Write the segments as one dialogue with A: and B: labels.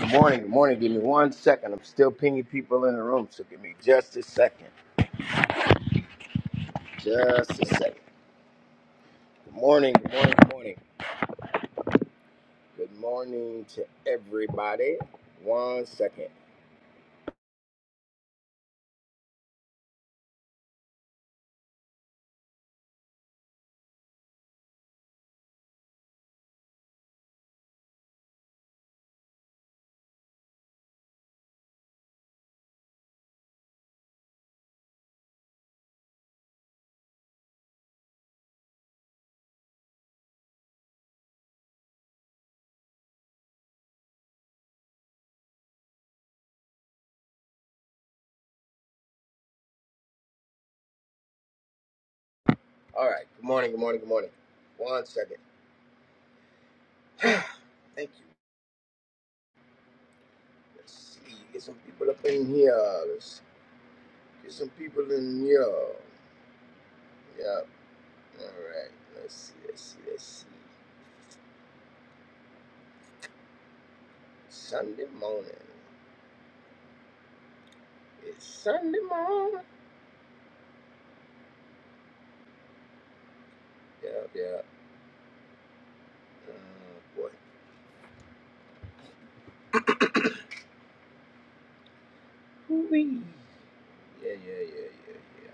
A: Good morning, good morning. Give me one second. I'm still pinging people in the room, so give me just a second. Just a second. Good morning, good morning, good morning. Good morning to everybody. One second. All right. Good morning, good morning, good morning. One second. Thank you. Let's see. Get some people up in here. Let's get some people in here. Yep. All right. Let's see. Let's see. Let's see. Sunday morning. It's Sunday morning. Yeah, yeah. Oh boy. wee Yeah, yeah, yeah, yeah, yeah.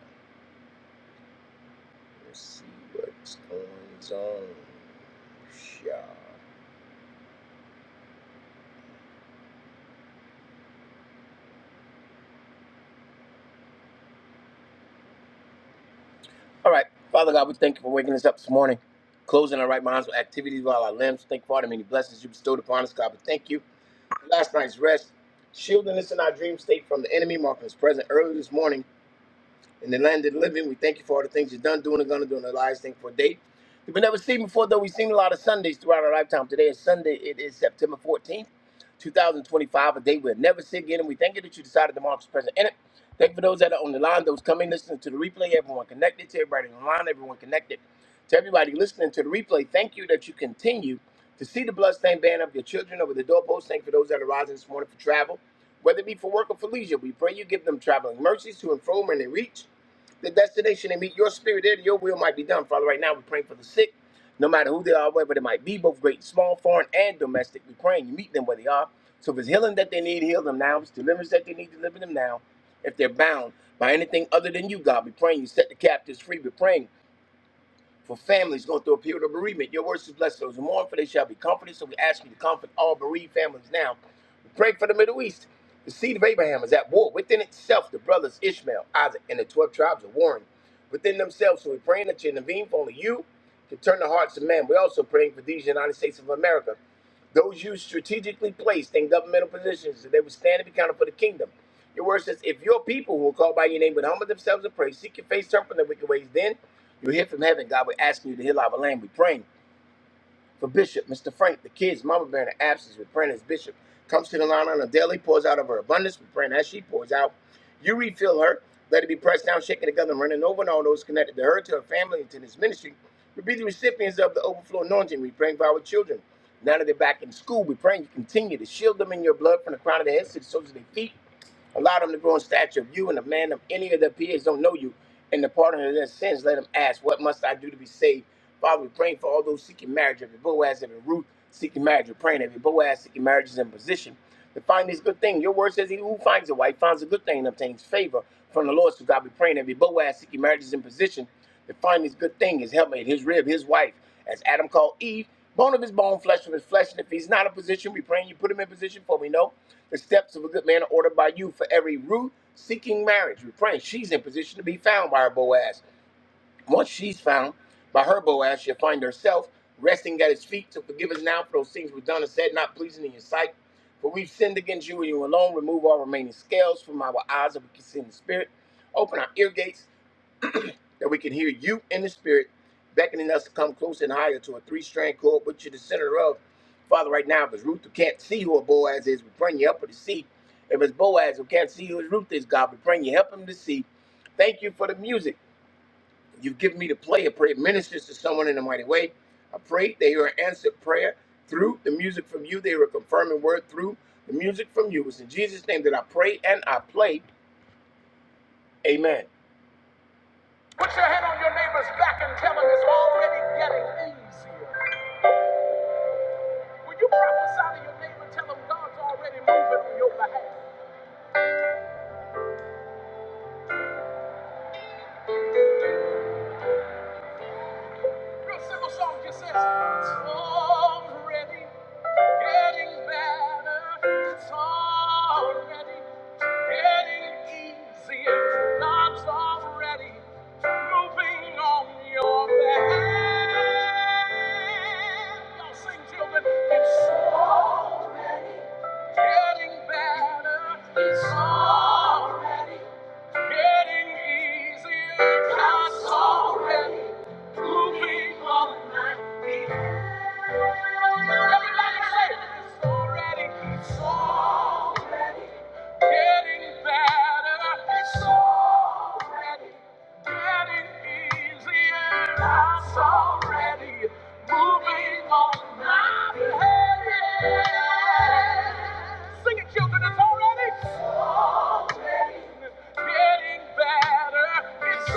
A: Let's see what's going on. Yeah. All right, Father God, we thank you for waking us up this morning, closing our right minds with activities while our limbs. Thank you for all the many blessings you bestowed upon us, God. But thank you for last night's rest, shielding us in our dream state from the enemy, marking us present early this morning. in the land of the living. We thank you for all the things you've done, doing, and gonna do in the lives. Thank you for a date we've never seen before, though we've seen a lot of Sundays throughout our lifetime. Today is Sunday. It is September 14th, 2025, a day we'll never see again. And we thank you that you decided to mark this present in it. Thank you for those that are on the line, those coming, listening to the replay, everyone connected to everybody on the line, everyone connected to everybody listening to the replay. Thank you that you continue to see the bloodstained banner of your children over the doorpost. Thank you for those that are rising this morning for travel, whether it be for work or for leisure. We pray you give them traveling mercies to and fro when they reach the destination and meet your spirit there, that your will might be done. Father, right now we're praying for the sick, no matter who they are, whether they might be, both great and small, foreign and domestic. We're praying you meet them where they are. So if it's healing that they need, heal them now. If it's deliverance that they need, deliver them now. If they're bound by anything other than you, God, we're praying you set the captives free. We're praying for families going through a period of bereavement. Your words is blessed those who mourn, for they shall be comforted. So we ask you to comfort all bereaved families now. We pray for the Middle East. The seed of Abraham is at war within itself. The brothers Ishmael, Isaac, and the 12 tribes are warring within themselves. So we're praying that you intervene for only you can turn the hearts of man. We're also praying for these United States of America. Those you strategically placed in governmental positions, that they would stand and be counted for the kingdom. Your word says, if your people who are called by your name would humble themselves and pray, seek your face, turn from their wicked ways, then you'll hear from heaven. God, we're asking you to heal our land. We're praying for Bishop, Mr. Frank, the kids, Mama Bear in the absence, we're praying as Bishop comes to the line on a daily, pours out of her abundance, we're praying as she pours out. You refill her, let it be pressed down, shaken together, and running over, and all those connected to her, to her family, and to this ministry. We be the recipients of the overflow anointing. We pray for our children. Now that they're back in school, we pray you continue to shield them in your blood from the crown of their heads to the soles of their feet. Allow them to grow in stature of you and of man of any of their peers don't know you. And the pardon of their sins, let them ask, What must I do to be saved? Father, we praying for all those seeking marriage, every Boaz, every Ruth seeking marriage. We're praying every Boaz seeking marriage is in position to find this good thing. Your word says, He who finds a wife finds a good thing and obtains favor from the Lord. So God, we praying every Boaz seeking marriage is in position to find this good thing, his helpmate, his rib, his wife. As Adam called Eve, bone of his bone, flesh of his flesh. And if he's not in position, we praying you put him in position, for we know the steps of a good man are ordered by you. For every root seeking marriage, we pray she's in position to be found by her Boaz. Once she's found by her Boaz, she'll find herself resting at his feet. to forgive us now for those things we've done and said, not pleasing in your sight. For we've sinned against you and you alone. Remove all remaining scales from our eyes that we can see in the spirit. Open our ear gates that we can hear you in the spirit, beckoning us to come close and higher to a three strand cord, which you're the center of. Father, right now, if it's Ruth who can't see who a Boaz is, we bring you up to see. If it's Boaz who can't see who his Ruth is, God, we bring you, help him to see. Thank you for the music you've given me to play. I pray it ministers to someone in a mighty way. I pray they hear an answered prayer through the music from you. They hear a confirming word through the music from you. It's in Jesus' name that I pray and I play. Amen. Put your hand on your neighbor's back and tell him it's already getting easier. When you prophesy to your neighbor, tell him God's already moving on your behalf. Real simple song just says, It's already getting better. It's already getting easier. God's already moving on your behalf. Y'all sing, children. It's already. Getting better. It's already Getting easier, not so heavy. Moving on my feet. Everybody say, it's already, it's already getting better. It's already getting easier. That's already moving on my head. Sing it, children, it's already. Getting better, it's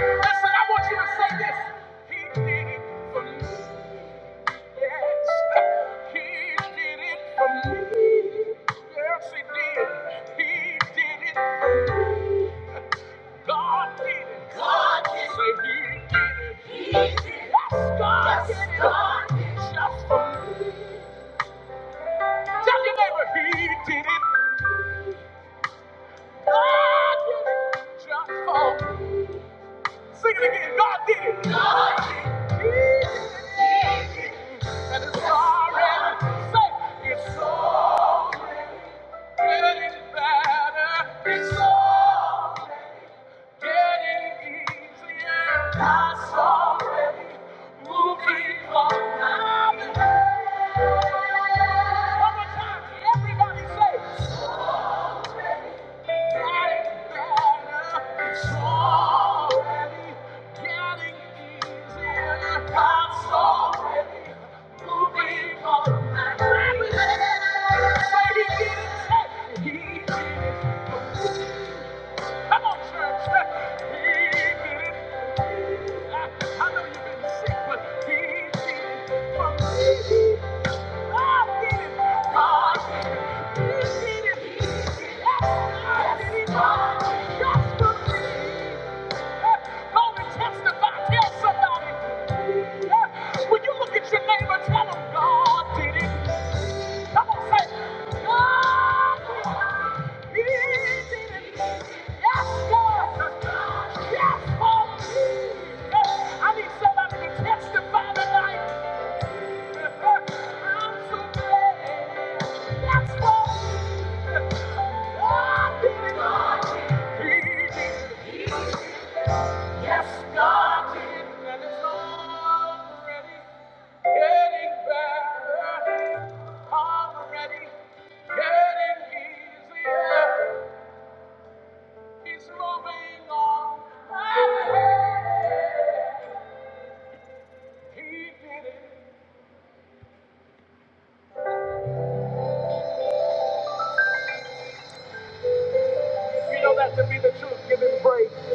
A: Listen, I want you to say this. He did it for me. Yes, he did it for me. Yes, he did. He did it for me. God did it. God did it. Say he did it. He did it. Yes, God yes, did it. God did it. Just for me. Tell your neighbor he did it. God did it. Just for me. Sing it again. God did it. God did it. He did it. He did it. And it's already. Say it's already getting better. It's already. Getting easier, that's already moving on my way. One more time, everybody say, "It's already getting better. It's already getting easier. That's already moving on my way." Say, "He did it. Say, He did it Come on, church. He did it. I I know you've been sick, but he did it for me. God did it. God did it. He did it. He did it. God did it. God did it. Just for me. Go and testify. Tell somebody. When you look at your neighbor, tell them God did it. Come on, say, God, He did it. Yes, Yes, I need somebody to testify tonight. I'm so glad. Yes, Paul, God did it. He did it. Yes, God did, and it's already getting better. Already getting easier. He's moving on. He did it. you know that to be the truth, give him praise.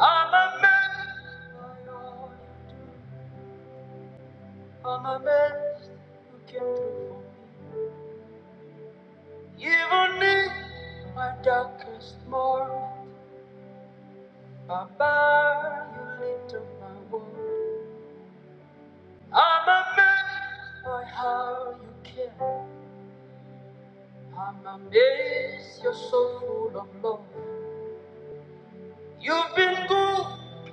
A: I'm amazed, my Lord. I'm amazed you came through for me. Even in my darkest morn. Papa, you lift up my world. I'm amazed by how you care. I'm amazed you're so full of love. You've been good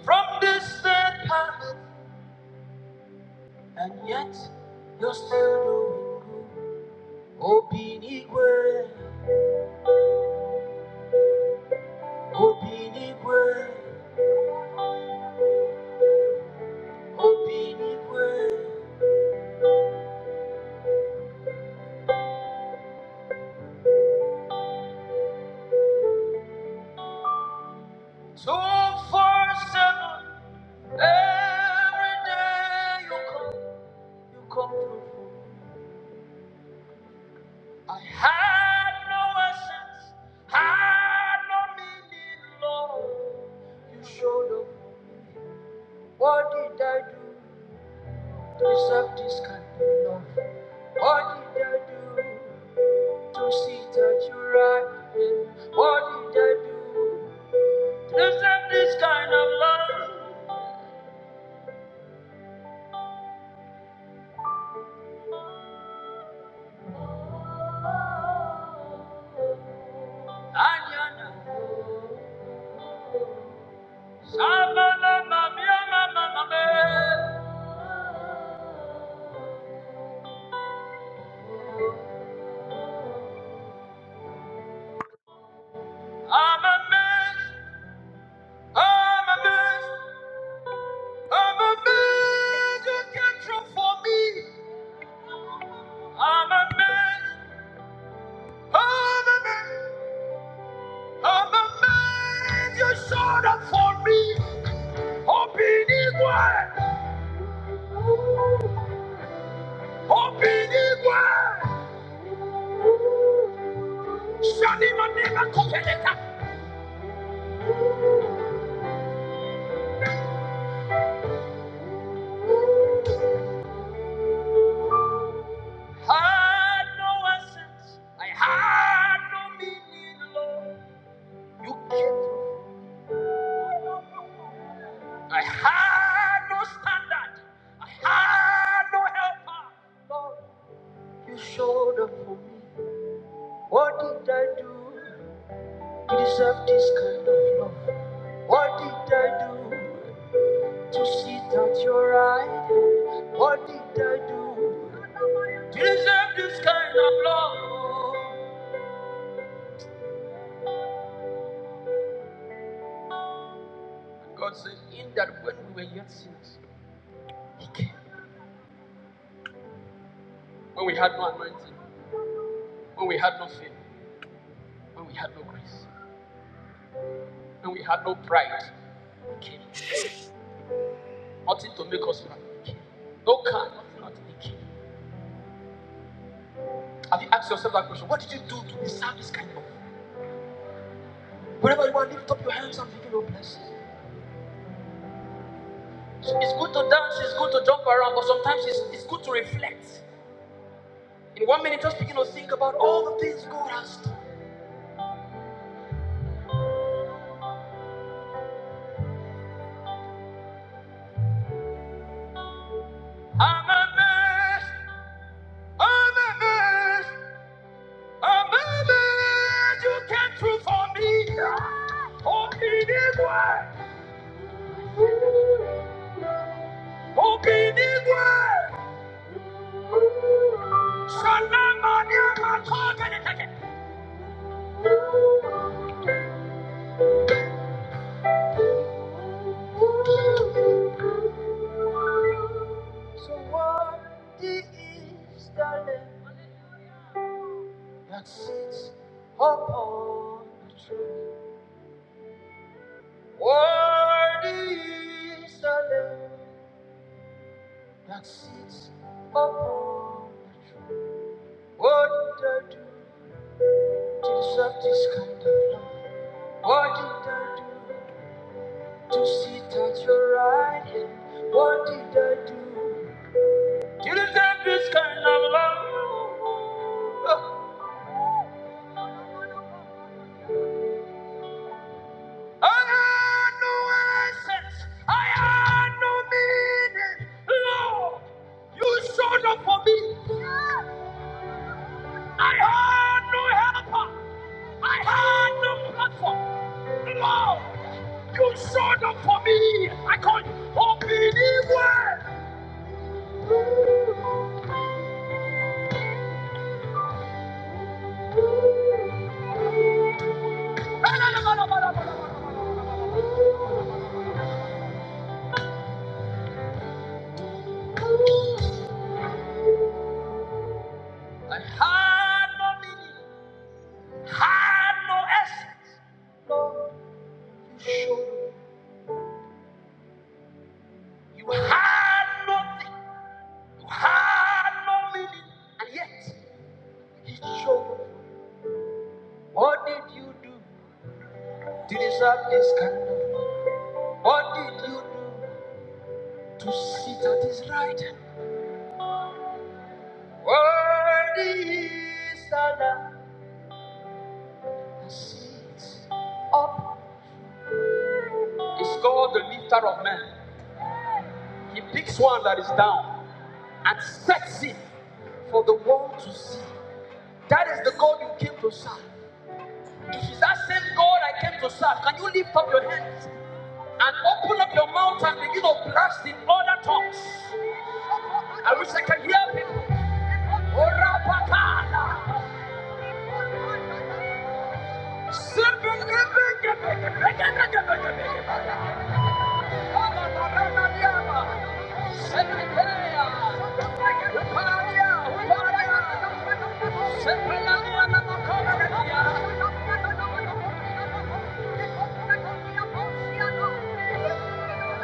A: from this sad planet, and yet you're still doing good. Obinigwe, Obinigwe, Obinigwe. Two, four, seven, every day you come, you come through. I had no essence, had no meaning, Lord. You showed up. What did I do to deserve this kind of love? What did I do to sit at your right? What did I do to deserve this kind of love? Anyana, Samala, Mamiya, Mama, Mame. I'm amazed, I'm amazed. I'm a man you can through for me. I'm a man. I'm a man. I'm a man you showed up for me. Obinigwe. Obinigwe. Shani manema kopeleka. Had no essence. I had no meaning, Lord. You kept. me. I had no standard. I had no helper. Lord, you showed up for me. What did I do to deserve this kind of love? What did I do to sit at your right? hand? What did I do to deserve this kind of love? God said, in that when we were yet sinners, He came. When we had no anointing, when we had no faith, when we had no grace, when we had no pride, He came. Nothing to make us rich. No car, nothing not Have you asked yourself that question? What did you do to deserve this kind of? Whenever you want, to lift up your hands and give your blessings. So it's good to dance, it's good to jump around, but sometimes it's, it's good to reflect. In one minute, just begin to think about all the things God has done. I'm amazed, I'm amazed, I'm amazed you came through for me. Open it, open it, So worthy is the Lamb that sits upon the throne. Worthy is the Lamb that sits upon the throne. What did I do to deserve this kind of love? What did I do to sit at your right hand? What did I do? You deserve this kind of love. I had no essence. I had no meaning. Lord, you showed up for me. I had no helper. I had no platform. Lord, you showed up for me. I call you obedient. I had no meaning. Had no essence. You showed up. You had nothing. You had no meaning. And yet, He showed you. What did you do to deserve this kind of? love? What did you do to sit at His right hand? Worthy is the Lamb that sits up. It's called the lifter of men. He picks one that is down and sets it for the world to see. That is the God you came to serve. If it's that same God I came to serve, can you lift up your hands? And open up your mouth and you know, blast in all the tops. I wish I could hear them. Ora bata, seven eleven, seven eleven, seven eleven, seven eleven, seven eleven, seven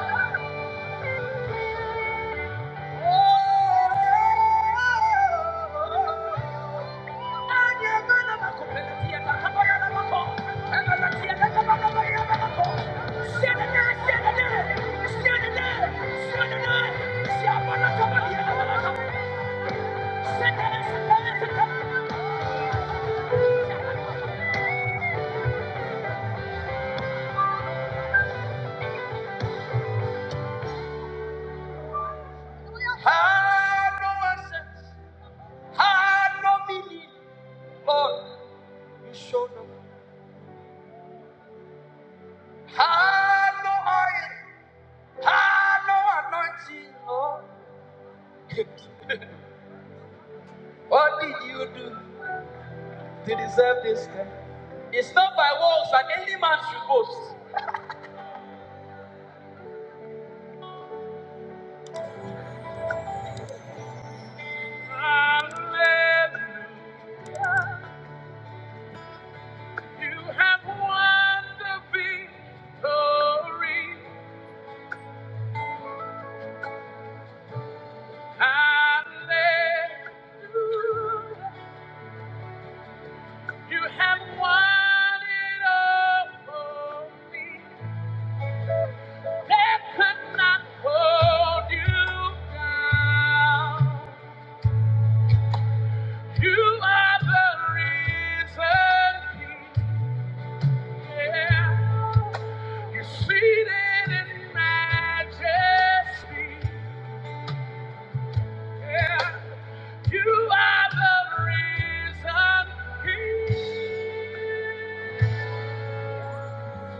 A: eleven. Had no access, had no meaning, Lord, you showed up. Had no eyes. Ah, no anointing, Lord. what did you do to deserve this thing? It's not by works that any man should boast. Hallelujah. You have won the victory. Hallelujah. You have won it all for me. Death could not hold you down. You are the reason. Yeah. You're seated in majesty. Yeah. You are the reason.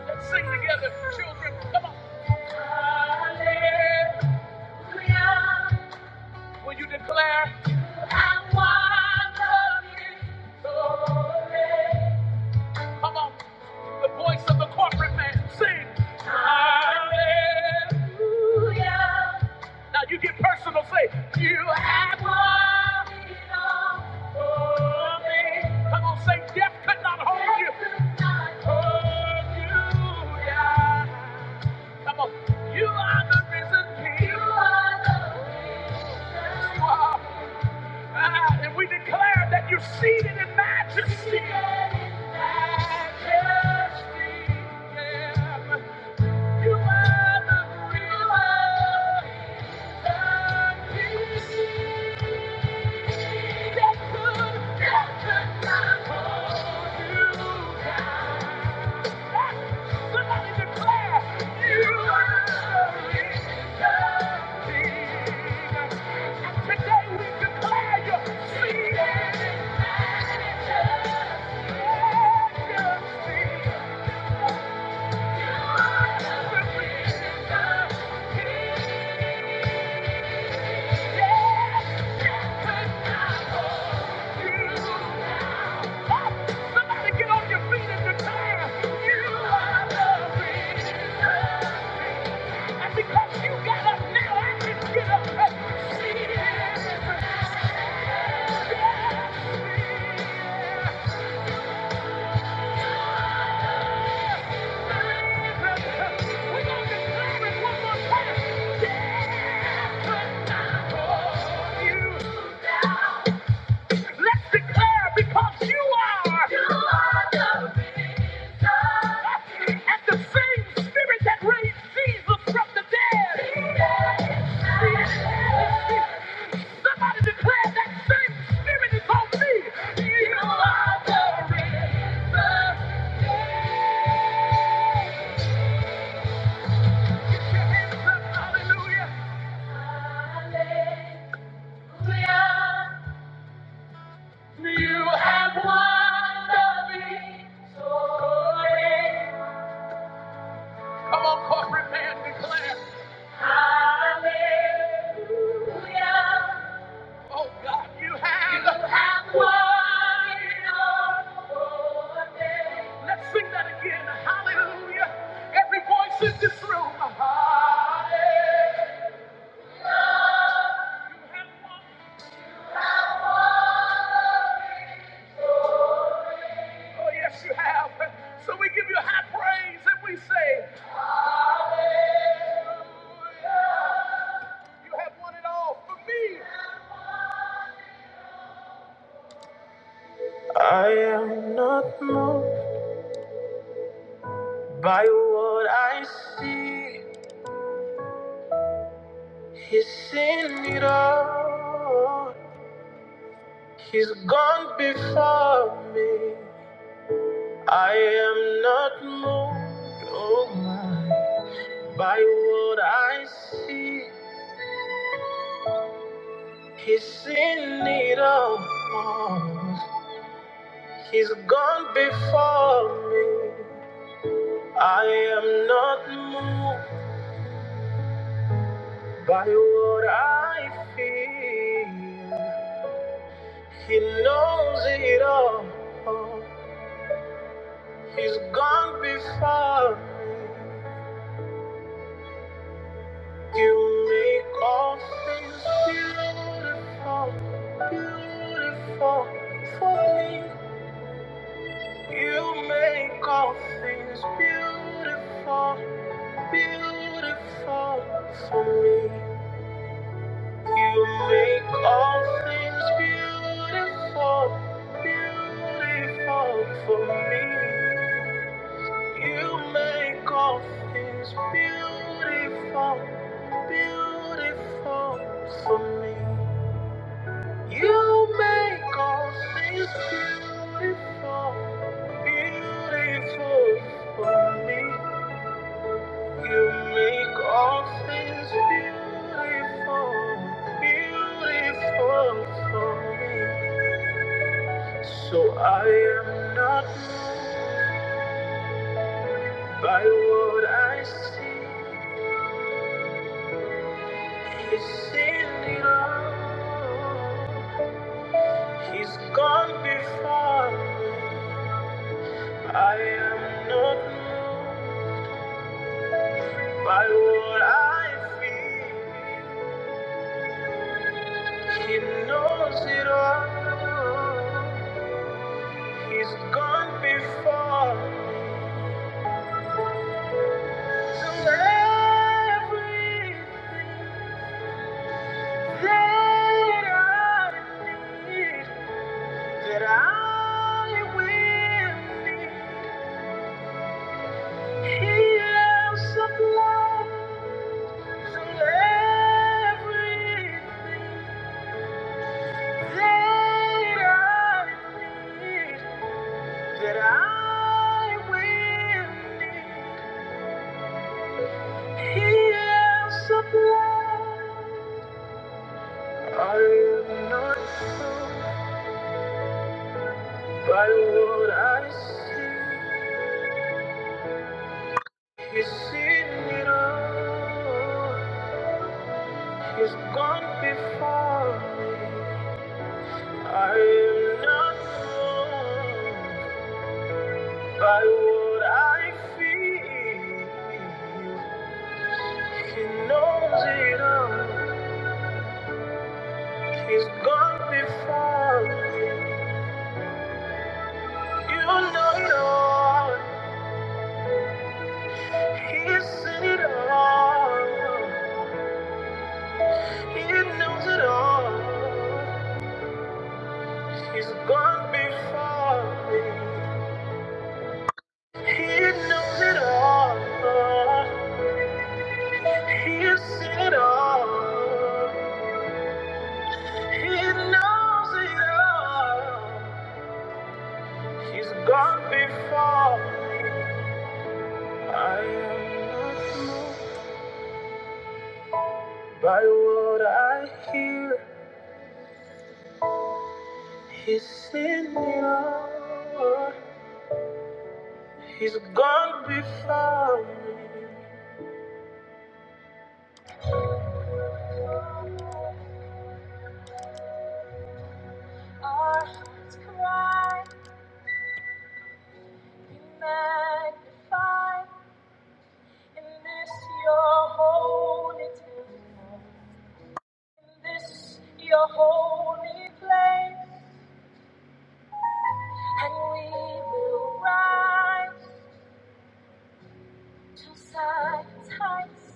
A: Let's sing together, children. Come on. Hallelujah. Will you declare? You have won the victory. Come on, the voice of the corporate man. Sing. Hallelujah. Now you get personal. Say, you have won it all for me. Come on, say, death could not hold you. Death could not hold you Yeah. Come on, you are the risen king. You are the risen king. You are Ah, and we declare that you're seated in majesty. Seated in majesty, yeah. You are the ruler. of are Thank you. Let's declare because you are. you are the. And the same spirit that raised Jesus from the dead. Somebody declare that same spirit is on me. You are the river. Get your hands up. Hallelujah. Hallelujah. You have won the victory. Come on, corporate man, declare. Hallelujah. Oh God, you have, you have won it all for me. Let's sing that again. Hallelujah. Every voice in this room. Ah, you have won. Oh yes, you have. So we give you high praise and we say, you have won it all for me. I am not moved by what I see. He's seen it all. He's gone before me. I am not moved, oh my, by what I see. He's seen it all. He's gone before me. I am not moved by what I feel. He knows it all. He's gone before me. You make all things beautiful, beautiful for me. You make all things beautiful, beautiful for me. You make all things beautiful, beautiful for me. You make all things beautiful, beautiful for me. You make all things beautiful, beautiful for me. You make all things beautiful, beautiful for me. So I am not moved by what I see. He's seen it all. He's gone before me. I am not moved by what I feel. He knows it all. He's gone before. So everything that I need, that I will need, He will supply. So everything that I need. that I will need. He has supplied. I am not fooled by what I see. He's seen it all. He's gone before me. I am not fooled by what I feel. He knows it all. He's gone before. You know, Lord, He's seen it all. He knows it all. He's gone before me. He knows it all. He's seen it all. He knows it all. He's gone before. me. I am not moved by what I hear. He's seen me all. He's gone before me. Our hearts cry, be magnified in this your holy temple, in this your holy place, and we will rise to Zion's heights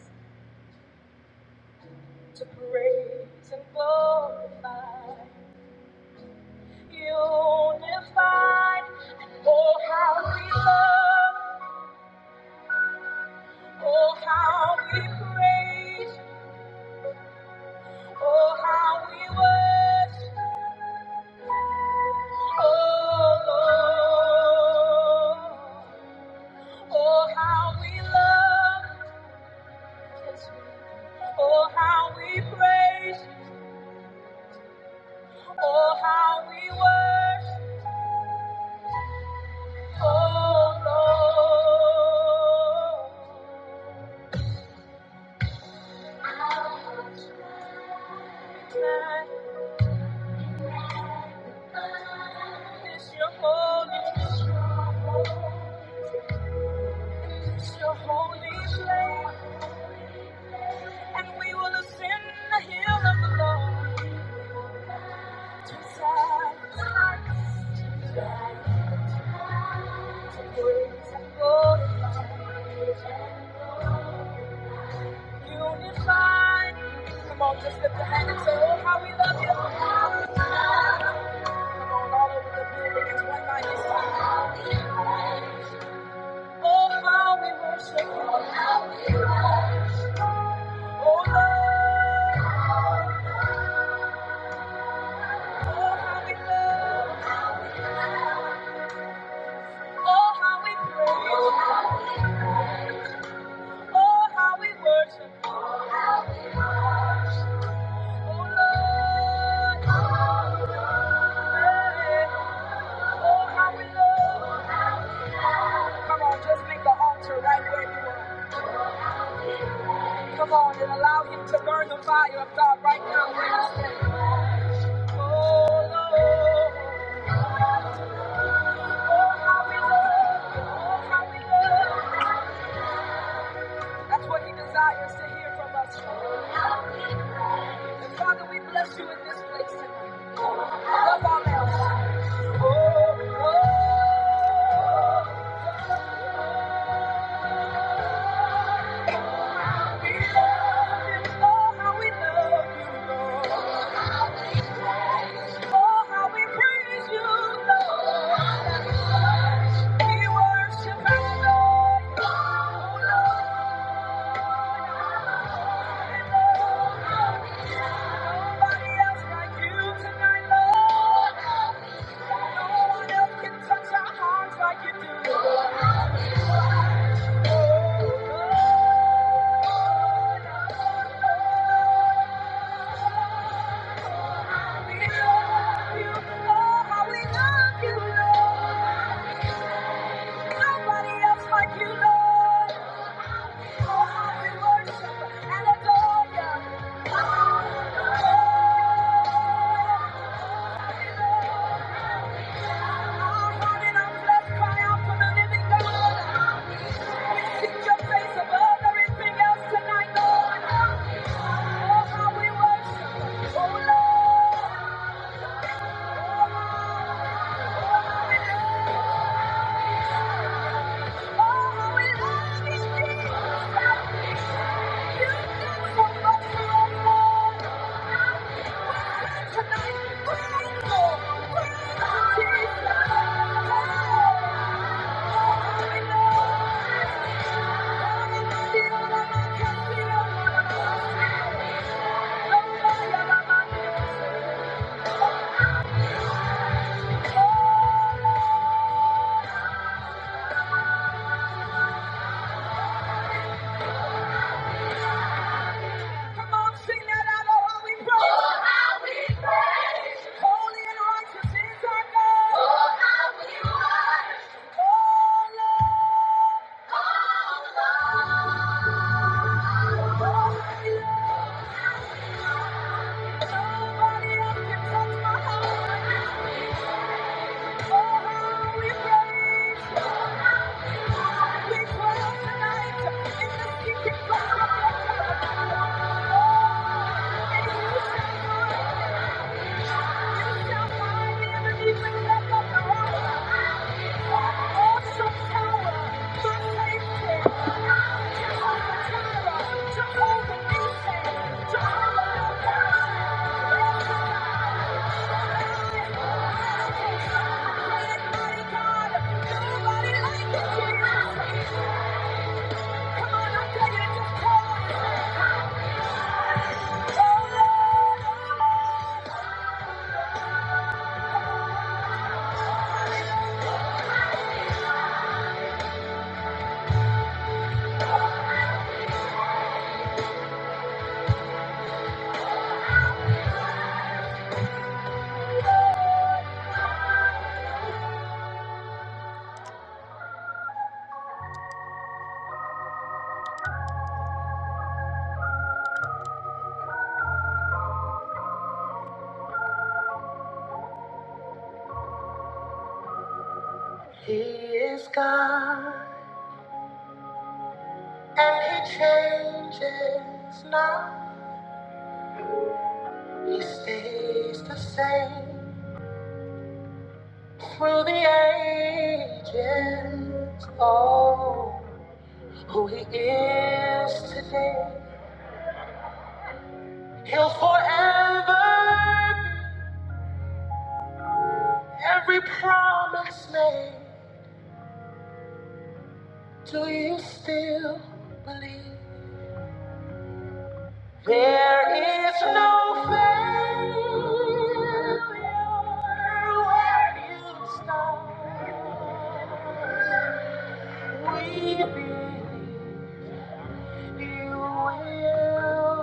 A: to praise and glorify. unified. Oh, how we love, oh, how we praise, oh, how we worship, oh, Lord. Oh, how we love, yes, oh, how we praise, oh, how we worship, oh, Lord. It's your holy, it's your holy flame, and we will ascend the hill of the Lord. To God, to unified. Come on, just lift a hand and say, Oh, how we love you. Come on, all over the building, it's one mighty song. Oh, how we worship Oh, how we worship. Oh, Lord. Oh, how we love. Oh, how we praise. Oh, how we worship. Oh, Lord. Amen. Oh, how we love. Come on, just make the altar right where you are. Come on and allow him to burn the fire of God right now where you stand. Oh, Lord. Oh, how we love. Oh, how we love. That's what he desires to hear from us. And Father, we bless you in this place tonight. Above all else. Oh, oh, we love you. Oh, how we love you. Oh, how we praise you, Lord. We worship and adore you. Nobody else like you tonight, Lord. No one else can touch our hearts like you do. Our heart and our flesh cry out for the living God. Seek your face above everything else tonight, Lord. Oh, how we worship. Oh, Lord. Oh, how we love you, Jesus. You do so much for us, Lord. Tonight, we're grateful. We're Oh, awesome He is God, and He changes not. He stays the same through the ages. Oh. Who he is today, he'll forever be. Every promise made, do you still believe? There is no failure where you start. We believe you will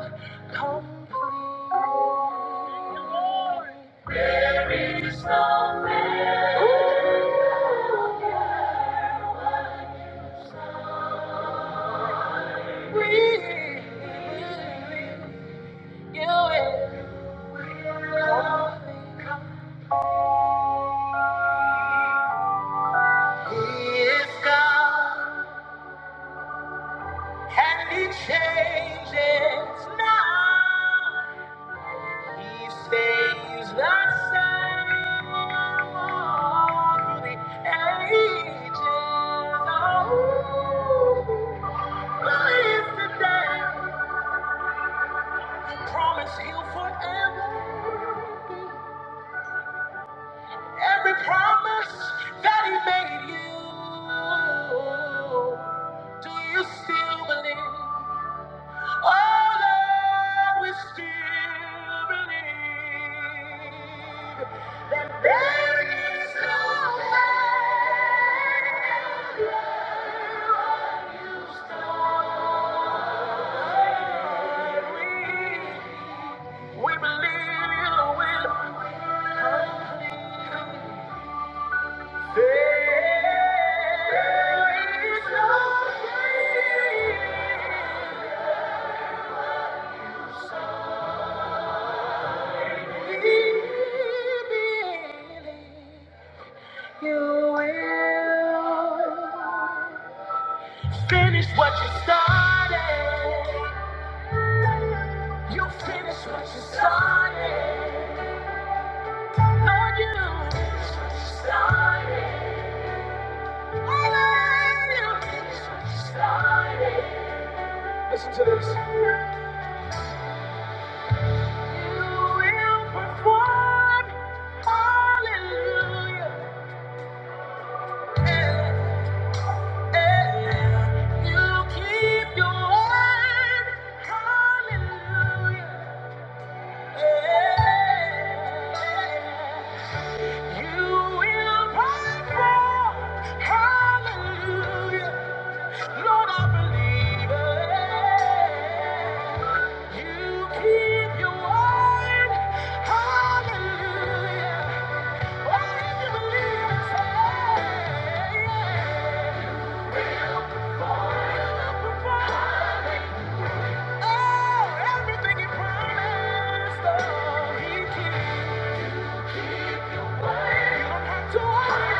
A: complete. Stays the same all the ages. Oh. Promise he'll forever. be. Every promise that he made you, do you still believe? Oh Lord, we still believe. There is no failure. when you start. We, we believe you will complete. Finish what you started. You finish what you started. Lord, you finish what you started. Oh, Lord, you finish what you started. You will provide. Hallelujah. You keep your word. Hallelujah. You will prosper. Hallelujah. Lord, I believe it. You keep your word. Hallelujah. Oh, if you believe it, say, yeah. Will perform. Will perform. Oh, everything He promised, oh, He keeps. You don't have to worry.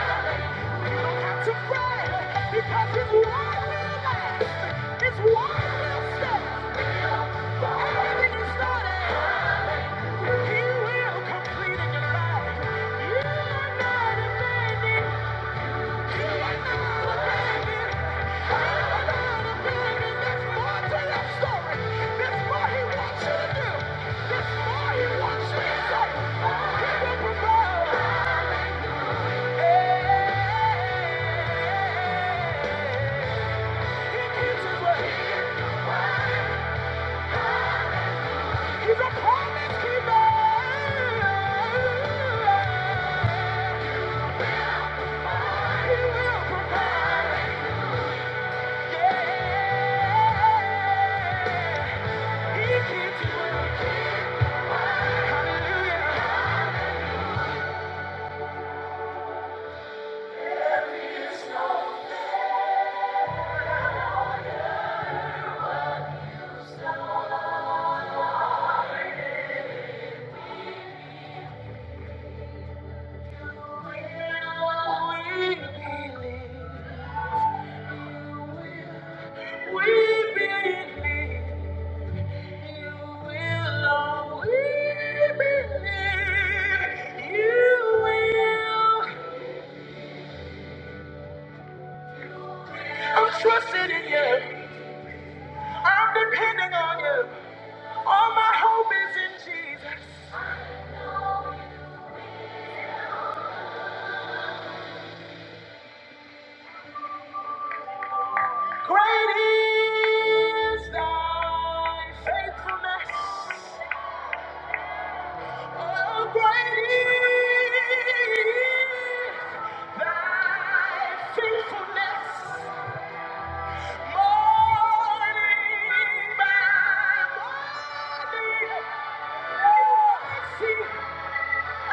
A: You don't have to fret, because His word will last. His word will stand. Everything He started. He will complete in your life. You are not abandoned. He's a promise keeper. He will provide. I'm Trusting in you, I'm depending on you. All my hope is in Jesus. Great is thy faithfulness. Oh, great is thy faithfulness. Morning by morning, oh, I see, I see. Oh,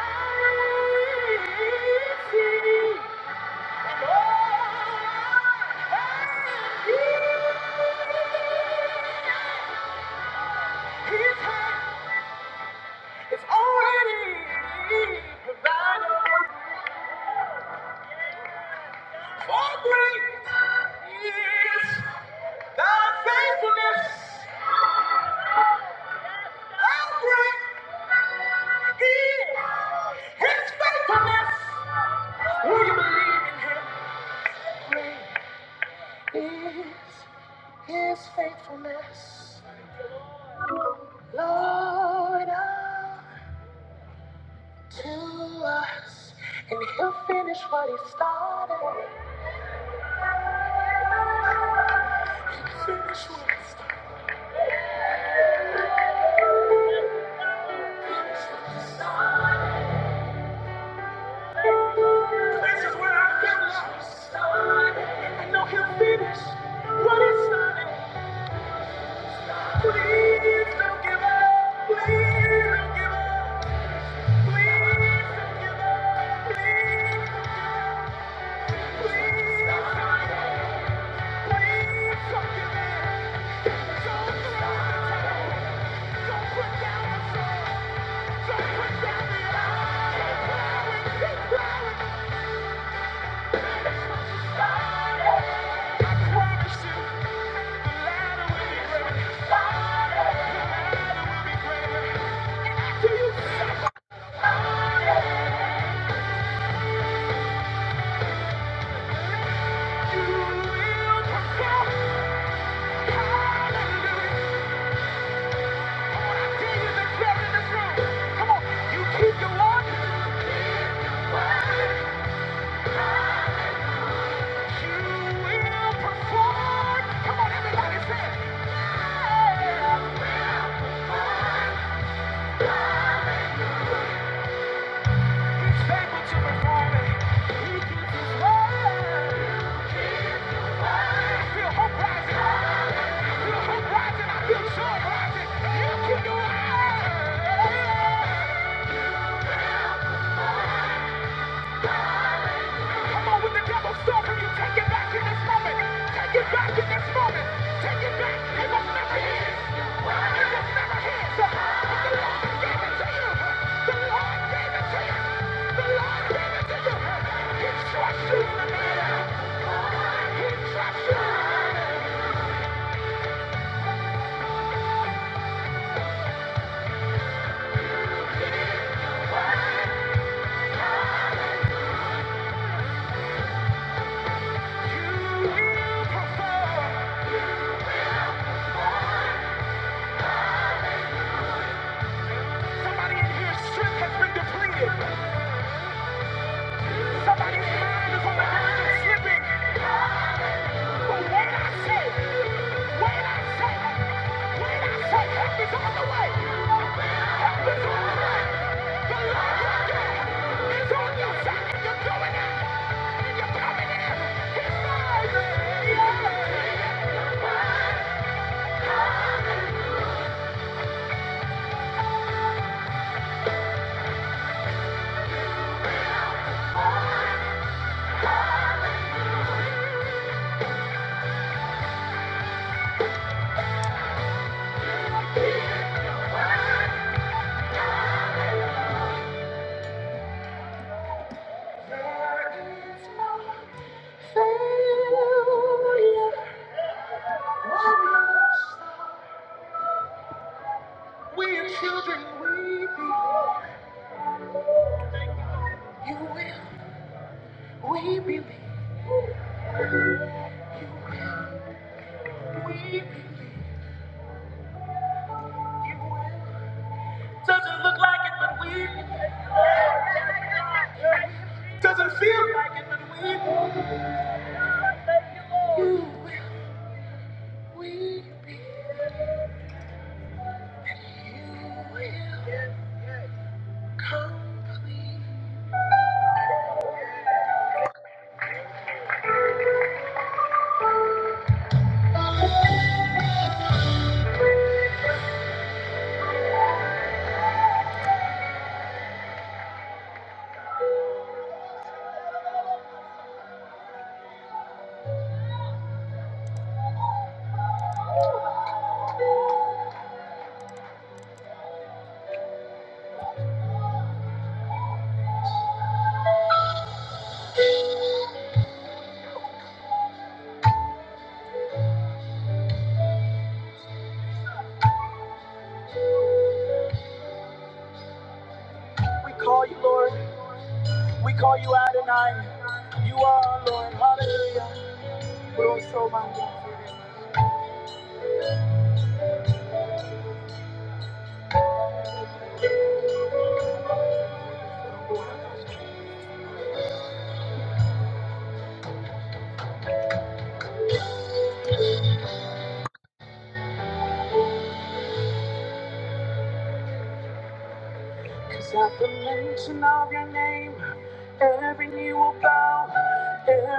A: It's already How great is thy faithfulness? How great is his faithfulness? Will you believe in him? Great is his faithfulness, Lord, unto us. And he'll finish what he started. Finish what he started. Finish what he started. This is where I feel lost. I know he'll finish what he Please don't give up. Please don't give up. Please don't give up. Please don't give up. don't give up. don't give in. the towel. Don't put down the sword. Don't put down I promise you. He's able to perform it. He keeps his word. I feel hope rising. I feel hope rising. I feel joy rising. You can do it. Come on, when the devil's stopping you, take it back in this moment. Take it back in this moment. Take it back. It was never his. It was never his. the Lord gave it to you. The Lord gave it to you. The Lord gave it to you. He trusts you in the matter. He trusts you You will perform. yeah. no failure. We are children, we belong. You will. We believe. We believe you will. Doesn't look like it, but we believe. Doesn't feel like it, but we believe. You will. We believe. And you will complete. We call you Lord. We call you Adonai. You are our Lord. Hallelujah. We're all so mindful. Cause at the mention of your name, every knee will bow,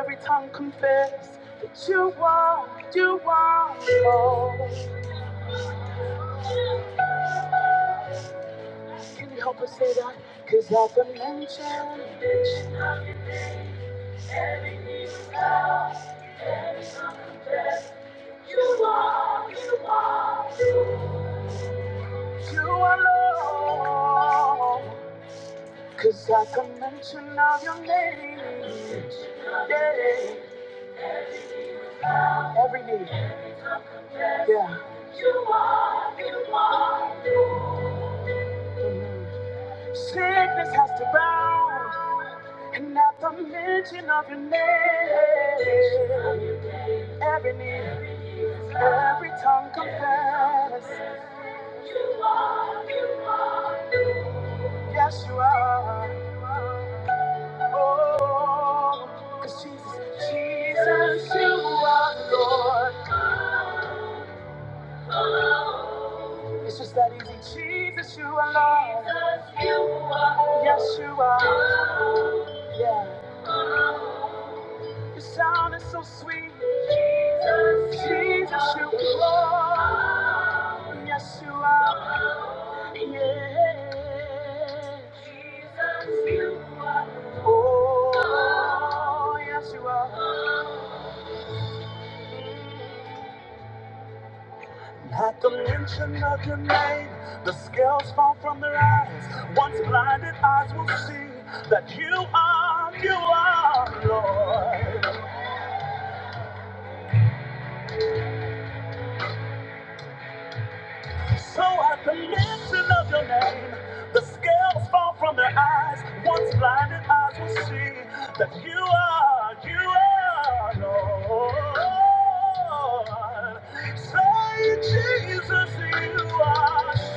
A: every tongue confess that you are, you are Lord. Can you help us say that? Cause at the mention, you are Lord. Cause at the mention of your name, yeah, every knee, yeah. Sickness has to bow, and at the mention of your name. Every knee, every tongue confess, yes you are. Oh, 'cause Jesus, Jesus, you are the Lord. It's just that easy. Jesus, you are Lord. Yes, you are. Yeah, your sound is so sweet. Jesus, you are Lord. Yes, you are. Oh, yes, you are. At the mention of your name, the scales fall from their eyes. Once blinded eyes will see that you are, you are Lord. So at the mention of your name, the scales fall from their eyes. Once blinded eyes will see that you are, you are Lord. Say, Jesus, you are.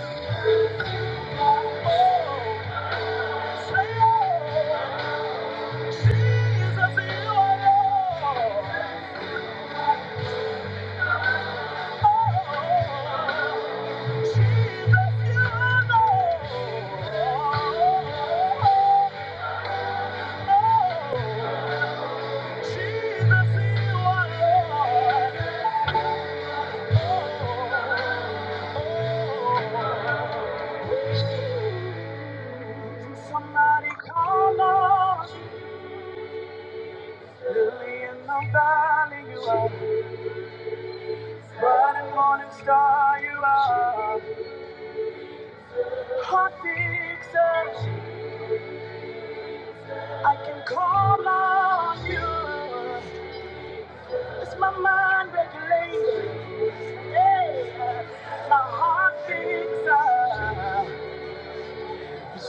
A: Somebody call us. Lily in the valley, you are. Bright and morning star, you are. Hot fixer, I can call on you. It's my mind regulating. Yeah. My heart fixer.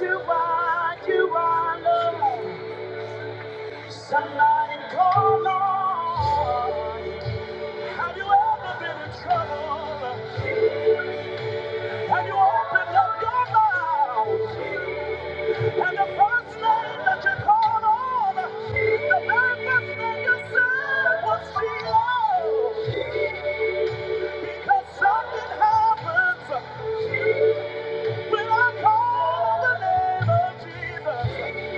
A: You are, you are love. Somebody call on. Have you ever been in trouble? Have you opened up your mouth? And the first name that you called on, the very first name you said was Sheila. Because something happens when I call the name of Jesus.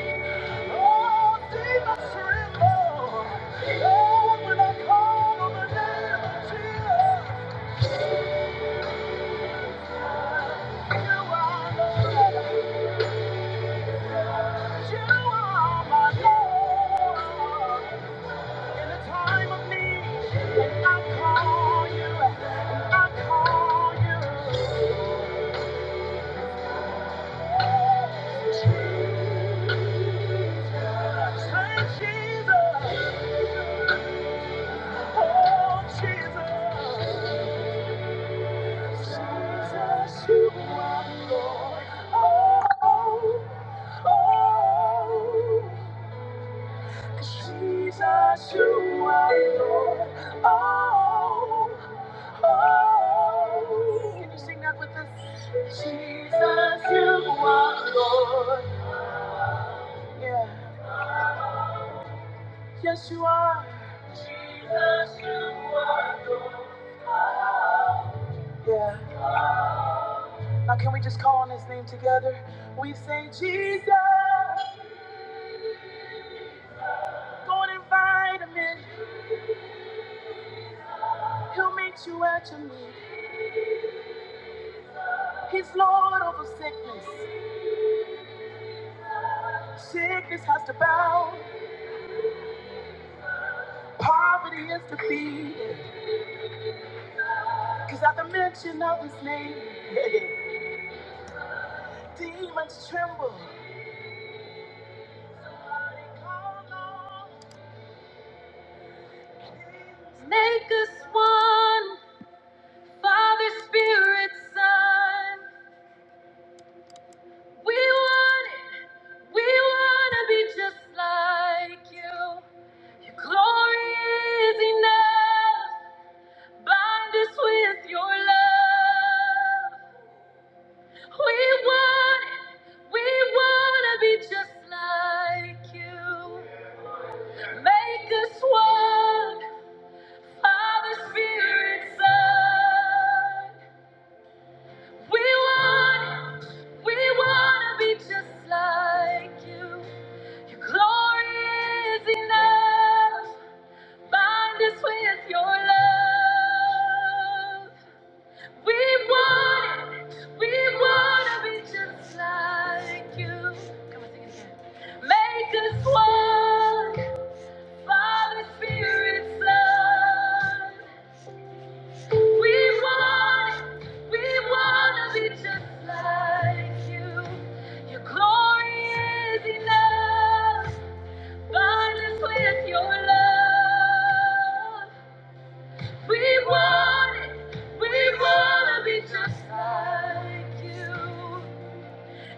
A: Oh, demons tremble. Oh, when I call on the name of Jesus. You are Lord. You are my Lord. In a time of need, I'll call you. Call Saint Jesus, oh Jesus, Jesus, you are Lord. Oh, oh, oh, sure. oh, oh. Can you sing that with us? Jesus, you are Lord. Yeah. Yes, you are. Jesus, you are. Yeah. Now, can we just call on his name together? We say, Jesus, go and invite him in. He'll meet you at your need. He's Lord over sickness. Sickness has to bow, poverty is defeated. Because at the mention of his name, demons tremble. Make us one, Father, Spirit, Son. We want it. We want to be just like you. Your glory is enough. Bind us with your love. We want it. We want to be just like you. Make us one. Father, Spirit, Son. We want, we want to be just like you. Your glory is enough. Bind us with your love. We want it. We want to be just like you. Make us one. Father, Spirit, Son. We want it. We want to be just like you. Glory is enough. God is with your love. We want it. We want to be just like you.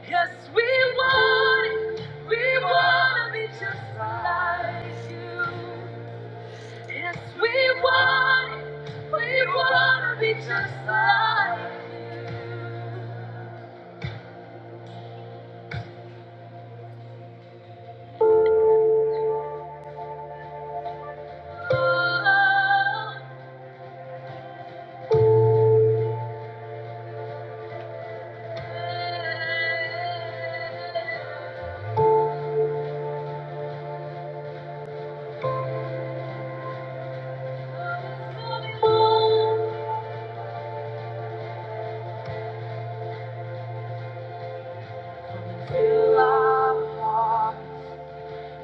A: Yes, we want it. We want to be just like you. Yes, we want it. We want to be just like you.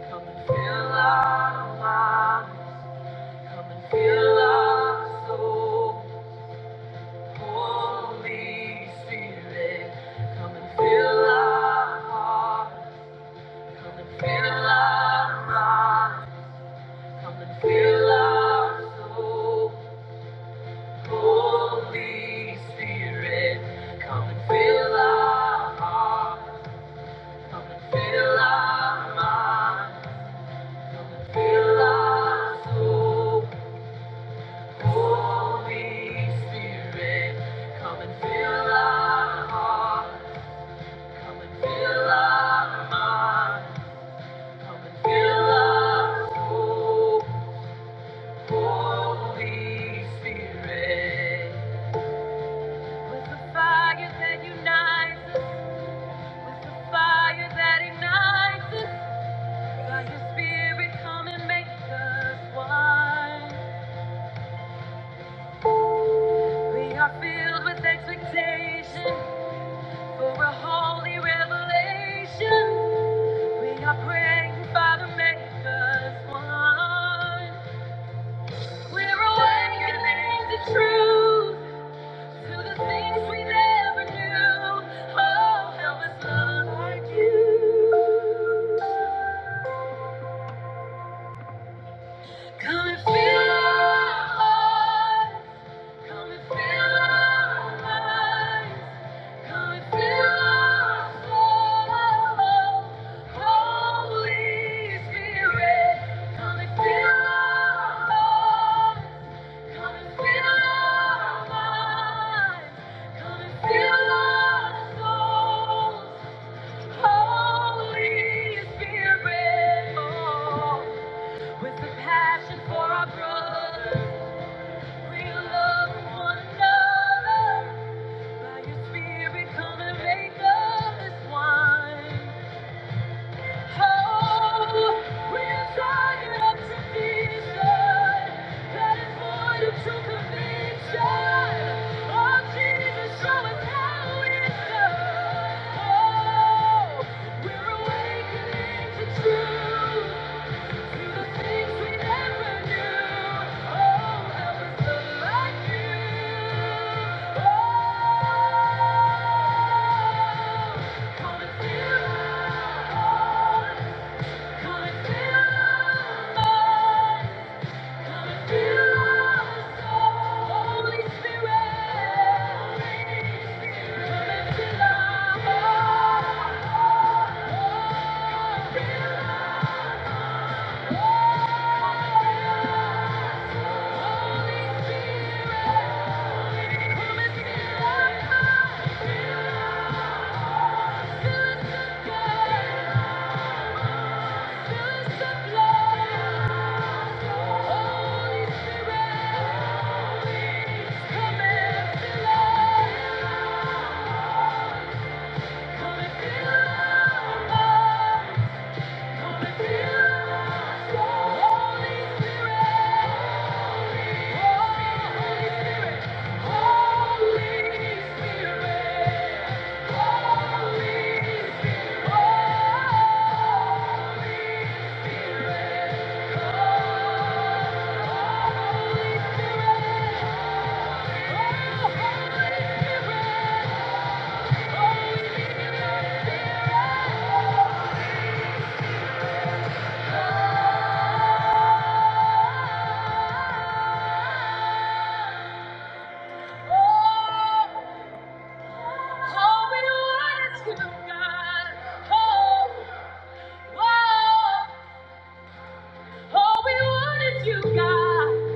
A: Come and feel, come and feel, come and feel, come and feel, us. come and feel, come and feel, us. come and feel our minds. Fill our soul, Holy Spirit. Come and fill our hearts. Come and fill our minds. Come and fill us, Holy Spirit. With the fire that unites with the fire that ignites By your Spirit, come and make us one. We are filled with expectation. For a holy revelation, we are praying, Father, make us one. We're awakening to truth, to the things we never knew. Oh, help us love like you. Come and fill our hearts. Come and fill our minds. Come and fill our soul. Holy Spirit, come and fill our hearts. Come and fill our minds. Come and fill our souls. Holy Spirit, oh, with the passion for our brothers. We're awakening to truth. Oh, we want is you, God.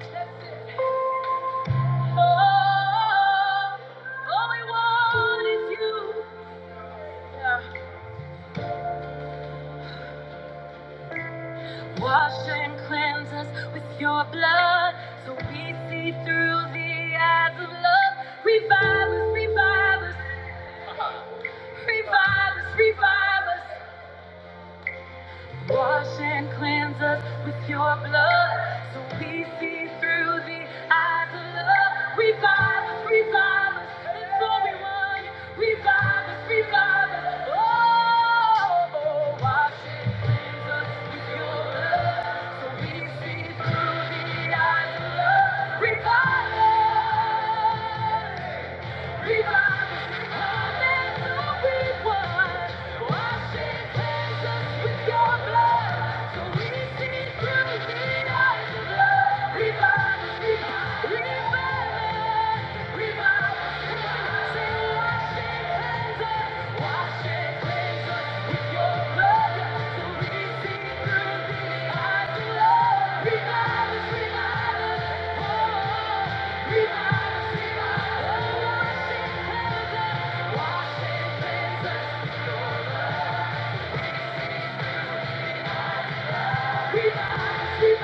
A: That's it. Oh, All we want is you. Yeah. Revive us, revive us, revive us, say, wash it, cleanse us. Wash and cleanse us with your blood. Holy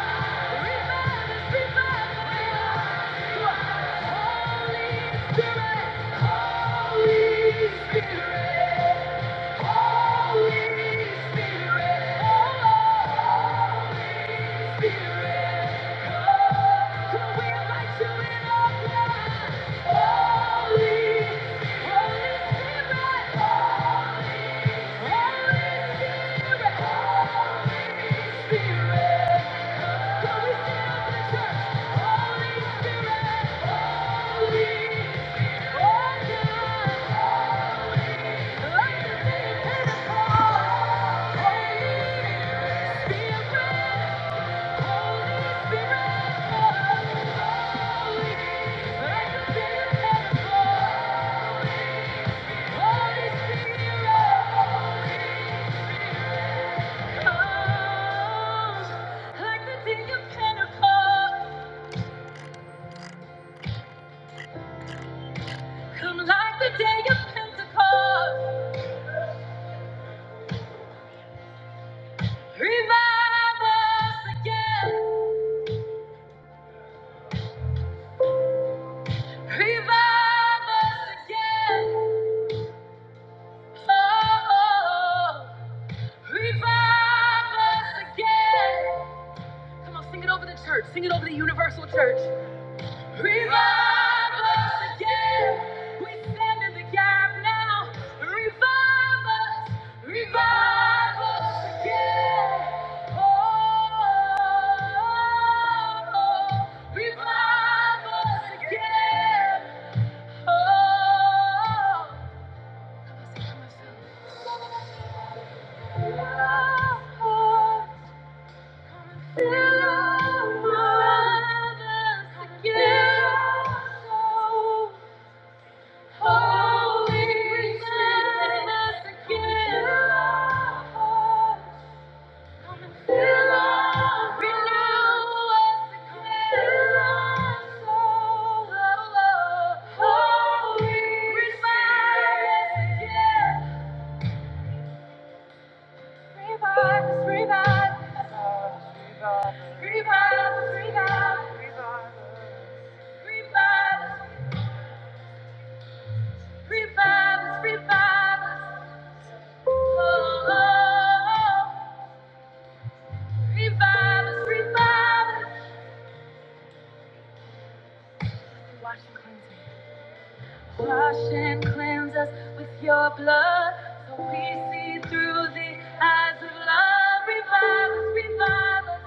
A: Spirit, Holy Spirit, Holy Spirit, Like the day of Pentecost, come like the day of Pentecost. Revive us again, revive us again. Oh, oh. revive us again. Come on, sing it over the church, sing it over the universal church. Revive us again. We stand in the gap now. Revive us. Revive us again. Oh, oh, oh. revive us again. Oh, oh, fill our minds again. Oh. Revive us, revive us. Wash and cleanse us. Wash and cleanse us with your blood. So we see through the eyes of love. Revive us, revive us,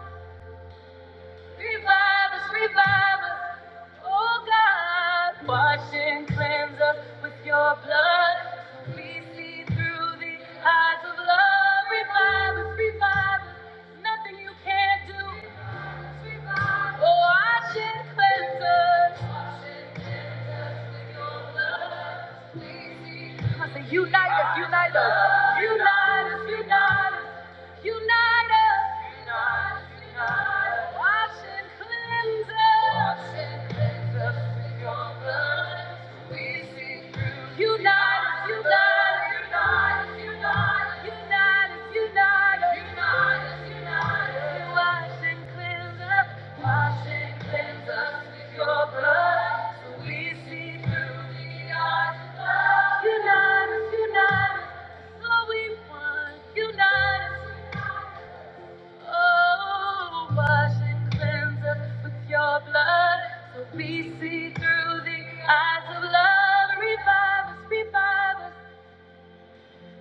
A: revive us, revive us. Oh God, wash and cleanse us with your blood. So we see through the eyes of love. Revive us, revive us. Nothing you can't do. Wash and cleanse us. Wash and cleanse us with your blood. Please, Unite us, unite us, unite us, unite us. Unite us. Unite, unite. Wash and cleanse us. Wash and cleanse us with your blood. We see through. Unite us, unite us. Unite us, unite us. Unite us, unite us. Wash and cleanse us. Wash and cleanse us with your blood. So we see through the eyes of love. Unite us, unite us. so we want. Unite us. Oh, wash and cleanse us with your blood, so we see through the eyes of love. Revive us, revive us,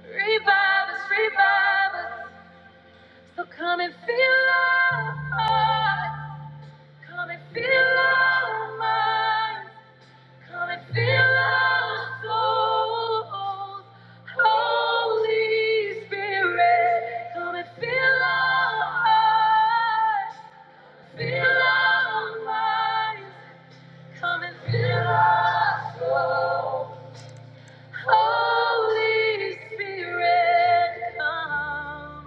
A: revive us, revive us. So come and fill our hearts, come and fill our minds, come and fill our souls. Holy Spirit, come and fill our hearts. Fill our minds, come and fill our soul. Holy Spirit, come.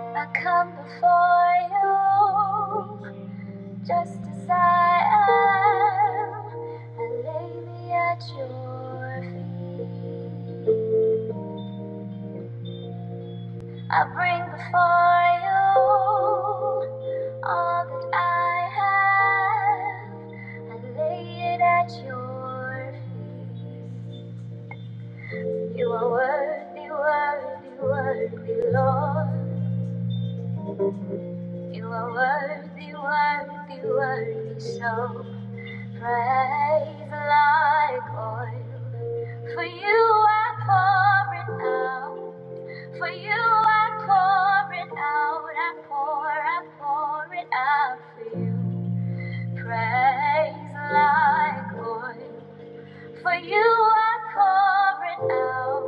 A: I come before you, just as I am. I lay me at your feet. I bring before you. All that I have, I lay it at your feet. You are worthy, worthy, worthy, Lord. You are worthy, worthy, worthy. So praise like oil. For you I pour it out. For you I pour it out. I pour, I pour it out for you. Praise like oil. For you are pouring out.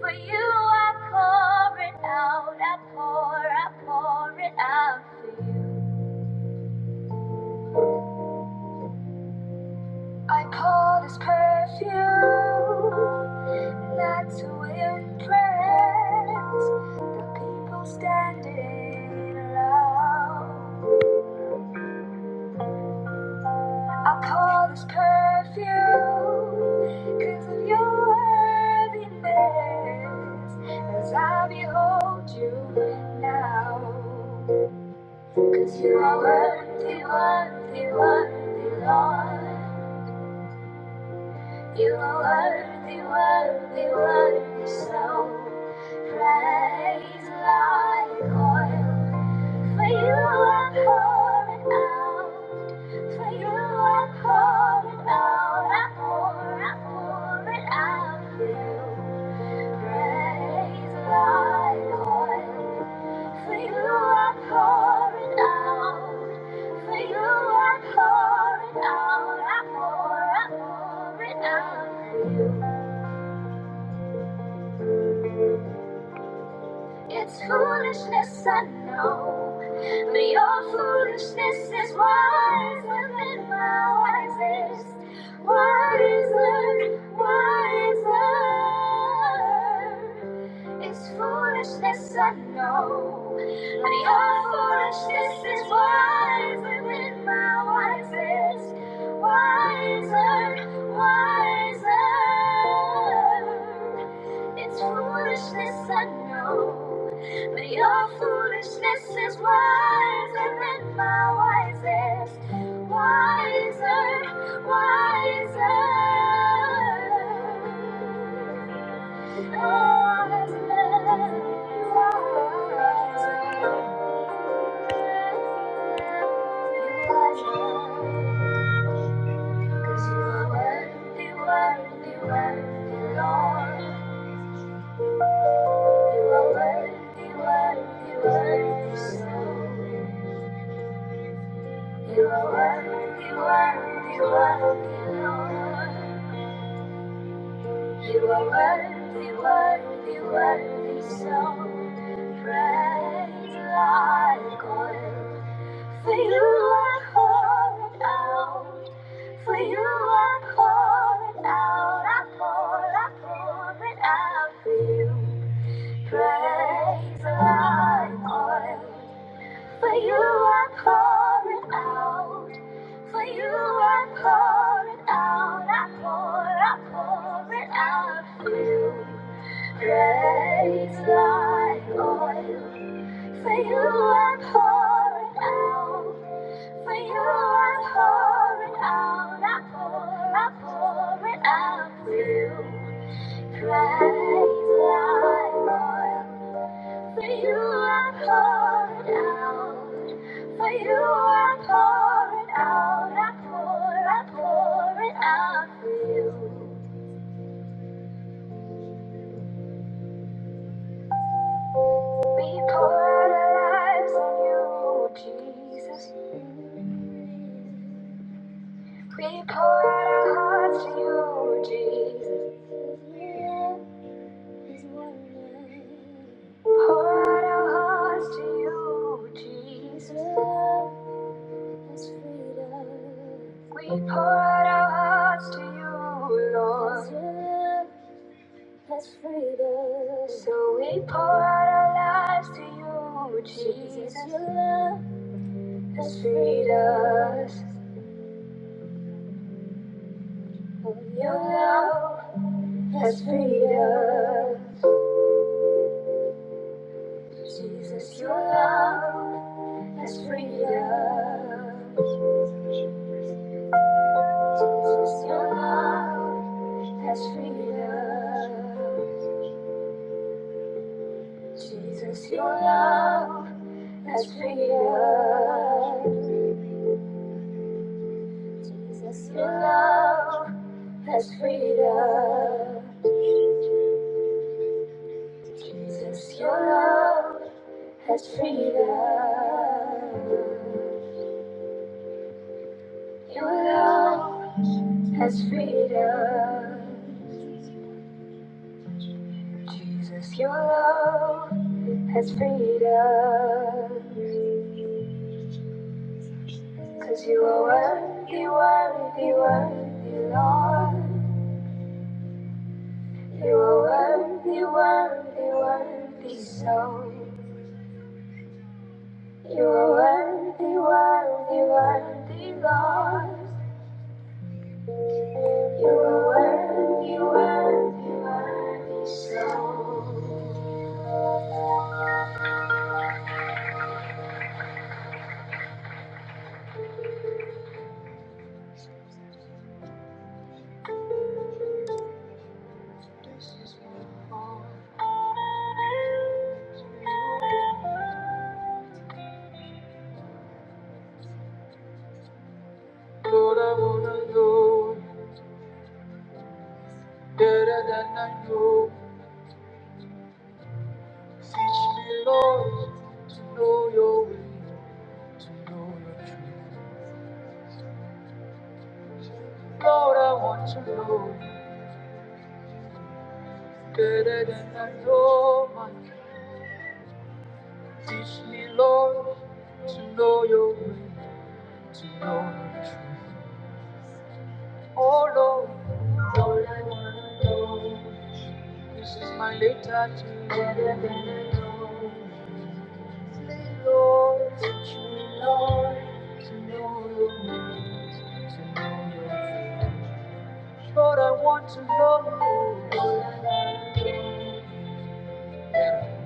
A: For you are pouring out. I pour, I pour it out for you. I pour this perfume not to impress the people standing around. I pour this perfume 'cause of your worthiness as I behold you now, 'cause you are worthy, worthy, worthy, Lord. You are worthy, worthy, worthy, so praise like oil. For you i are pouring out, for you i are pouring out, I pour, I pour it out for you. Praise like oil. For you are pouring out. For you are pouring out. I pour, I pour it out for you. It's foolishness, I know. But your foolishness is wiser than my wisest. Wiser, wiser. It's foolishness, I know. But your foolishness is wiser than my wisest. Wiser, wiser. It's foolishness, I know. But your foolishness is wiser than my wisest. Wiser, wiser. Oh, wiser, wiser. 'Cause you are worthy, worthy, worthy, Lord. You are worthy, worthy, worthy, so. You are worthy, worthy, worthy, Lord. You are worthy, worthy, worthy, so. Praise like oil. For you are poured out. For you are poured out. I pour, I pour it out for you. Praise the light oil. for you i are pouring out, for you i are pouring out, I pour, I pour it out for you. Praise the light oil. for you i are pouring out, for you i are pouring out, I pour, I pour it out for you. Praise the light oil. For you I pour it out. For you I pour it out. I pour, I pour it out for you. We pour out our lives on you, Jesus. We pour out our hearts to you, Jesus. Pour out our hearts to you, Jesus. We pour out our hearts to you, Lord. So we pour out our lives to you, Jesus. Has freed us. Your love has freed us. Jesus, your love has freed us. Jesus, your love has freed us. Jesus, your love has freed us. Jesus, your love has freed us. Jesus, your love has freed us. Your love has freed us. Jesus, your love has freed us. 'Cause you are worthy, worthy, worthy, Lord. You are worthy, worthy, worthy, so. You're worthy, worthy, worthy, Lord. You're worthy, worthy, worthy, so. This is my heart. Lord, I wanna know you better than I know. Teach me, Lord, to know your way, to know your truth. Lord, I want to know you better than I know my. God. Teach me, Lord, to know your way, to know your truth. Oh Lord, Lord, I wanna know, this is my letter to you. Better than I know. Say, Lord, teach me Lord, to know your ways, to know your ways. Lord, I want to know you. Lord, I wanna know, better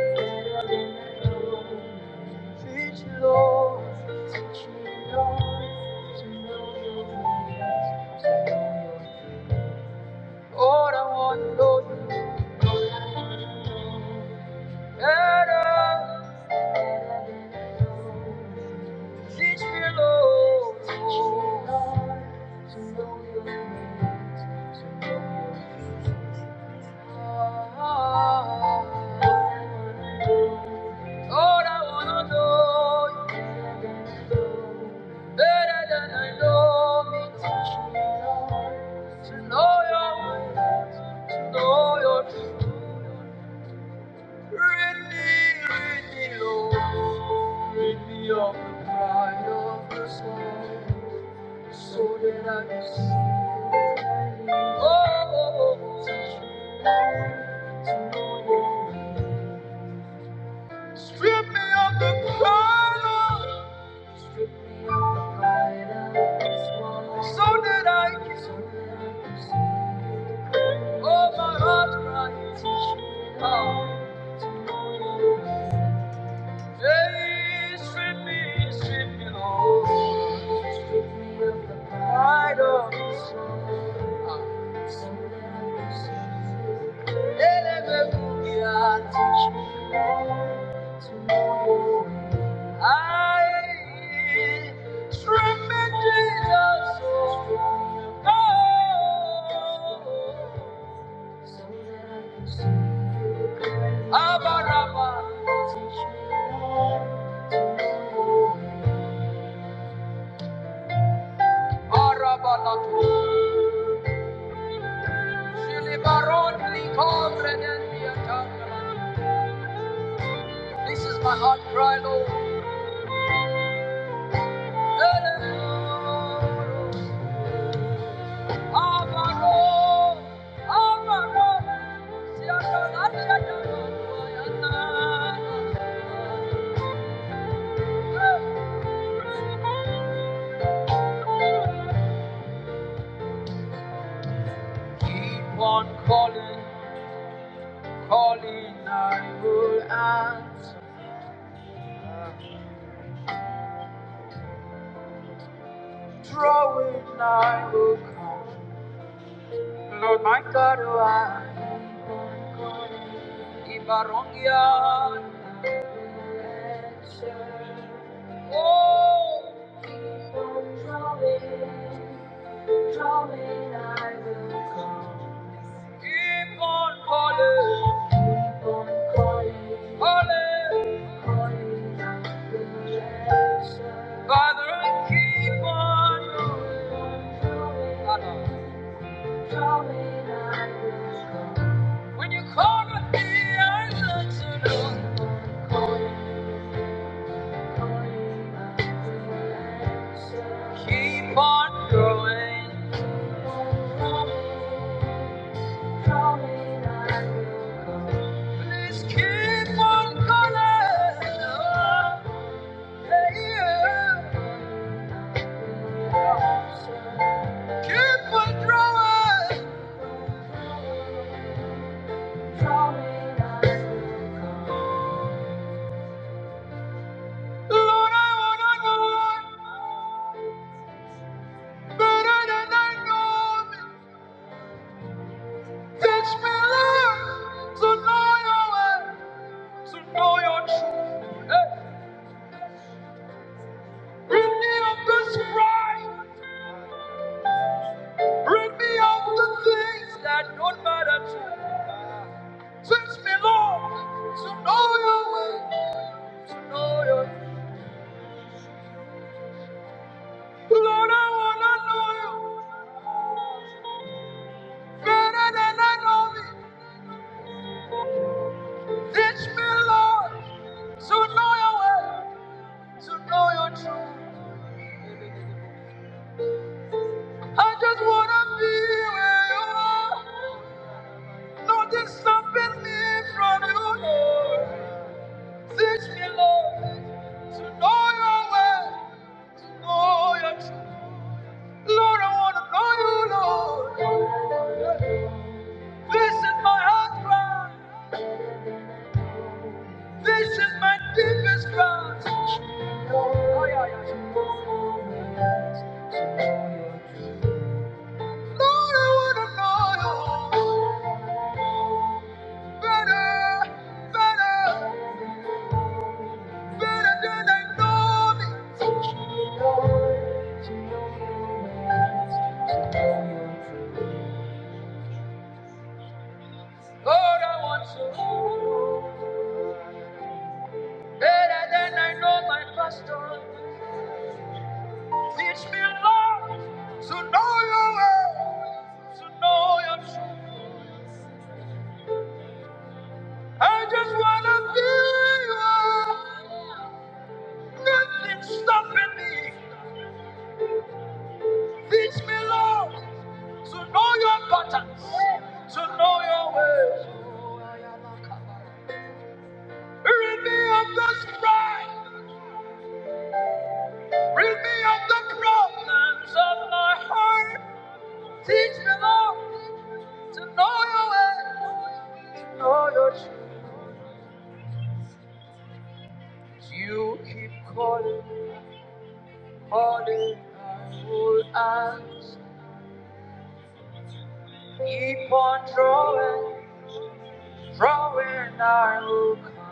A: better than I know. Teach me, Lord, teach me, Lord, to know your ways, to know your ways. All I want to know you better. Teach me, Lord. Lord, I want to know you better than I know me. Teach me, Lord, to know your ways, to know your truth. Rid me, oh, rid me of the pride of this life, so that I can see Oh, teach me to know you. Strip me of the pride of, strip me of the pride of this life, so that I can, so oh, my heart cries, teach me how. Hey, strip me, strip me, Lord. I don't know. I This is my heart cry, Lord. Keep on calling, calling, I will answer. Drawing, I will come. Lord, my God, oh, I am Ibarongia. Answer. Oh, drawing, drawing, I will come. Keep on calling. Holy, Father, I keep on. Lord. When you call on me, I answer. Lord. Keep on going. Please keep on calling. Oh, yeah. Keep on drawing. Lord, I wanna know you. Lord, I wanna know you better than I know me. Teach me, Lord, to know your way, to know your truth. I just wanna be where you are. Nothing stopping me from you, Lord. Teach me, Lord. Oh, yeah, yeah. Better. better than I know me. Teach me, Lord, to know your ways, to know your truth. to know you better than me, your pattern. Teach me, Lord, to know your ways, to know your truth. You keep calling. me. Morning, I will ask. Keep on drawing, drawing, I will come.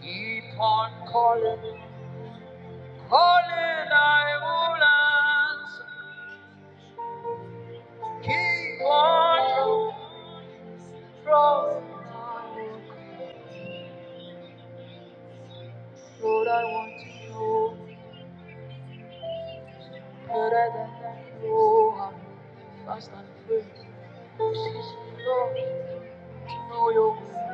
A: Keep on calling, calling, I will answer. Keep on drawing, drawing, I will come. Lord, I want to know better than I know how. Fast and free, Jesus, Lord, to know your will.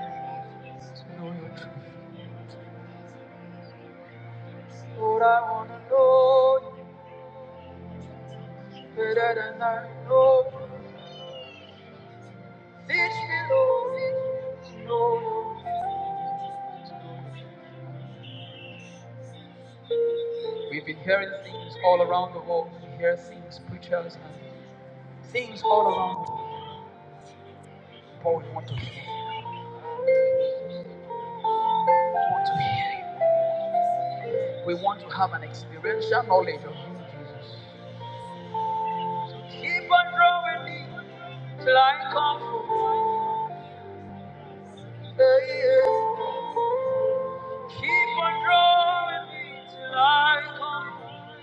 A: Lord, I want to know you better than I know. Teach me, Lord. Lord. We've been hearing things all around the world. We hear things, preachers, and things all around the world. But we want to hear. We want to hear you. We want to have an experiential knowledge of you. Keep on drawing me till I come home. Yeah, yeah. Keep on drawing me till I come home.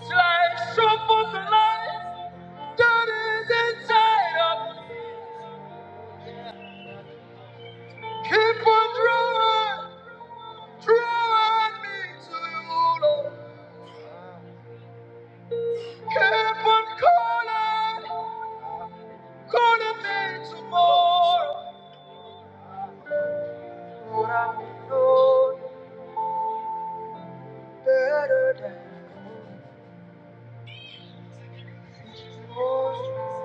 A: Till I show forth the light that is inside of me. Keep on drawing. Draw me to you, Lord. Keep on calling, calling me tomorrow. But I know you better than most.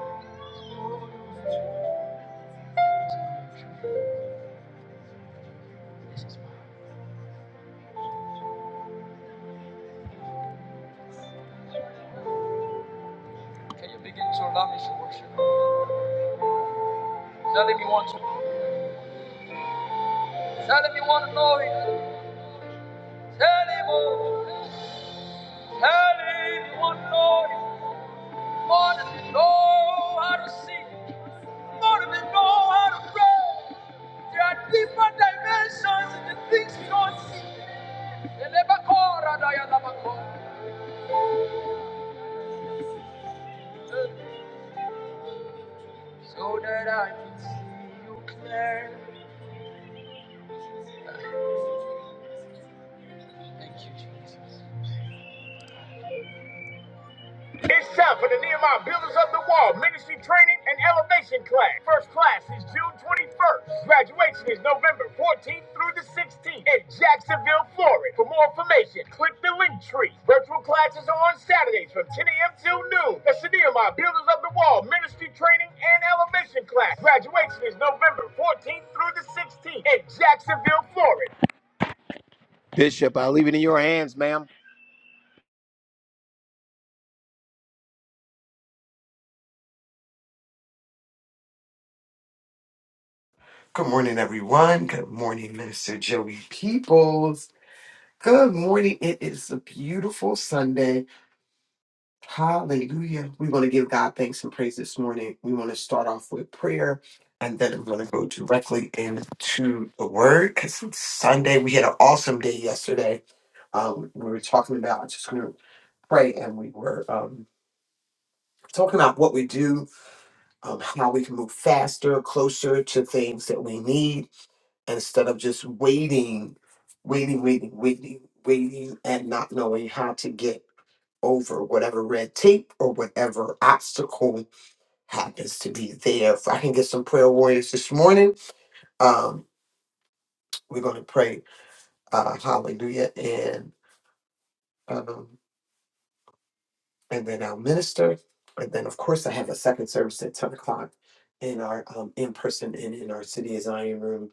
A: Can you begin to allow me to worship? Tell him you want to. Tell him you want to know him. Tell him, oh, tell him you want to know him. More than you want to know how to see. him. Lord, we know how to pray. There are different dimensions in the things we don't see. So that I can see you clearly. Thank you, Jesus. It's time for the Nehemiah Builders of the Wall Ministry Training and Elevation Class. First class is June 21st. Graduation is November 14th through the 16th in Jacksonville, Florida. For more information, click the link tree. Virtual classes are on Saturdays from 10 a.m. till noon. That's the Nehemiah Builders of the Wall Ministry Training and Elevation Class. Graduation is November 14th through the 16th in Jacksonville, Florida. Bishop, I leave it in your hands, ma'am.
B: Good morning, everyone. Good morning, Minister Joey Peoples. Good morning. It is a beautiful Sunday. Hallelujah. We want to give God thanks and praise this morning. We want to start off with prayer and then we're going to go directly into the word because it's Sunday. We had an awesome day yesterday. Um, we were talking about just going to pray and we were um, talking about what we do, um, how we can move faster, closer to things that we need instead of just waiting, waiting, waiting, waiting, waiting, and not knowing how to get over whatever red tape or whatever obstacle happens to be there. If I can get some prayer warriors this morning, um, we're going to pray uh, hallelujah and um, and then I'll minister. And then, of course, I have a second service at 10 o'clock in our um, in person and in our City of Zion room.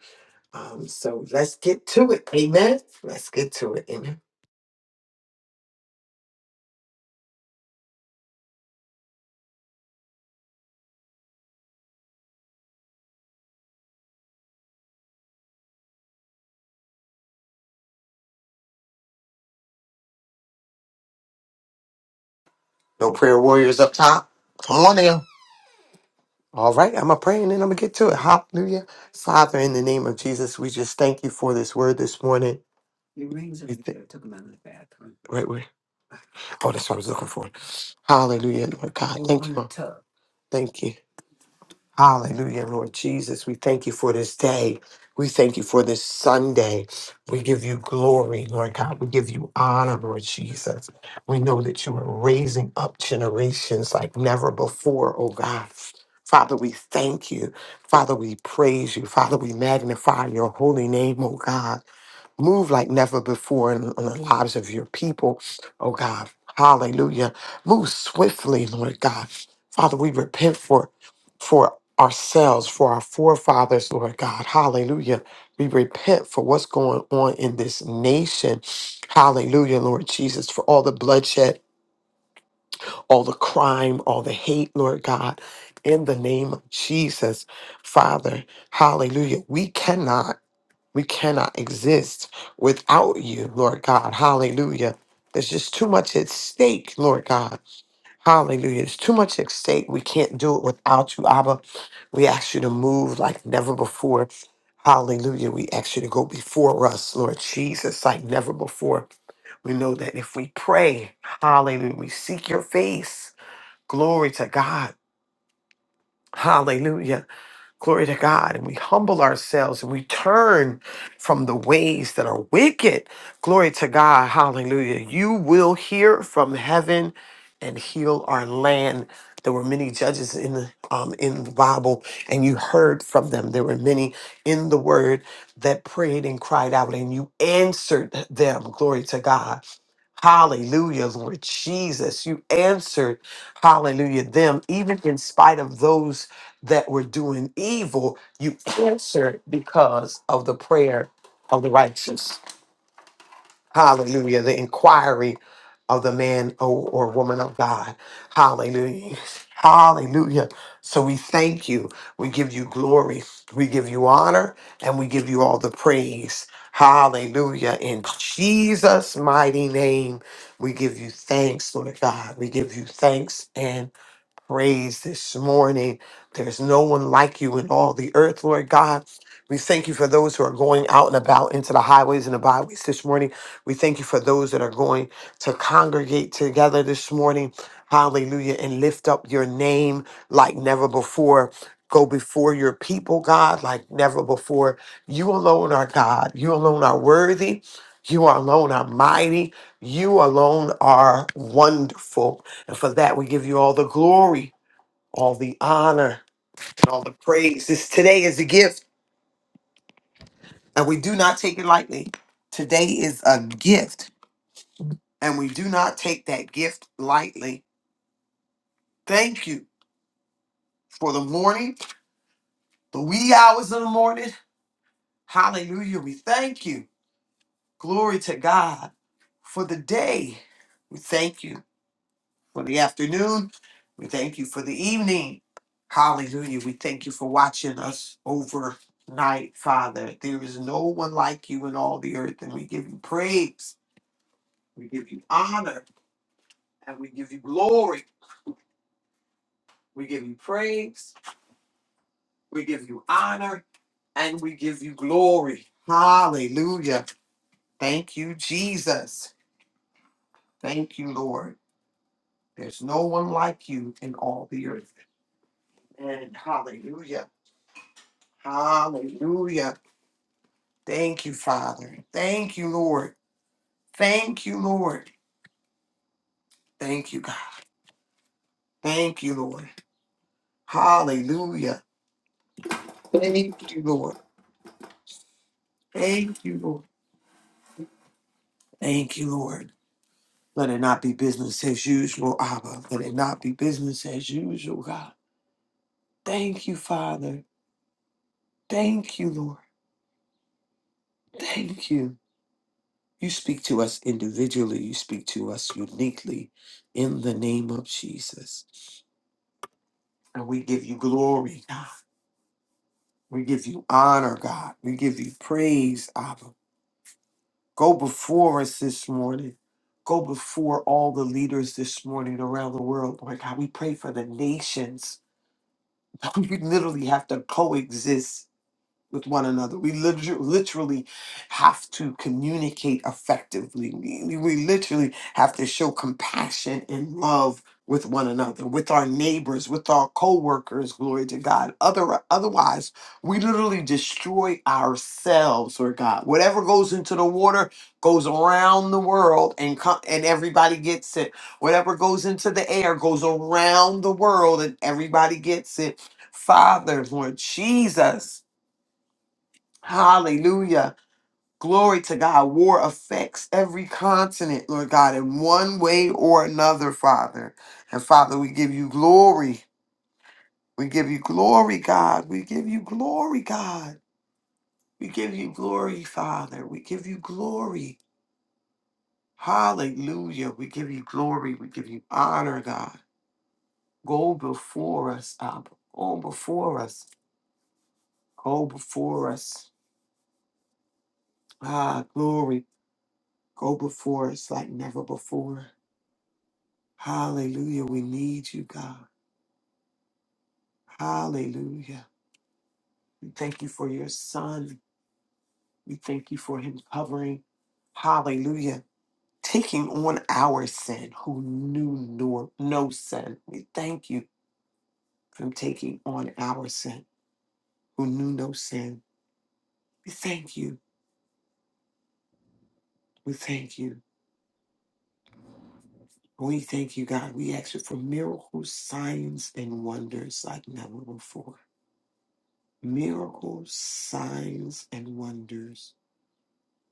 B: Um, so let's get to it. Amen. Let's get to it. Amen. No prayer warriors up top. Come on now. All right, I'm going to pray and then I'm going to get to it. Hallelujah. Father, in the name of Jesus, we just thank you for this word this morning. Your rings are We right th- there. I took them out of the bathroom. Right where? Oh, that's what I was looking for. Hallelujah, Lord God. They were Thank on you. the Lord. tub. Thank you. Hallelujah, Lord Jesus. We thank you for this day. We thank you for this Sunday. We give you glory, Lord God. We give you honor, Lord Jesus. We know that you are raising up generations like never before, oh God. Father, we thank you. Father, we praise you. Father, we magnify your holy name, oh God. Move like never before in, in the lives of your people, oh God. Hallelujah. Move swiftly, Lord God. Father, we repent for for ourselves, for our forefathers, Lord God. Hallelujah. We repent for what's going on in this nation. Hallelujah, Lord Jesus, for all the bloodshed, all the crime, all the hate, Lord God. In the name of Jesus, Father, hallelujah. We cannot. We cannot exist without you, Lord God. Hallelujah. There's just too much at stake, Lord God. Hallelujah. There's too much at stake. We can't do it without you, Abba. We ask you to move like never before. Hallelujah. We ask you to go before us, Lord Jesus, like never before. We know that if we pray, hallelujah, we seek your face. Glory to God. Hallelujah Glory to God. And we humble ourselves and we turn from the ways that are wicked. Glory to God. Hallelujah. You will hear from heaven and heal our land. There were many judges in the um, in the Bible, and you heard from them. There were many in the Word that prayed and cried out, and you answered them. Glory to God. Hallelujah, Lord Jesus. You answered, hallelujah, them, even in spite of those that were doing evil, you answered because of the prayer of the righteous. Hallelujah. The inquiry of the man or, or woman of God. Hallelujah. Hallelujah. So we thank you. We give you glory. We give you honor and we give you all the praise. Hallelujah. In Jesus' mighty name, we give you thanks, Lord God. We give you thanks and praise this morning. There's no one like you in all the earth, Lord God. We thank you for those who are going out and about into the highways and the byways this morning. We thank you for those that are going to congregate together this morning. Hallelujah. And lift up your name like never before. Go before your people, God, like never before. You alone are God. You alone are worthy. You alone are mighty. You alone are wonderful. And for that, we give you all the glory, all the honor, and all the praise. This today is a gift, and we do not take it lightly. Today is a gift, and we do not take that gift lightly. Thank you for the morning, the wee hours of the morning. Hallelujah. We thank you. Glory to God for the day. We thank you. for the afternoon. We thank you for the evening. Hallelujah. We thank you for watching us overnight, Father. There is no one like you in all the earth, and we give you praise. We give you honor, and we give you glory. We give you praise. We give you honor, and we give you glory. Hallelujah. Thank you, Jesus. Thank you, Lord. There's no one like you in all the earth. And hallelujah. Hallelujah. Thank you, Father. Thank you, Lord. Thank you, Lord. Thank you, God. Thank you, Lord. Hallelujah. Thank you, Lord. Thank you, Lord. Thank you, Lord. Let it not be business as usual, Abba. Let it not be business as usual, God. Thank you, Father. Thank you, Lord. Thank you. You speak to us individually, you speak to us uniquely in the name of Jesus. And we give you glory, God. We give you honor, God. We give you praise, Abba. Go before us this morning. Go before all the leaders this morning around the world. Lord God, we pray for the nations. We literally have to coexist with one another. We liter- literally have to communicate effectively. We, we literally have to show compassion and love with one another, with our neighbors, with our co-workers, glory to God. Other otherwise, we literally destroy ourselves, Lord God. Whatever goes into the water goes around the world and co- and everybody gets it. Whatever goes into the air goes around the world and everybody gets it. Father, Lord Jesus, Hallelujah. Glory to God. War affects every continent, Lord God, in one way or another, Father. And Father, we give you glory. We give you glory, God. We give you glory, God. We give you glory, Father. We give you glory. Hallelujah. We give you glory. We give you honor, God. Go before us, Abba. Go before us. Go before us. Ah, glory. Go before us like never before. Hallelujah. We need you, God. Hallelujah. We thank you for your son. We thank you for him covering. Hallelujah. Taking on our sin, who knew no, no sin. We thank you for him taking on our sin, who knew no sin. We thank you. We thank you. We thank you, God. We ask you for miracles, signs, and wonders like never before. Miracles, signs, and wonders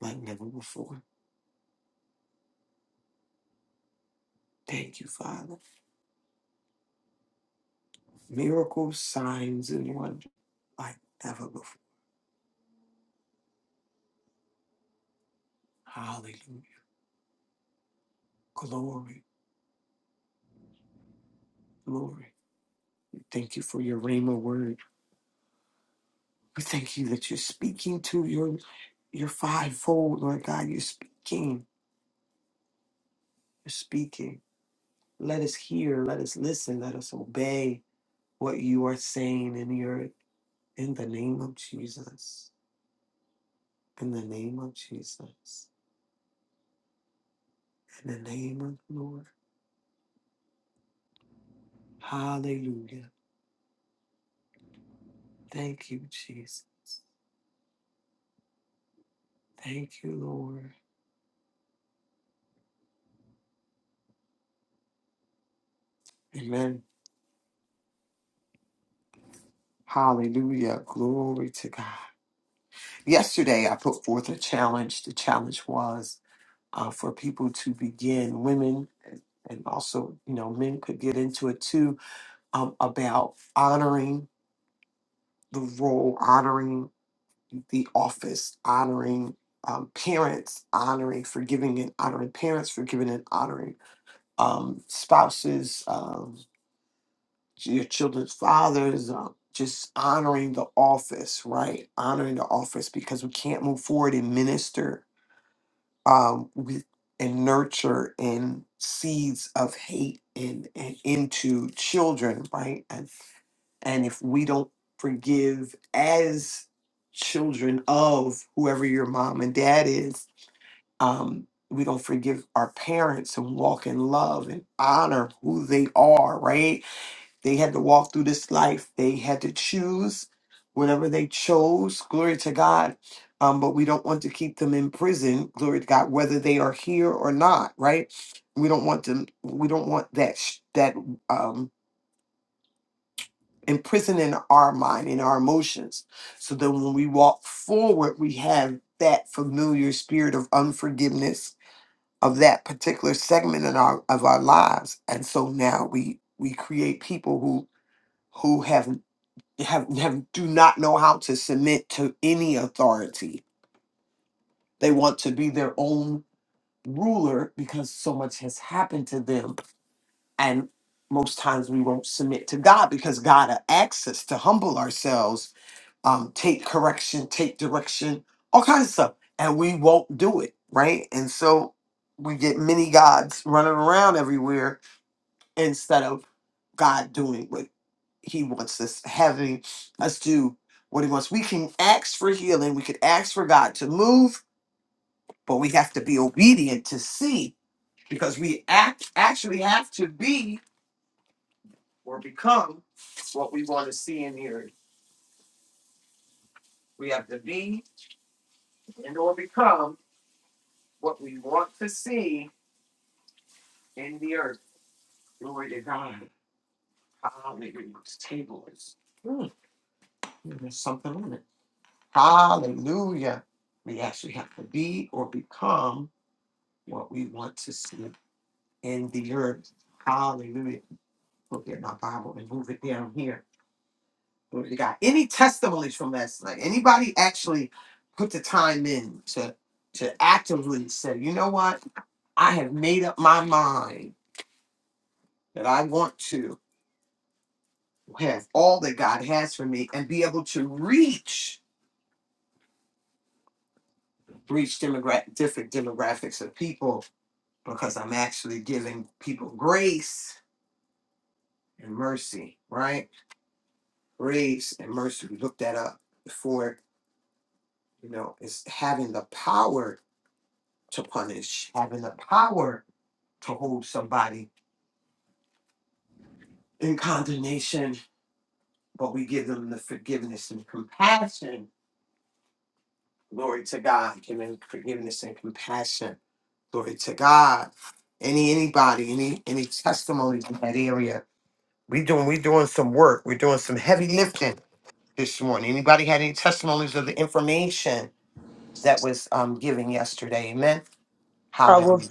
B: like never before. Thank you, Father. Miracles, signs, and wonders like never before. Hallelujah. Glory, glory. Thank you for your Rhema word. We thank you that you're speaking to your your fivefold, Lord God. You're speaking. You're speaking. Let us hear. Let us listen. Let us obey what you are saying in your in the name of Jesus. In the name of Jesus. In the name of the Lord. Hallelujah. Thank you, Jesus. Thank you, Lord. Amen. Hallelujah. Glory to God. Yesterday, I put forth a challenge. The challenge was uh, for people to begin, women, and and also, you know, men could get into it too, um, about honoring the role, honoring the office, honoring um, parents, honoring, forgiving and honoring parents, forgiving and honoring um, spouses, um, your children's fathers, um, just honoring the office, right? Honoring the office because we can't move forward and minister um, with and nurture and seeds of hate and, and into children, right? And and if we don't forgive as children of whoever your mom and dad is, um, we don't forgive our parents and walk in love and honor who they are, right? They had to walk through this life. They had to choose whatever they chose. Glory to God. Um, but we don't want to keep them in prison. Glory to God, whether they are here or not. Right? We don't want them. We don't want that sh- that um, imprison in our mind in our emotions. So that when we walk forward, we have that familiar spirit of unforgiveness of that particular segment in our of our lives. And so now we we create people who who have have, have do not know how to submit to any authority. They want to be their own ruler because so much has happened to them. And most times we won't submit to God because God asks us to humble ourselves, um, take correction, take direction, all kinds of stuff. And we won't do it, right? And so we get many gods running around everywhere instead of God doing what He wants us, having us do what He wants. We can ask for healing, we can ask for God to move, but we have to be obedient to see because we act actually have to be or become what we want to see and hear. We have to be and or become what we want to see in the earth. Glory to God. Hallelujah. This table is mm, there's something on it. Hallelujah. We actually have to be or become what we want to see in the earth. Hallelujah. Look at my Bible and move it down here. Glory to God. Any testimonies from last night? Anybody actually put the time in to to actively say, you know what? I have made up my mind that I want to have all that God has for me and be able to reach reach demogra- different demographics of people because I'm actually giving people grace and mercy, right? Graves and Mercer, we looked that up before, you know, is having the power to punish, having the power to hold somebody in condemnation, but we give them the forgiveness and compassion. Glory to God, giving forgiveness and compassion. Glory to God. Any anybody, any any testimonies in that area. We doing we doing some work. We're doing some heavy lifting this morning. Anybody had any testimonies of the information that was um given yesterday? Amen.
C: I will.
B: Hallelujah.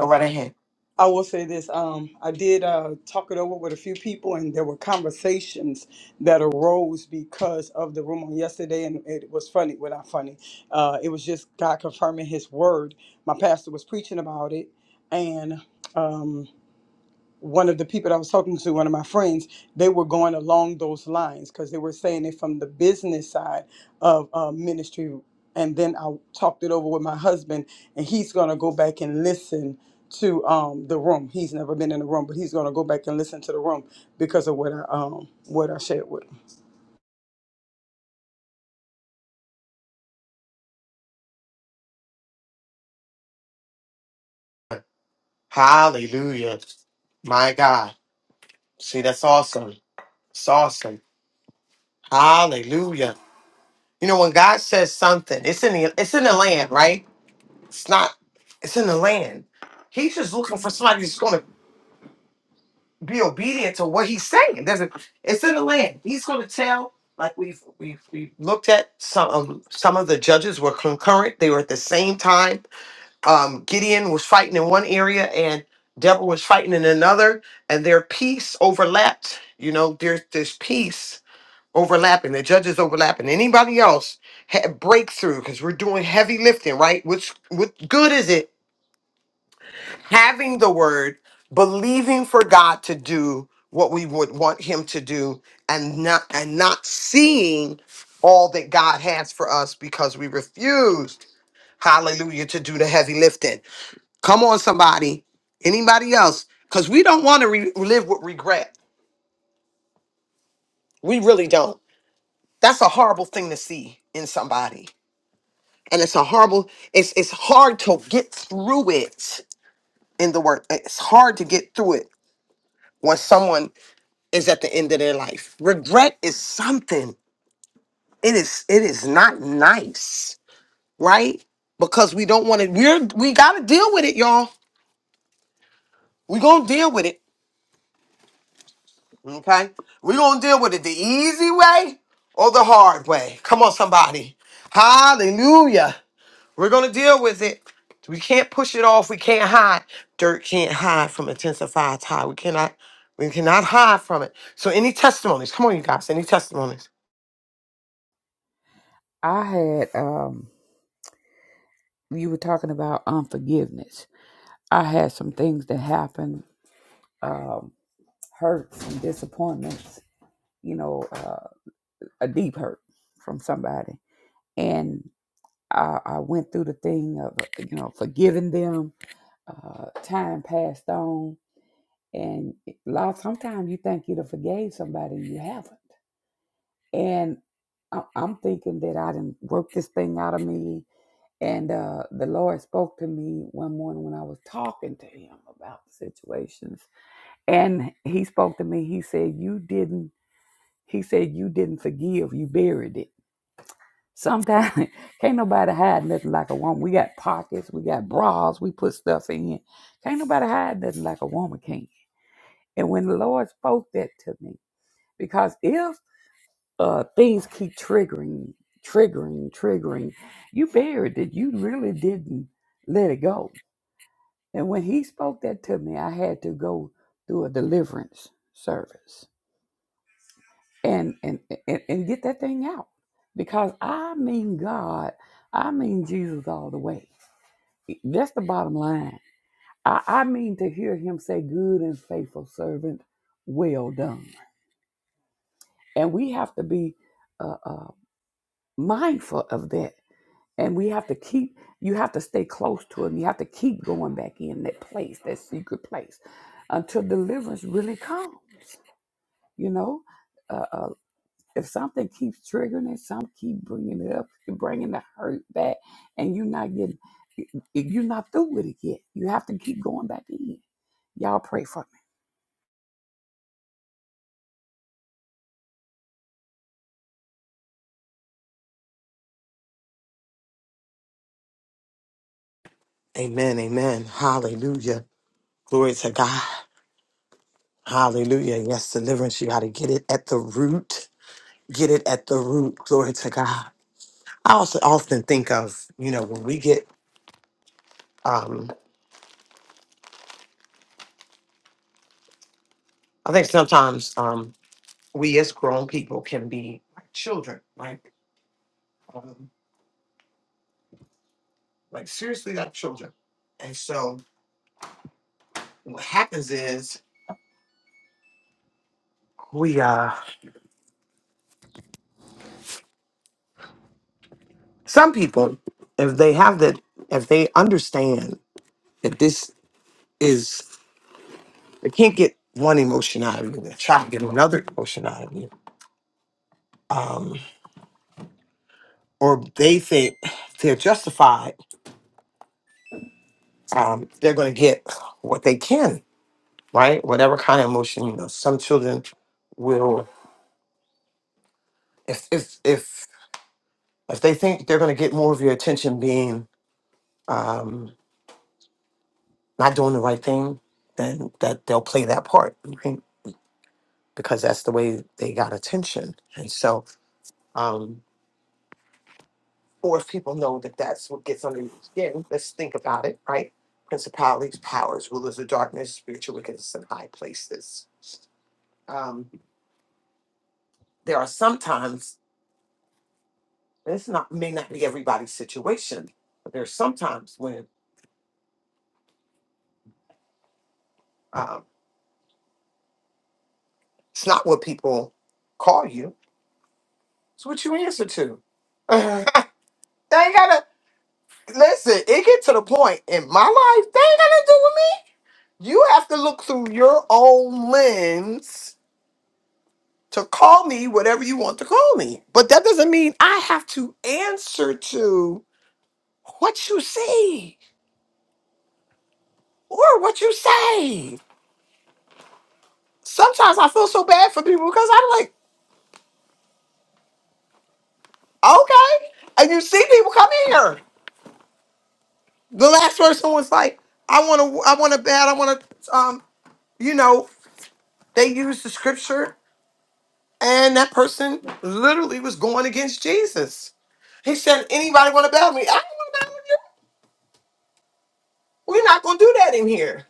B: Go right ahead.
C: I will say this. Um, I did uh, talk it over with a few people, and there were conversations that arose because of the room on yesterday, and it was funny. Well, not funny. Uh, it was just God confirming His word. My pastor was preaching about it, and. Um, one of the people that I was talking to, one of my friends, they were going along those lines because they were saying it from the business side of uh, ministry. And then I talked it over with my husband, and he's going to go back and listen to um, the room. He's never been in the room, but he's going to go back and listen to the room because of what I um, what I shared with him.
B: Hallelujah. My God. See, that's awesome. It's awesome. Hallelujah. You know, when God says something, it's in the it's in the land, right? It's not, it's in the land. He's just looking for somebody that's gonna be obedient to what he's saying. There's a, it's in the land. He's gonna tell, like we've we've we've looked at some um, some of the judges were concurrent, they were at the same time um, Gideon was fighting in one area and Deborah was fighting in another, and their peace overlapped. You know, there's there's peace overlapping, the judges overlapping. Anybody else had breakthrough because we're doing heavy lifting, right? Which what good is it having the word, believing for God to do what we would want Him to do, and not and not seeing all that God has for us because we refused, hallelujah, to do the heavy lifting. Come on, somebody. Anybody else? Because we don't want to re- live with regret. We really don't. That's a horrible thing to see in somebody, and it's a horrible. It's it's hard to get through it in the work. It's hard to get through it when someone is at the end of their life. Regret is something. It is. It is not nice, right? Because we don't want to. We're we got to deal with it, y'all. We're gonna deal with it Okay? We're going to deal with it the easy way or the hard way. Come on, somebody. Hallelujah. We're going to deal with it. We can't push it off. We can't hide. Dirt can't hide from intensified tide. We cannot. We cannot hide from it. So, any testimonies? Come on, you guys. Any testimonies?
D: I had um you were talking about unforgiveness. I had some things that happened, um, hurts and disappointments, you know, uh, a deep hurt from somebody. And I, I went through the thing of, you know, forgiving them. Uh, time passed on. And a lot, sometimes you think you'd have forgave somebody and you haven't. And I- I'm thinking that I didn't work this thing out of me And uh, the Lord spoke to me one morning when I was talking to him about situations. And he spoke to me. He said, You didn't, he said, You didn't forgive. You buried it. Sometimes can't nobody hide nothing like a woman. We got pockets, we got bras, we put stuff in. Can't nobody hide nothing like a woman can. And when the Lord spoke that to me, because if uh, things keep triggering, triggering, triggering, you buried it. You really didn't let it go And when he spoke that to me, I had to go through a deliverance service and and and, and get that thing out because I mean God, I mean Jesus all the way. That's the bottom line. I, I mean to hear Him say, "Good and faithful servant, well done." And we have to be uh, uh, mindful of that, and we have to keep. You have to stay close to Him. You have to keep going back in that place, that secret place, until deliverance really comes. You know, uh, uh, if something keeps triggering it, some keep bringing it up, bringing the hurt back, and you're not getting, you're not through with it yet. You have to keep going back in. Y'all pray for.
B: Amen. Amen. Hallelujah. Glory to God. Hallelujah. Yes, deliverance. You got to get it at the root. Get it at the root. Glory to God. I also often think of, you know, when we get um, I think sometimes um, we as grown people can be like children, like um, like seriously like children. And so what happens is we uh some people if they have that if they understand that this is they can't get one emotion out of you, they try to get another emotion out of you. Um or they think they're justified, um, they're gonna get what they can, right? Whatever kind of emotion, you know, some children will if if if if they think they're going to get more of your attention being um, not doing the right thing, then that they'll play that part, right? Because that's the way they got attention. And so, um, or if people know that that's what gets under your skin, let's think about it, right? Principalities, powers, rulers of darkness, spiritual wickedness in high places. Um, there are sometimes and it's not may not be everybody's situation, but there's sometimes when um, it's not what people call you So what you answer to? they ain't gotta listen. It get to the point in my life. They ain't gotta do with me. You have to look through your own lens to call me whatever you want to call me. But that doesn't mean I have to answer to what you see or what you say. Sometimes I feel so bad for people because I'm like, okay, and you see people come in here. The last person was like, I want to, I want to bad, I want to, um, you know. They used the scripture, and that person literally was going against Jesus. He said, "Anybody want to battle me? I don't want to battle you. We're not going to do that in here.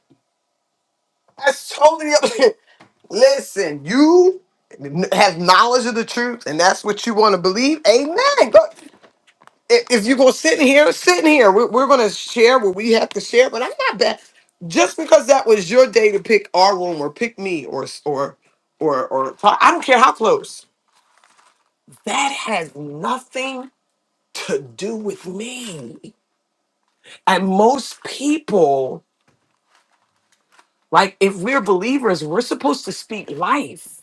B: That's totally up." Listen, you have knowledge of the truth, and that's what you want to believe. Amen. Go- If if you're going to sit in here, sit in here. We're, we're going to share what we have to share, but I'm not bad. Just because that was your day to pick our room or pick me or or or or I don't care how close. that has nothing to do with me. And most people, like if we're believers, we're supposed to speak life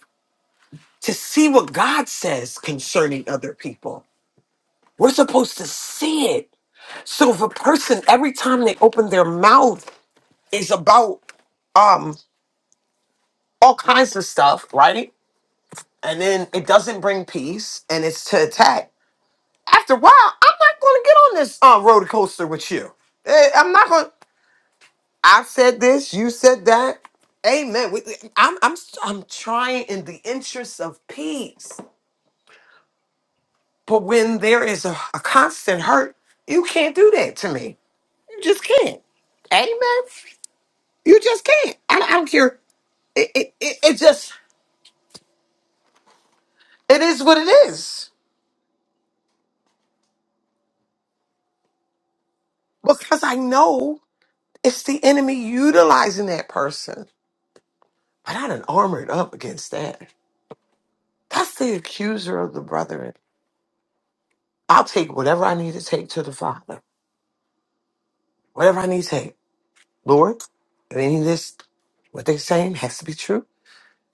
B: to see what God says concerning other people. We're supposed to see it. So if a person every time they open their mouth is about um all kinds of stuff, right? And then it doesn't bring peace and it's to attack. After a while, I'm not gonna get on this uh, roller coaster with you. Eh, I'm not going I said this, you said that. Amen. We- we- I'm, I'm, I'm trying in the interest of peace. But when there is a, a constant hurt, you can't do that to me. You just can't. Amen. You just can't. I, I don't care. It, it, it, it just, it is what it is. Because I know it's the enemy utilizing that person. But I done armored up against that. That's the accuser of the brethren. I'll take whatever I need to take to the Father. Whatever I need to take. Lord, if any of this, what they're saying has to be true,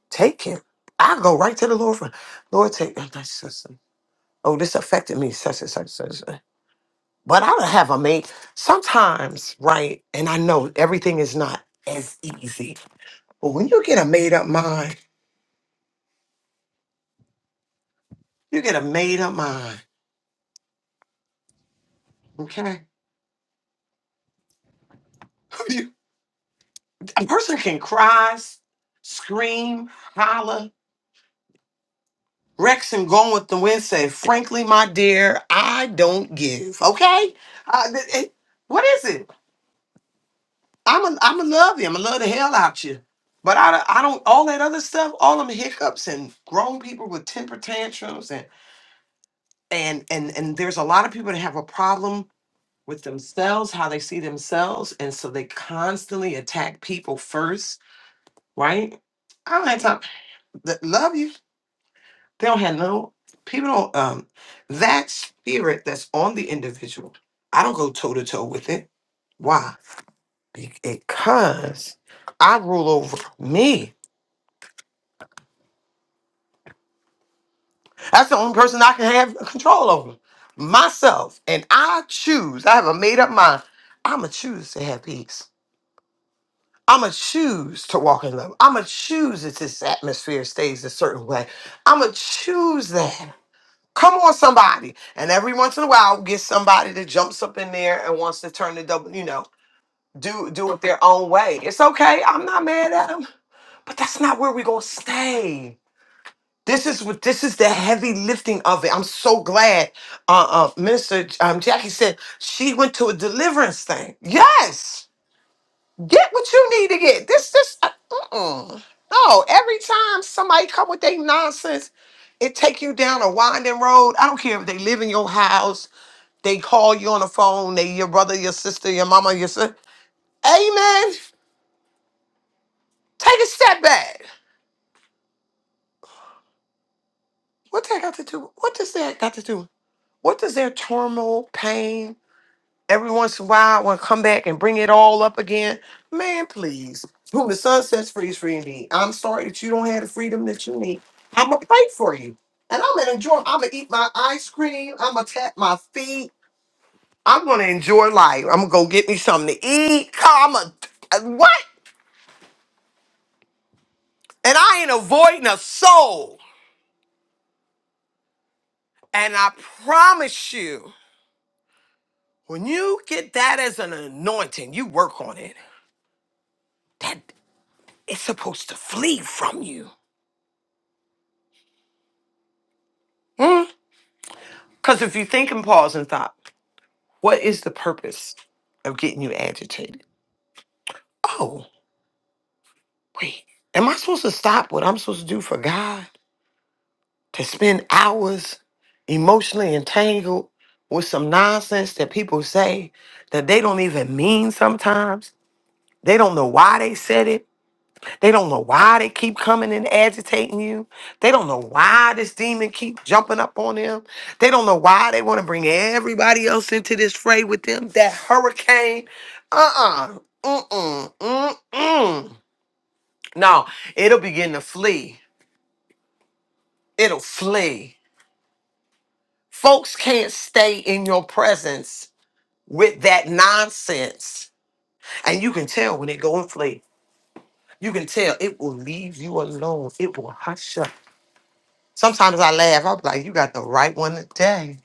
B: take him. I go right to the Lord for, Lord, take him. That's such a- Oh, this affected me, such and such, such. such. But I don't have a mate. Sometimes, right? And I know everything is not as easy. But when you get a made up mind, you get a made up mind, okay? You- a person can cry, s- scream, holler. Rexham going with the wind said, frankly, my dear, I don't give. Okay? Uh, th- it- what is it? I'm a, I'm a love you. I'm a love the hell out you. But I, I don't, all that other stuff, all them hiccups and grown people with temper tantrums and, and, and, and there's a lot of people that have a problem with themselves, how they see themselves. And so they constantly attack people first, right? I don't have time. Th- Love you. They don't have no people don't um that spirit that's on the individual. I don't go toe to toe with it. Why? Be- Because I rule over me. That's the only person I can have control over. Myself. And I choose. I have a made up mind. I'ma choose to have peace. I'ma choose to walk in love. I'ma choose that this atmosphere stays a certain way. I'ma choose that. Come on, somebody. And every once in a while, get somebody that jumps up in there and wants to turn the double, you know, do do it their own way. It's okay. I'm not mad at them, but that's not where we're gonna stay. This is what this is the heavy lifting of it. I'm so glad uh, uh Minister um, Jackie said she went to a deliverance thing. Yes, get what you need to get. This this uh, mm-mm. no. Every time somebody come with their nonsense, it take you down a winding road. I don't care if they live in your house they call you on the phone. They your brother, your sister, your mama, your son. Amen. Take a step back. What that got to do? What does that got to do? What does their turmoil, pain, every once in a while, want to come back and bring it all up again? Man, please. Whom the sun sets free is free indeed. I'm sorry that you don't have the freedom that you need. I'ma pray for you, and I'm gonna enjoy. I'm gonna eat my ice cream. I'm gonna tap my feet. I'm gonna enjoy life. I'm gonna go get me something to eat. I'm going what? And I ain't avoiding a soul. And I promise you, when you get that as an anointing, you work on it. That it's supposed to flee from you. Because if you think and pause and thought, what is the purpose of getting you agitated? Oh, wait. Am I supposed to stop what I'm supposed to do for God? To spend hours emotionally entangled with some nonsense that people say that they don't even mean sometimes? They don't know why they said it They don't know why they keep coming and agitating you. They don't know why this demon keep jumping up on them. They don't know why they want to bring everybody else into this fray with them. That hurricane, uh-uh, mm-mm, mm-mm. No, it'll begin to flee. It'll flee. Folks can't stay in your presence with that nonsense. And you can tell when it go and flee. You can tell it will leave you alone. It will hush up. Sometimes I laugh. I'm like, you got the right one today.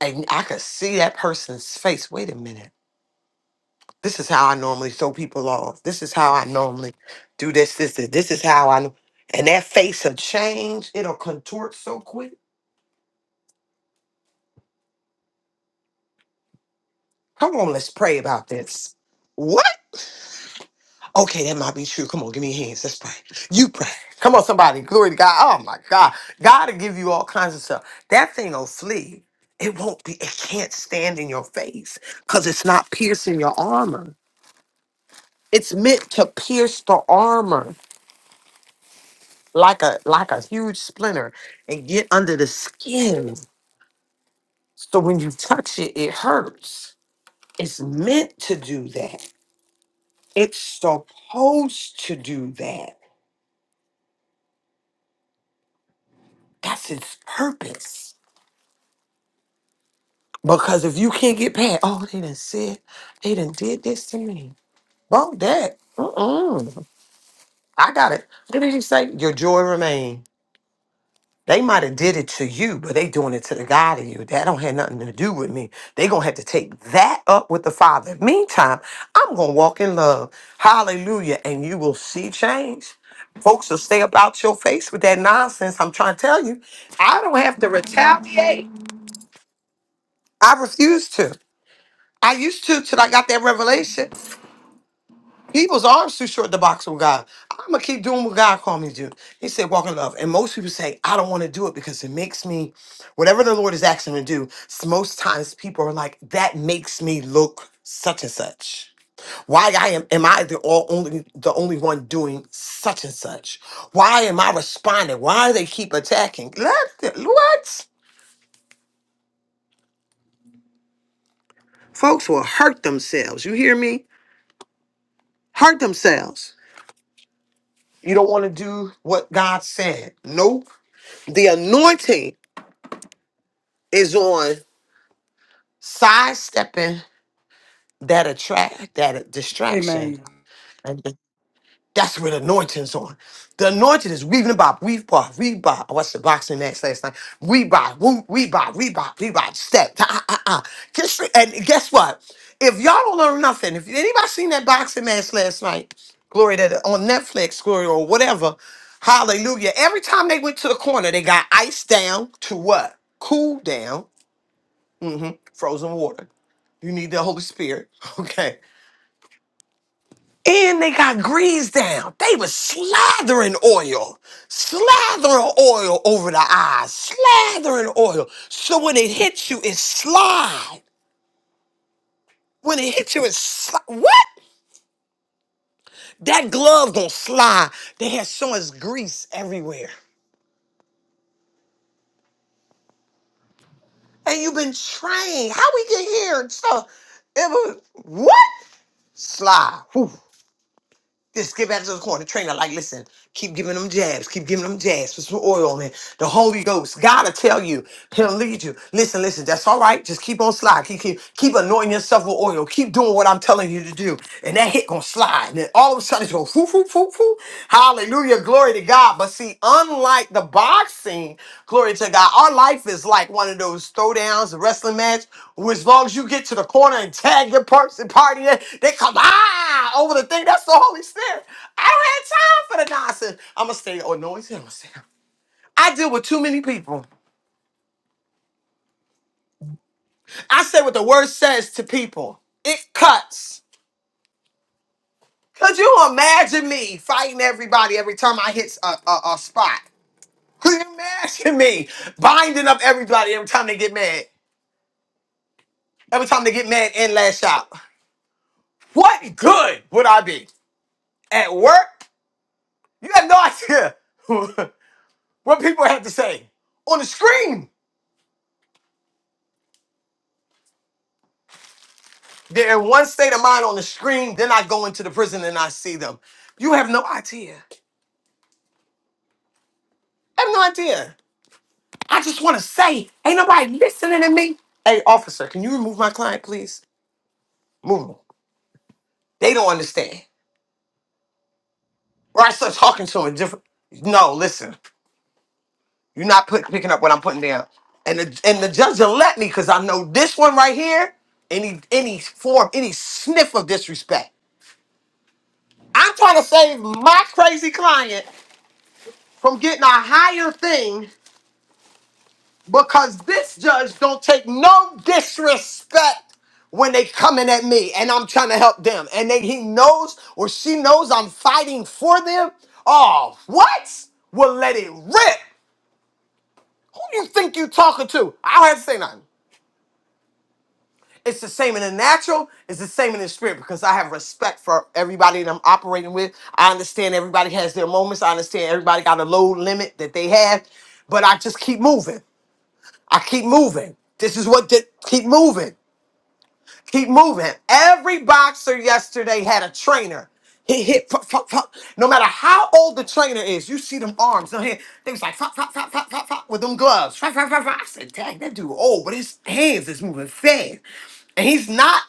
B: And I could see that person's face. Wait a minute. This is how I normally throw people off. This is how I normally do this, this, this. This is how I. And that face will change. It'll contort so quick. Come on, let's pray about this. What? Okay, that might be true. Come on, give me hands. Let's pray. You pray. Come on, somebody. Glory to God. Oh my God. God will give you all kinds of stuff. That thing will flee. It won't be, it can't stand in your face because it's not piercing your armor. It's meant to pierce the armor like a like a huge splinter and get under the skin. So when you touch it, it hurts. It's meant to do that. It's supposed to do that. That's its purpose. Because if you can't get past, oh, they done said, they done did this to me. Bump that. Mm-mm. I got it. What did he say? Your joy remain. They might have did it to you, but they doing it to the God in you. That don't have nothing to do with me. They gonna have to take that up with the Father. Meantime, I'm gonna walk in love. Hallelujah. And you will see change. Folks will stay about your face with that nonsense. I'm trying to tell you, I don't have to retaliate. I refuse to. I used to till I got that revelation. People's arms too short to box with God. I'm gonna keep doing what God called me to do. He said, walk in love. And most people say, I don't want to do it because it makes me, whatever the Lord is asking me to do, s- most times people are like, that makes me look such and such. Why I am am I the all only the only one doing such and such? Why am I responding? Why do they keep attacking? Let the- what? Folks will hurt themselves. You hear me? Hurt themselves. You don't want to do what God said. Nope. The anointing is on sidestepping that attract that distraction.
C: Amen.
B: And that's where the anointing's on. The anointing is weaving about, weave bar, weave bar. I watched the boxing match last night. Weave bar, woo- weave bar, weave bar, weave bar, step. Ah, ah, ah. ah. Get straight. And guess what? If y'all don't learn nothing, if anybody seen that boxing match last night, glory that on Netflix, glory or whatever, hallelujah. Every time they went to the corner, they got iced down to what? Cool down hmm Frozen water. You need the Holy Spirit. Okay. And they got grease down. They was slathering oil, slathering oil over the eyes, slathering oil. So when it hits you, it slide. When it hits you, it sli- what? That glove gonna slide. They had so much grease everywhere. And you've been trained. How we get here? So it was what? Slide. Just get back to the corner. Trainer, like, listen, keep giving them jabs, keep giving them jabs. Put some oil on it. The Holy Ghost, God will tell you, He'll lead you. Listen, listen, that's all right. Just keep on slide. Keep, keep, keep anointing yourself with oil. Keep doing what I'm telling you to do. And that hit gonna slide. And then all of a sudden, it's gonna foo, foo, foo, foo. Hallelujah. Hallelujah, glory to God. But see, unlike the boxing, glory to God, our life is like one of those throwdowns, a wrestling match, where as long as you get to the corner and tag your person party, they they come ah over the thing. That's the Holy Spirit. I don't have time for the nonsense. I'ma stay. Oh no, he's gonna stay. I deal with too many people. I say what the word says to people. It cuts. Could you imagine me fighting everybody every time I hit a, a a spot? Cause you mad at me. Binding up everybody every time they get mad. Every time they get mad and lash out. What good would I be? At work? You have no idea what people have to say. On the screen. They're in one state of mind on the screen. Then I go into the prison and I see them. You have no idea. I have no idea. I just want to say, ain't nobody listening to me. Hey, officer, can you remove my client, please? Move him. They don't understand. Or I start talking to them different. No, listen. You're not put, picking up what I'm putting down. And the and the judge will let me because I know this one right here. Any any form, any sniff of disrespect. I'm trying to save my crazy client from getting a higher thing because this judge don't take no disrespect when they coming at me and I'm trying to help them. And they, he knows or she knows I'm fighting for them. Oh, what? Well, let it rip. Who you think you talking to? I don't have to say nothing. It's the same in the natural. It's the same in the spirit because I have respect for everybody that I'm operating with. I understand everybody has their moments. I understand everybody got a load limit that they have, but I just keep moving. I keep moving. This is what did keep moving. Keep moving. Every boxer yesterday had a trainer. He hit, fuck, fuck, fuck. no matter how old the trainer is, you see them arms. down here. They was like, fuck, fuck, fuck, fuck, fuck, fuck, with them gloves. Fuck, fuck, fuck, fuck. I said, dang, that dude old, but his hands is moving fast. And he's not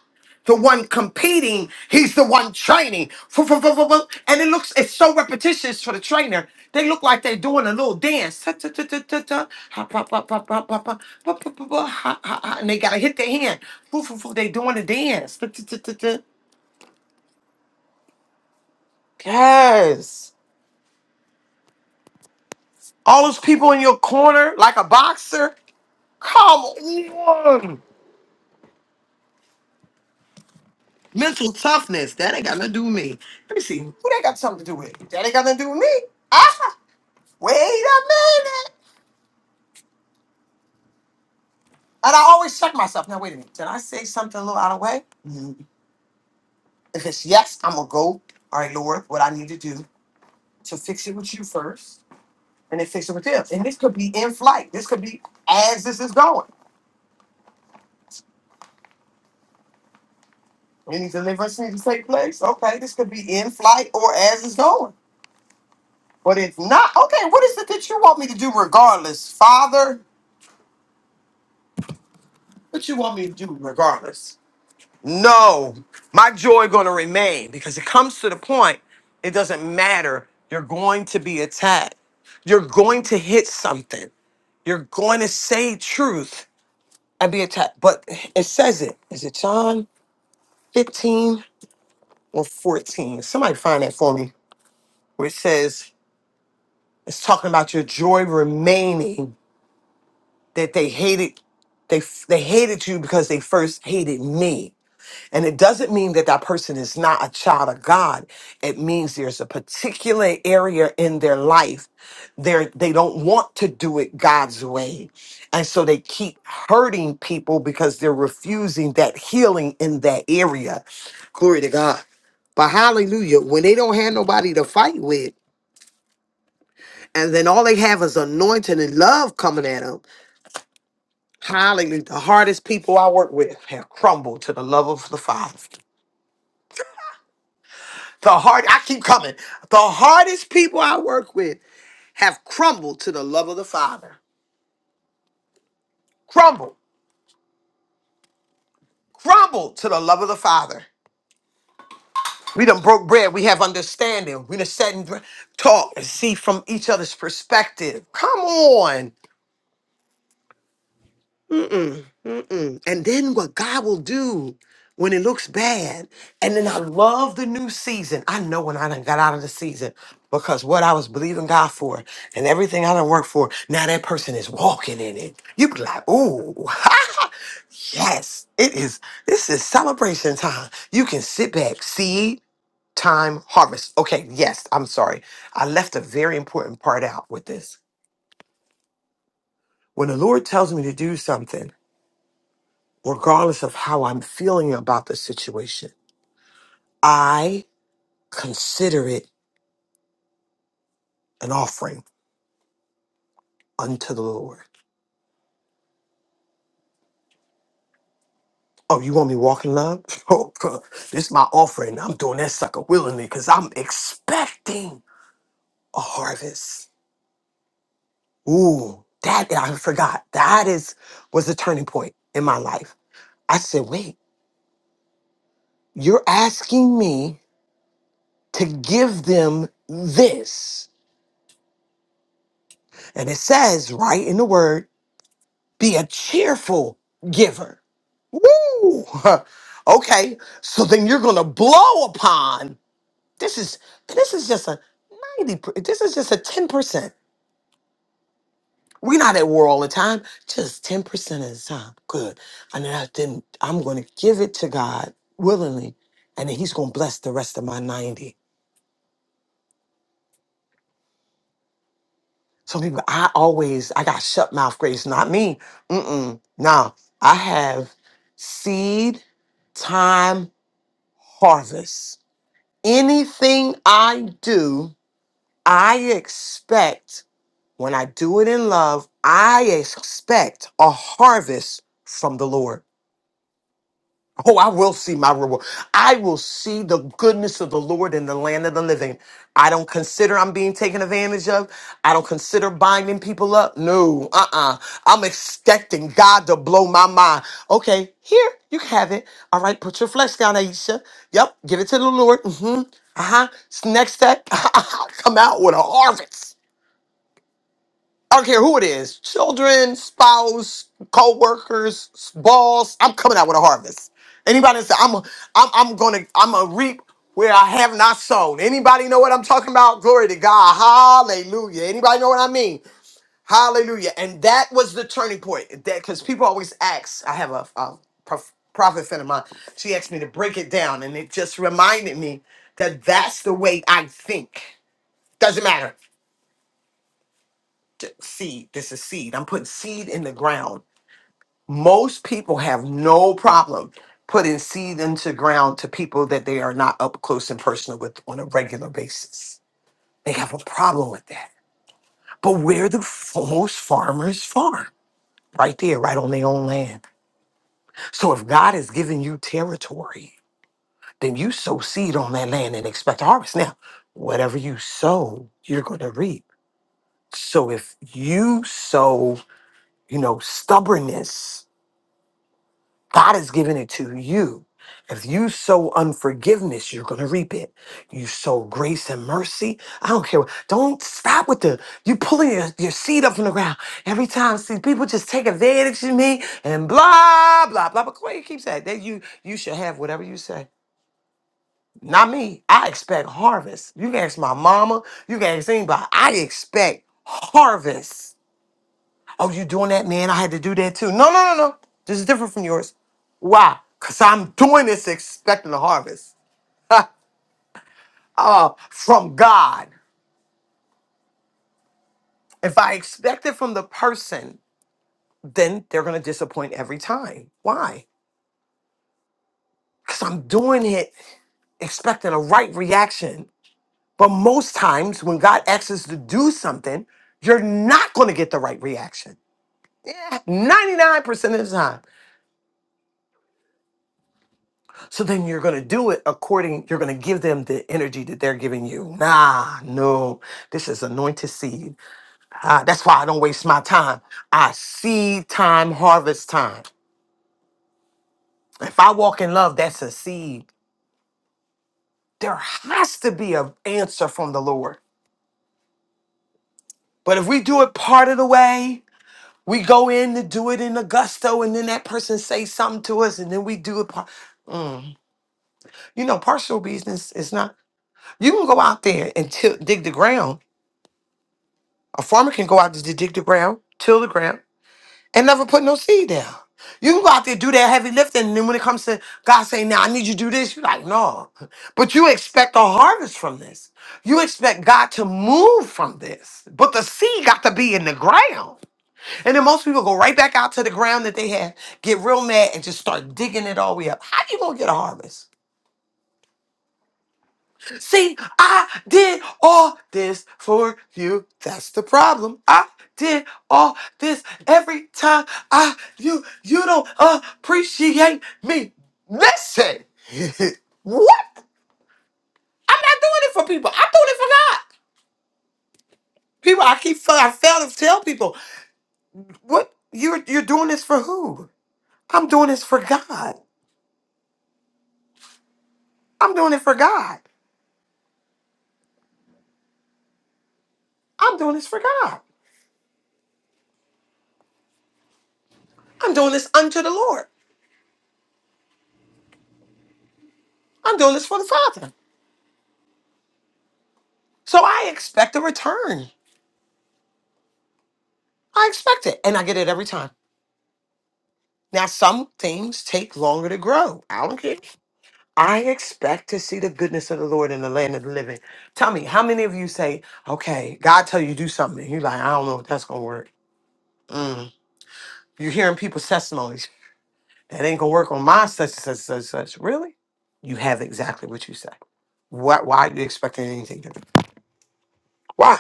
B: the one competing, he's the one training. Fu- fu- fu- fu- fu- And it looks, it's so repetitious for the trainer. They look like they're doing a little dance. Ta- ta- ta- ta- ta- ta. Ha- pa- pa- pa- pa- pa- pa. Pa- pa- pa- pa. Ha- ha- ha. And they got to hit their hand. Fu- fu- fu. They doing a dance. Ta- ta- ta- ta- ta. Yes. All those people in your corner, like a boxer. Come on. Mental toughness. That ain't got nothing to do with me. Let me see. Who that got something to do with? That ain't got nothing to do with me. Ah! Wait a minute. And I always check myself. Now, wait a minute. Did I say something a little out of way? Mm. If it's yes, I'm going to go. All right, Lord, what I need to do to fix it with you first and then fix it with them. And this could be in flight. This could be as this is going. Any deliverance needs to take place. Okay, this could be in flight or as it's going. But if not, okay, what is it that you want me to do regardless? Father, what you want me to do regardless? No, my joy going to remain because it comes to the point, it doesn't matter. You're going to be attacked. You're going to hit something. You're going to say truth and be attacked. But it says it. Is it John 15 or 14? Somebody find that for me. Where it says, it's talking about your joy remaining that they hated. They, they hated you because they first hated me. And it doesn't mean that that person is not a child of God. It means there's a particular area in their life they're, they they don't want to do it God's way. And so they keep hurting people because they're refusing that healing in that area. Glory to God. But hallelujah, when they don't have nobody to fight with, and then all they have is anointing and love coming at them, hallelujah. The hardest people I work with have crumbled to the love of the Father. The hard I keep coming. The hardest people I work with have crumbled to the love of the Father. Crumbled. Crumbled to the love of the Father. We done broke bread. We have understanding. We done sat and talk and see from each other's perspective. Come on. Mm. And then what God will do when it looks bad. And then I love the new season. I know when I done got out of the season because what I was believing God for and everything I done worked for, now that person is walking in it. You be like, ooh, yes, it is. This is celebration time. You can sit back, seed, time, harvest. Okay, yes, I'm sorry. I left a very important part out with this. When the Lord tells me to do something, regardless of how I'm feeling about the situation, I consider it an offering unto the Lord. Oh, you want me walking love? Oh, this is my offering. I'm doing that sucker willingly because I'm expecting a harvest. Ooh, that I forgot. That is was the turning point in my life. I said, wait, you're asking me to give them this. And it says right in the word, be a cheerful giver. Woo! okay, so then you're gonna blow upon this is this is just a ninety. per- This is just a ten percent. We're not at war all the time. Just ten percent of the time. Good. And then I didn't. I'm gonna give it to God willingly, and then He's gonna bless the rest of my ninety. Some people, I always, I got shut mouth grace. Not me. Mm-mm. Now I have seed, time, harvest. Anything I do. I expect when I do it in love, I expect a harvest from the Lord. Oh, I will see my reward. I will see the goodness of the Lord in the land of the living. I don't consider I'm being taken advantage of. I don't consider binding people up. No, uh uh i am expecting God to blow my mind. Okay, here, you can have it. All right, put your flesh down, Aisha. Yep, give it to the Lord. Mm hmm. Uh huh. Next step, come out with a harvest. I don't care who it is children, spouse, co workers, boss. I'm coming out with a harvest. Anybody that say, I'm, a, I'm, I'm going to I'm gonna reap where I have not sown. Anybody know what I'm talking about? Glory to God. Hallelujah. Anybody know what I mean? Hallelujah. And that was the turning point. That Because people always ask, I have a, a prof- prophet friend of mine. She asked me to break it down, and it just reminded me that that's the way I think. Doesn't matter t- seed. This is seed. I'm putting seed in the ground. Most people have no problem putting seed into ground to people that they are not up close and personal with on a regular basis. They have a problem with that. But where the f- most farmers farm, right there, right on their own land. So if God has given you territory, then you sow seed on that land and expect a harvest. Now, whatever you sow, you're going to reap. So if you sow, you know, stubbornness God has given it to you. If you sow unforgiveness, you're going to reap it. You sow grace and mercy. I don't care. what- Don't stop with the, you pulling your, your seed up from the ground. Every time, see, people just take advantage of me and blah, blah, blah. But Clay keep saying that you, you should have whatever you say. Not me. I expect harvest. You can ask my mama. You can ask anybody. I expect harvest. Oh, you doing that, man? I had to do that too. No, no, no, no. This is different from yours. Why? Because I'm doing this expecting a harvest uh, from God. If I expect it from the person, then they're going to disappoint every time. Why? Because I'm doing it expecting a right reaction. But most times when God asks us to do something, you're not going to get the right reaction. Yeah, 99% of the time. So then you're going to do it according, you're going to give them the energy that they're giving you. Nah, no, this is anointed seed. Ah, that's why I don't waste my time. I seed time, harvest time. If I walk in love, that's a seed. There has to be an answer from the Lord. But if we do it part of the way, we go in to do it in a gusto, and then that person says something to us, and then we do it. Par- Mm. You know, partial business is not. You can go out there and till dig the ground, A farmer can go out to dig the ground, till the ground, and never put no seed down. You can go out there do that heavy lifting, and then when it comes to God saying, "Now I need you to do this," you're like, "No," but you expect a harvest from this. You expect God to move from this, but the seed got to be in the ground. And then most people go right back out to the ground that they had, get real mad, and just start digging it all the way up. How you gonna get a harvest? See, I did all this for you. That's the problem. I did all this every time I you you don't appreciate me. Listen. what? I'm not doing it for people. I'm doing it for God. People, I keep I fail to tell people. What you're you're doing this for who? I'm doing this for God. I'm doing it for God. I'm doing this for God. I'm doing this unto the Lord. I'm doing this for the Father. So I expect a return. I expect it. And I get it every time. Now, some things take longer to grow. I don't care. I expect to see the goodness of the Lord in the land of the living. Tell me, how many of you say, okay, God tell you to do something. and You're like, I don't know if that's going to work. Mm. You're hearing people's testimonies. That ain't going to work on my such and such and such and such. Really? You have exactly what you say. Why, why are you expecting anything different? Why?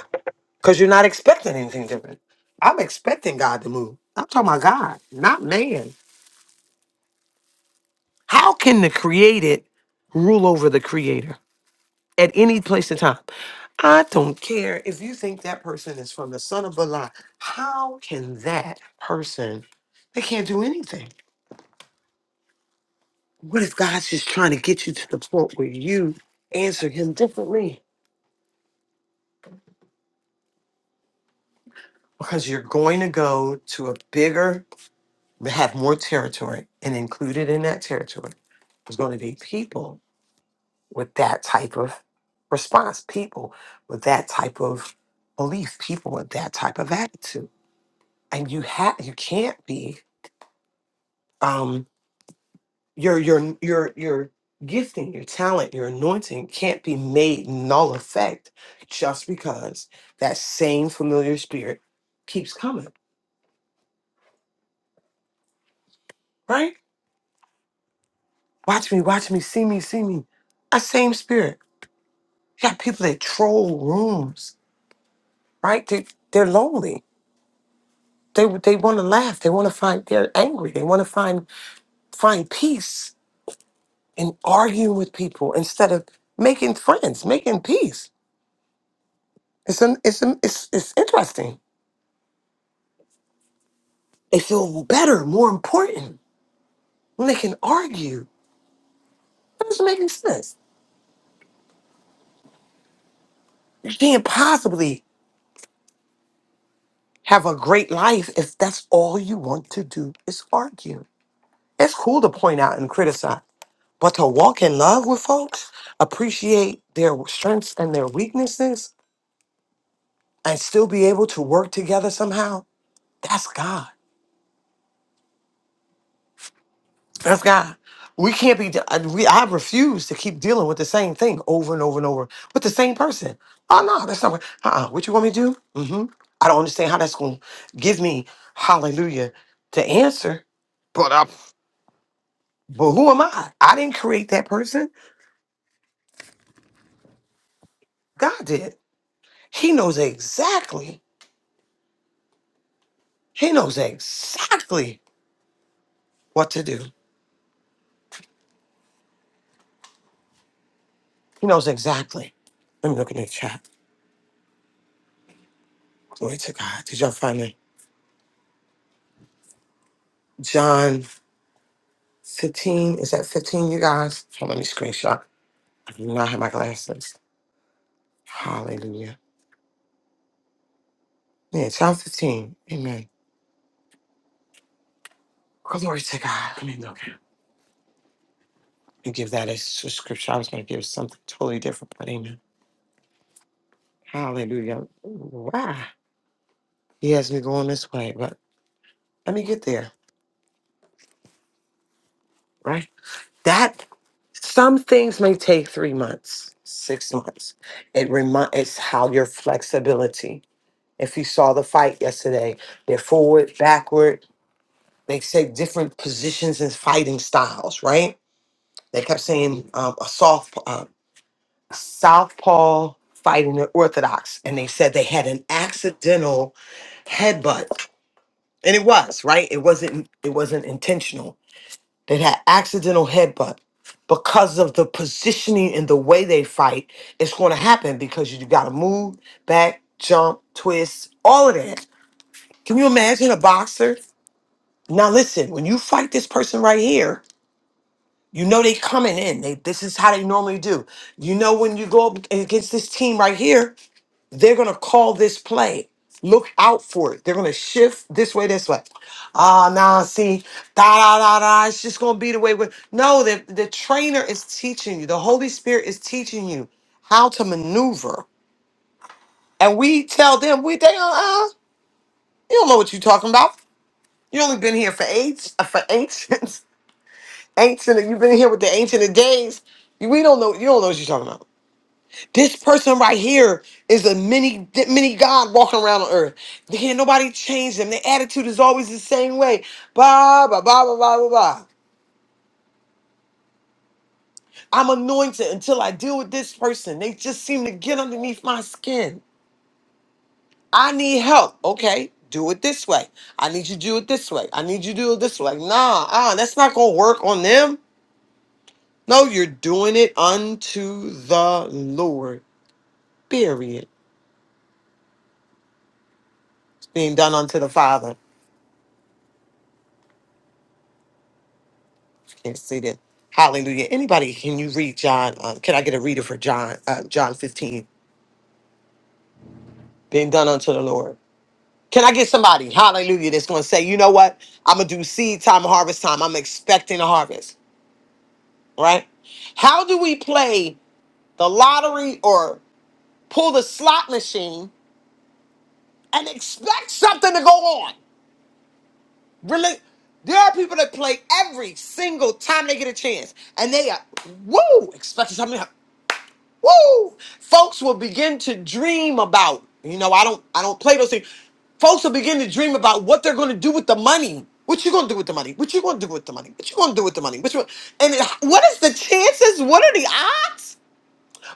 B: Because you're not expecting anything different. I'm expecting God to move. I'm talking about God, not man. How can the created rule over the creator at any place and time? I don't care if you think that person is from the son of Belial. How can that person? They can't do anything. What if God's just trying to get you to the point where you answer him differently? Because you're going to go to a bigger, have more territory, and included in that territory is going to be people with that type of response, people with that type of belief, people with that type of attitude. And you have you can't be um your your your your gifting, your talent, your anointing can't be made null effect just because that same familiar spirit keeps coming, right? Watch me, watch me, see me, see me. That same spirit. You got people that troll rooms, right? They, they're lonely They they want to laugh. They want to find. They're angry. They want to find find peace in arguing with people instead of making friends, making peace. It's an, it's an, it's it's interesting. They feel better, more important when they can argue. That doesn't make any sense. You can't possibly have a great life if that's all you want to do is argue. It's cool to point out and criticize, but to walk in love with folks, appreciate their strengths and their weaknesses, and still be able to work together somehow, that's God. That's God. We can't be. I- We, I refuse to keep dealing with the same thing over and over and over with the same person. Oh no, that's not. Uh, uh what you want me to do? hmm I don't understand how that's going to give me hallelujah to answer. But I, but who am I? I didn't create that person. God did. He knows exactly. He knows exactly what to do. He knows exactly. Let me look in the chat. Glory to God. Did y'all find it? John 15. Is that 15, you guys? Hold on, let me screenshot. I do not have my glasses. Hallelujah. Yeah, John 15. Amen. Glory to God. I mean, okay. You give that as a scripture. I was going to give something totally different, but amen. Hallelujah. Wow. He has me going this way, but let me get there, right? That, some things may take three months, six months. It remind. it's how your flexibility. If you saw the fight yesterday, they're forward, backward. They say different positions and fighting styles, right? They kept saying um, a soft uh, southpaw fighting the orthodox, and they said they had an accidental headbutt, and it was right. It wasn't. It wasn't intentional. They had accidental headbutt because of the positioning and the way they fight. It's going to happen because you got to move back, jump, twist, all of that. Can you imagine a boxer? Now listen, when you fight this person right here, you know they coming in. They this is how they normally do. You know when you go up against this team right here, they're gonna call this play. Look out for it. They're gonna shift this way, this way. Ah, nah, see, da da da da. It's just gonna be the way. we No, the the trainer is teaching you. The Holy Spirit is teaching you how to maneuver. And we tell them we they uh, uh you don't know what you're talking about. You only been here for eight uh, for eight. Ancient, you've been in here with the ancient of days. You- We don't know. You don't know what you're talking about. This person right here is a mini mini god walking around on earth. They can't nobody change them. Their attitude is always the same way. Blah blah blah blah blah blah. blah. I'm anointed until I deal with this person. They just seem to get underneath my skin. I need help. Okay, do it this way. I need you to do it this way. I need you to do it this way. Nah, ah, that's not gonna work on them. No, you're doing it unto the Lord. Period. It's being done unto the Father. Can't see that. Hallelujah. Anybody, can you read John? Um, can I get a reader for John? Uh, John 15. Being done unto the Lord. Can I get somebody, hallelujah, that's going to say, you know what? I'm going to do seed time, harvest time. I'm expecting a harvest, right? How do we play the lottery or pull the slot machine and expect something to go on? Really? There are people that play every single time they get a chance, and they are woo expecting something. Woo! Folks will begin to dream about, you know, I don't I don't play those things. Folks will begin to dream about what they're gonna do with the money. What you gonna do with the money? What you gonna do with the money? What you gonna do with the money? What you, and it- what is the chances? What are the odds?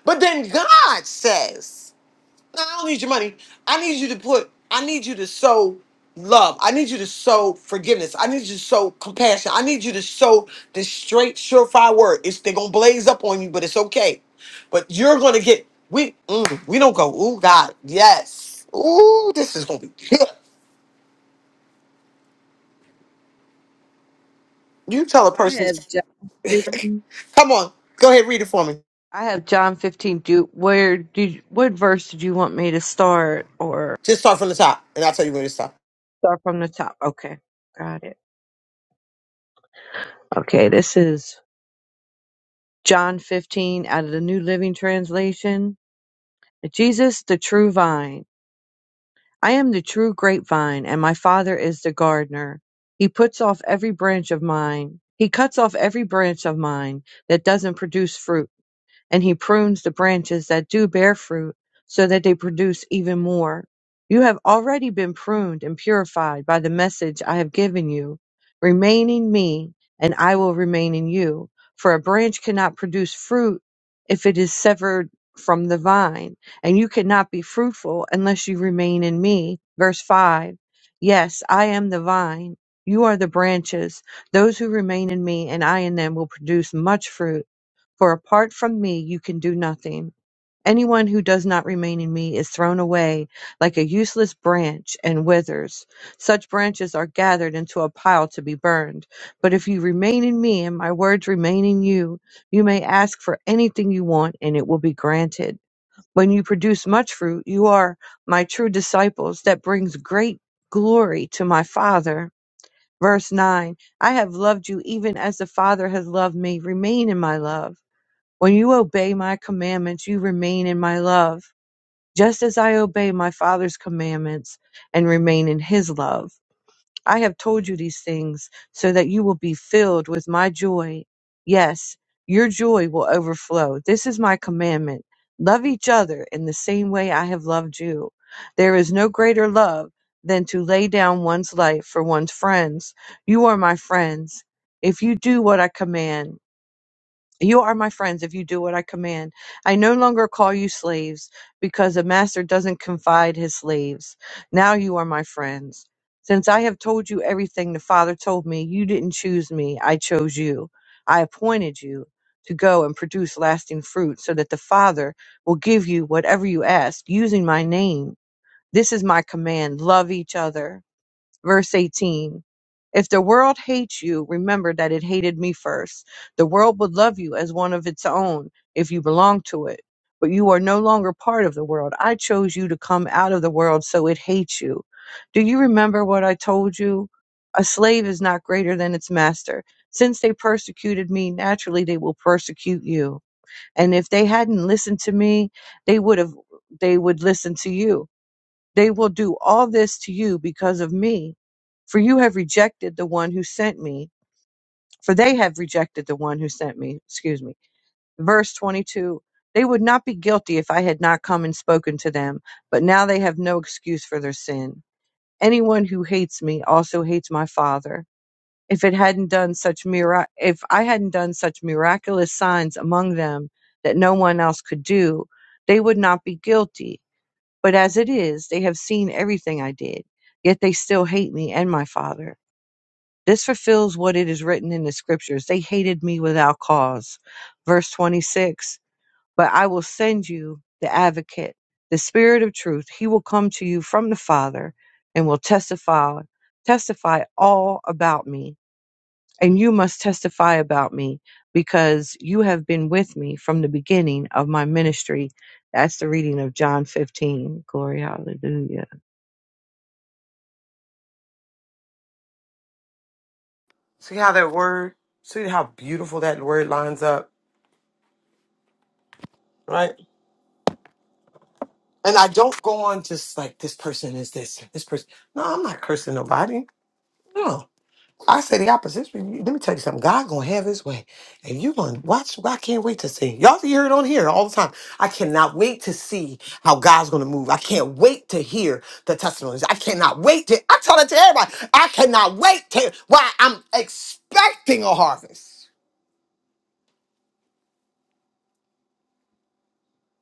B: But then God says. No, I don't need your money. I need you to put, I need you to sow love. I need you to sow forgiveness. I need you to sow compassion. I need you to sow this straight, surefire word. It's they're gonna blaze up on you, but it's okay. But you're gonna get we mm, we don't go, ooh God, yes. Ooh, this is gonna be good. You tell a
E: I
B: person
E: have John 15.
B: Come on, go ahead, read it for me.
E: I have John 15. Do where did what verse did you want me to start or
B: Just start from the top, and I'll tell you where to stop.
E: start from the top? Okay. Got it. Okay, this is John 15 out of the New Living Translation. Jesus the true vine. I am the true grapevine and my Father is the gardener. He puts off every branch of mine. He cuts off every branch of mine that doesn't produce fruit and he prunes the branches that do bear fruit so that they produce even more. You have already been pruned and purified by the message I have given you. Remain in me, and I will remain in you. For a branch cannot produce fruit if it is severed from the vine, and you cannot be fruitful unless you remain in me. Verse 5 Yes, I am the vine, you are the branches. Those who remain in me and I in them will produce much fruit for apart from me, you can do nothing. Anyone who does not remain in me is thrown away like a useless branch and withers. Such branches are gathered into a pile to be burned. But if you remain in me and my words remain in you, you may ask for anything you want and it will be granted. When you produce much fruit, you are my true disciples. That brings great glory to my Father. Verse 9 I have loved you even as the Father has loved me. Remain in my love. When you obey my commandments, you remain in my love, just as I obey my Father's commandments and remain in his love. I have told you these things so that you will be filled with my joy. Yes, your joy will overflow. This is my commandment. Love each other in the same way I have loved you. There is no greater love than to lay down one's life for one's friends. You are my friends if you do what I command. You are my friends if you do what I command. I no longer call you slaves, because a master doesn't confide his slaves. Now you are my friends. Since I have told you everything the Father told me, you didn't choose me, I chose you. I appointed you to go and produce lasting fruit, so that the Father will give you whatever you ask using my name. This is my command love each other. Verse 18 If the world hates you, remember that it hated me first. The world would love you as one of its own if you belong to it. But you are no longer part of the world. I chose you to come out of the world, so it hates you. Do you remember what I told you? A slave is not greater than its master. Since they persecuted me, naturally they will persecute you. And if they hadn't listened to me, they would have they would listen to you they will do all this to you because of me, for you have rejected the one who sent me, for they have rejected the one who sent me. Excuse me. Verse 22 They would not be guilty if I had not come and spoken to them, but now they have no excuse for their sin. Anyone who hates me also hates my Father. If it hadn't done such mira- if I hadn't done such miraculous signs among them that no one else could do, they would not be guilty but as it is, they have seen everything I did, yet they still hate me and my Father. This fulfills what it is written in the scriptures. They hated me without cause. Verse 26 But I will send you the advocate, the Spirit of truth. He will come to you from the Father and will testify, testify all about me. And you must testify about me because you have been with me from the beginning of my ministry. That's the reading of John 15. Glory, hallelujah.
B: See how that word, see how beautiful that word lines up, right? And I don't go on just like this person is this, this person. No, I'm not cursing nobody. No. I say the opposite. Let me tell you something. God gonna have his way. And you gonna watch. I can't wait to see. Y'all hear it on here all the time. I cannot wait to see how God's gonna move. I can't wait to hear the testimonies. I cannot wait to I tell that to everybody. I cannot wait to why I'm expecting a harvest.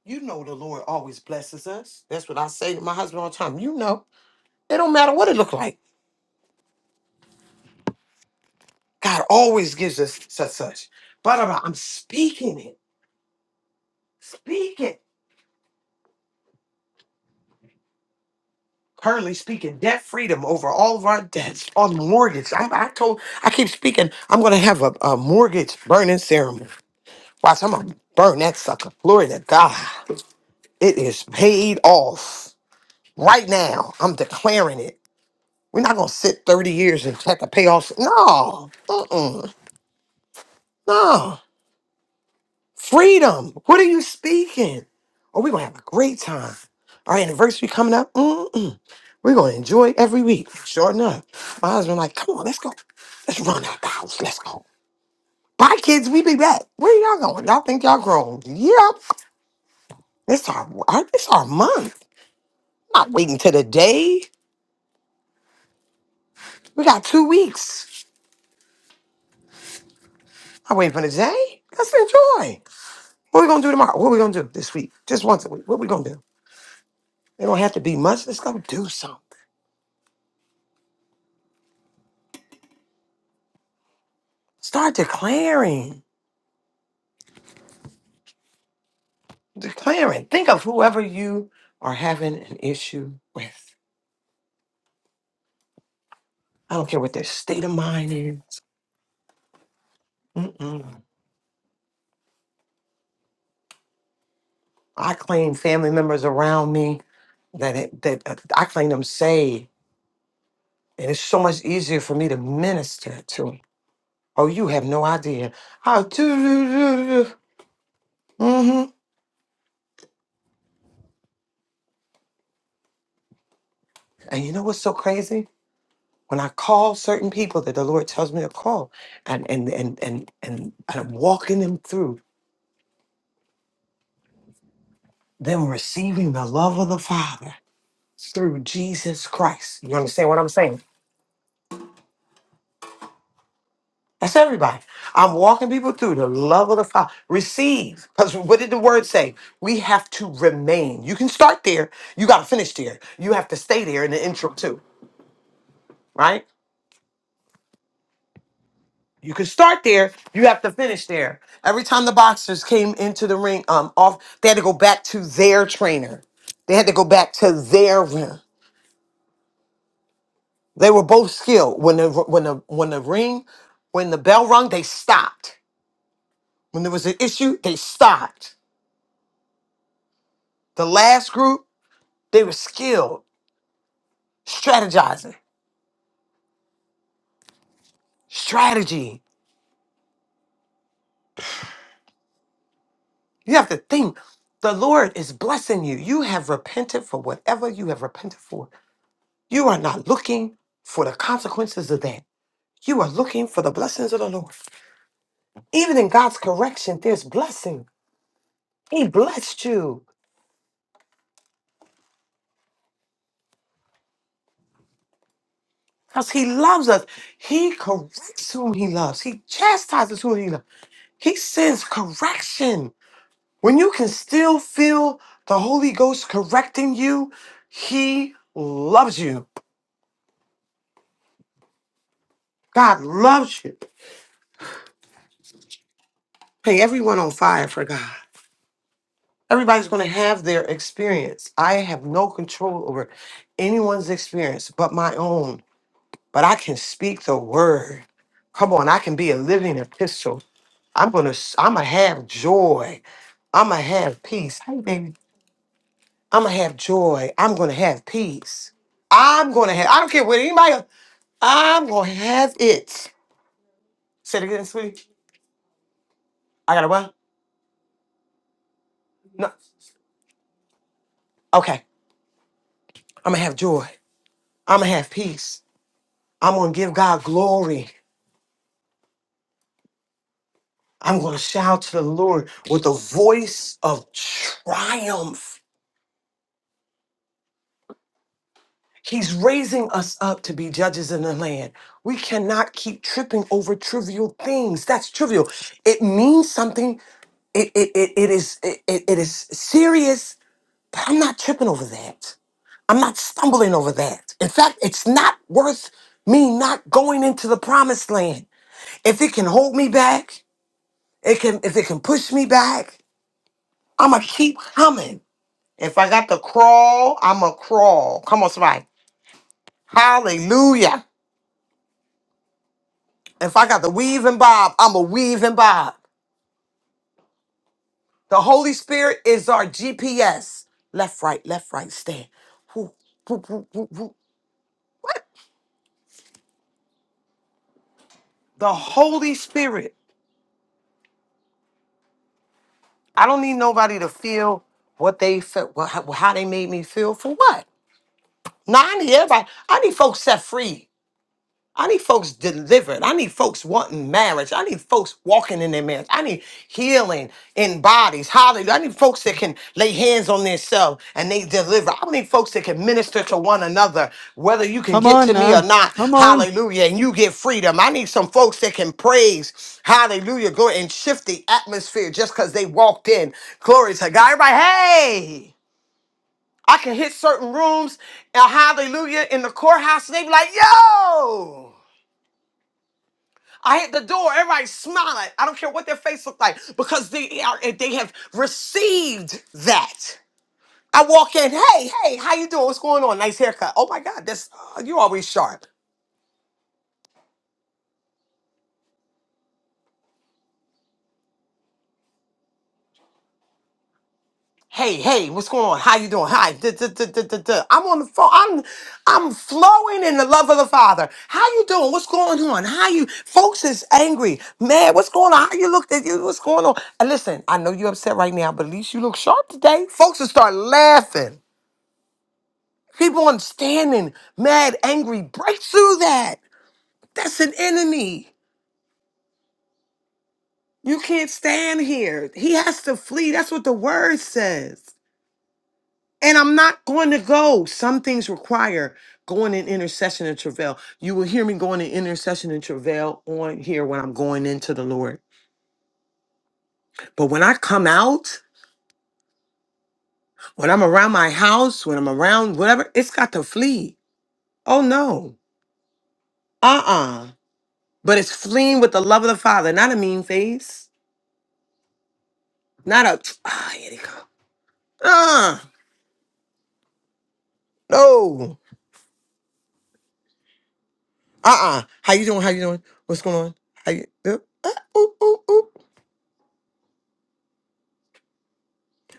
B: You know the Lord always blesses us. That's what I say to my husband all the time. You know, it don't matter what it look like. God always gives us such such. But I'm I'm speaking it, speaking. Currently speaking debt freedom over all of our debts on mortgage. I, I told, I keep speaking. I'm gonna have a, a mortgage burning ceremony. Watch, I'm gonna burn that sucker. Glory to God. It is paid off right now. I'm declaring it. We're not gonna sit 30 years and have to pay off. No, uh-uh. no. Freedom. What are you speaking? Oh, we're gonna have a great time. Our anniversary coming up. Mm-mm. We're gonna enjoy every week. Sure enough. My husband like, come on, let's go. Let's run out the house. Let's go. Bye, kids. We be back. Where y'all going? Y'all think y'all grown? Yep. It's our, our it's our month. Not waiting till the day. We got two weeks. Not waiting for the day. Let's enjoy. What we gonna do tomorrow? What we gonna do this week? Just once a week. What we gonna do? It don't have to be much. Let's go do something. Start declaring. Declaring. Think of whoever you are having an issue with. I don't care what their state of mind is. Mm-mm. I claim family members around me that it, that uh, I claim them saved, and it's so much easier for me to minister to them. Oh, you have no idea how. to hmm And you know what's so crazy? When I call certain people that the Lord tells me to call, and and and and and, and I'm walking them through. them receiving the love of the Father through Jesus Christ. You understand what I'm saying? That's everybody. I'm walking people through the love of the Father. Receive. Because what did the word say? We have to remain. You can start there. You got to finish there. You have to stay there in the intro, too, right? You can start there. You have to finish there. Every time the boxers came into the ring, um, off, they had to go back to their trainer. They had to go back to their ring. They were both skilled. When the when the when the ring, when the bell rung, they stopped. When there was an issue, they stopped. The last group, they were skilled, strategizing, strategy. You have to think. The Lord is blessing you. You have repented for whatever you have repented for. You are not looking for the consequences of that. You are looking for the blessings of the Lord. Even in God's correction, there's blessing. He blessed you. Because he loves us. He corrects whom he loves. He chastises whom he loves. He sends correction. When you can still feel the Holy Ghost correcting you, he loves you. God loves you. Hey, everyone on fire for God. Everybody's going to have their experience. I have no control over anyone's experience but my own. But I can speak the word. Come on, I can be a living epistle. I'm going to I'm going to have joy. I'ma have peace. Hey baby. I'ma have joy. I'm gonna have peace. I'm gonna have I don't care what anybody else. I'm gonna have it. Say it again, sweetie. I gotta what? No. Okay. I'ma have joy. I'ma have peace. I'm gonna give God glory. I'm gonna shout to the Lord with a voice of triumph. He's raising us up to be judges in the land. We cannot keep tripping over trivial things. That's trivial. It means something it it it, it is it, it it is serious, but I'm not tripping over that. I'm not stumbling over that. In fact, it's not worth me not going into the promised land. If it can hold me back, it can if it can push me back, I'ma keep coming. If I got to crawl, I'ma crawl. Come on, somebody. Hallelujah. If I got to weave and bob, I'ma weave and bob. The Holy Spirit is our GPS. Left, right, left, right, stand. The Holy Spirit. I don't need nobody to feel what they felt, how how they made me feel for what. Nah, I need everybody. I need folks set free. I need folks delivered. I need folks wanting marriage. I need folks walking in their marriage. I need healing in bodies. Hallelujah. I need folks that can lay hands on themselves and they deliver. I need folks that can minister to one another, whether you can
F: Come
B: get
F: on
B: to me or
F: now,
B: not.
F: come on.
B: Hallelujah. And you get freedom. I need some folks that can praise. Hallelujah. Go and shift the atmosphere just because they walked in. Glory to God. Everybody, hey. I can hit certain rooms and hallelujah in the courthouse. They be like, yo. I hit the door. Everybody smiling. I don't care what their face look like because they are, they have received that. I walk in. Hey, hey, how you doing? What's going on? Nice haircut. Oh my God, that's uh, you always sharp. Hey, hey, what's going on? How you doing? Hi. duh, duh, duh, duh, duh, duh. I'm on the phone. I'm I'm flowing in the love of the Father. How you doing? What's going on? How you folks is angry. Man, what's going on? How you look at you? What's going on? And listen, I know you're upset right now, but at least you look sharp today. Folks will start laughing. Keep on standing, mad, angry. Break through that. That's an enemy. You can't stand here. He has to flee. That's what the word says. And I'm not going to go. Some things require going in intercession and travail. You will hear me going in intercession and travail on here when I'm going into the Lord. But when I come out, when I'm around my house, when I'm around whatever, it's got to flee. Oh no. Uh uh But it's fleeing with the love of the Father, not a mean face Not a. Tr- Ah, here they come. Ah, no. Uh uh How you doing? How you doing? What's going on? How you? Uh, uh, ooh, ooh, ooh.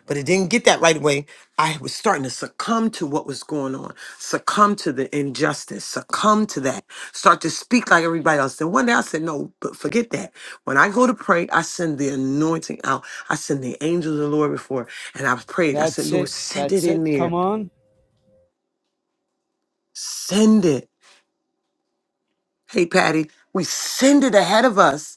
B: But it didn't get that right away. I was starting to succumb to what was going on, succumb to the injustice, succumb to that, start to speak like everybody else. Then one day I said, No, but forget that. When I go to pray, I send the anointing out. I send the angels of the Lord before. And I prayed. I said,
F: That's
B: Lord,
F: it,
B: send it
F: that's
B: in
F: it, come
B: there.
F: on.
B: Send it. Hey, Patty, we send it ahead of us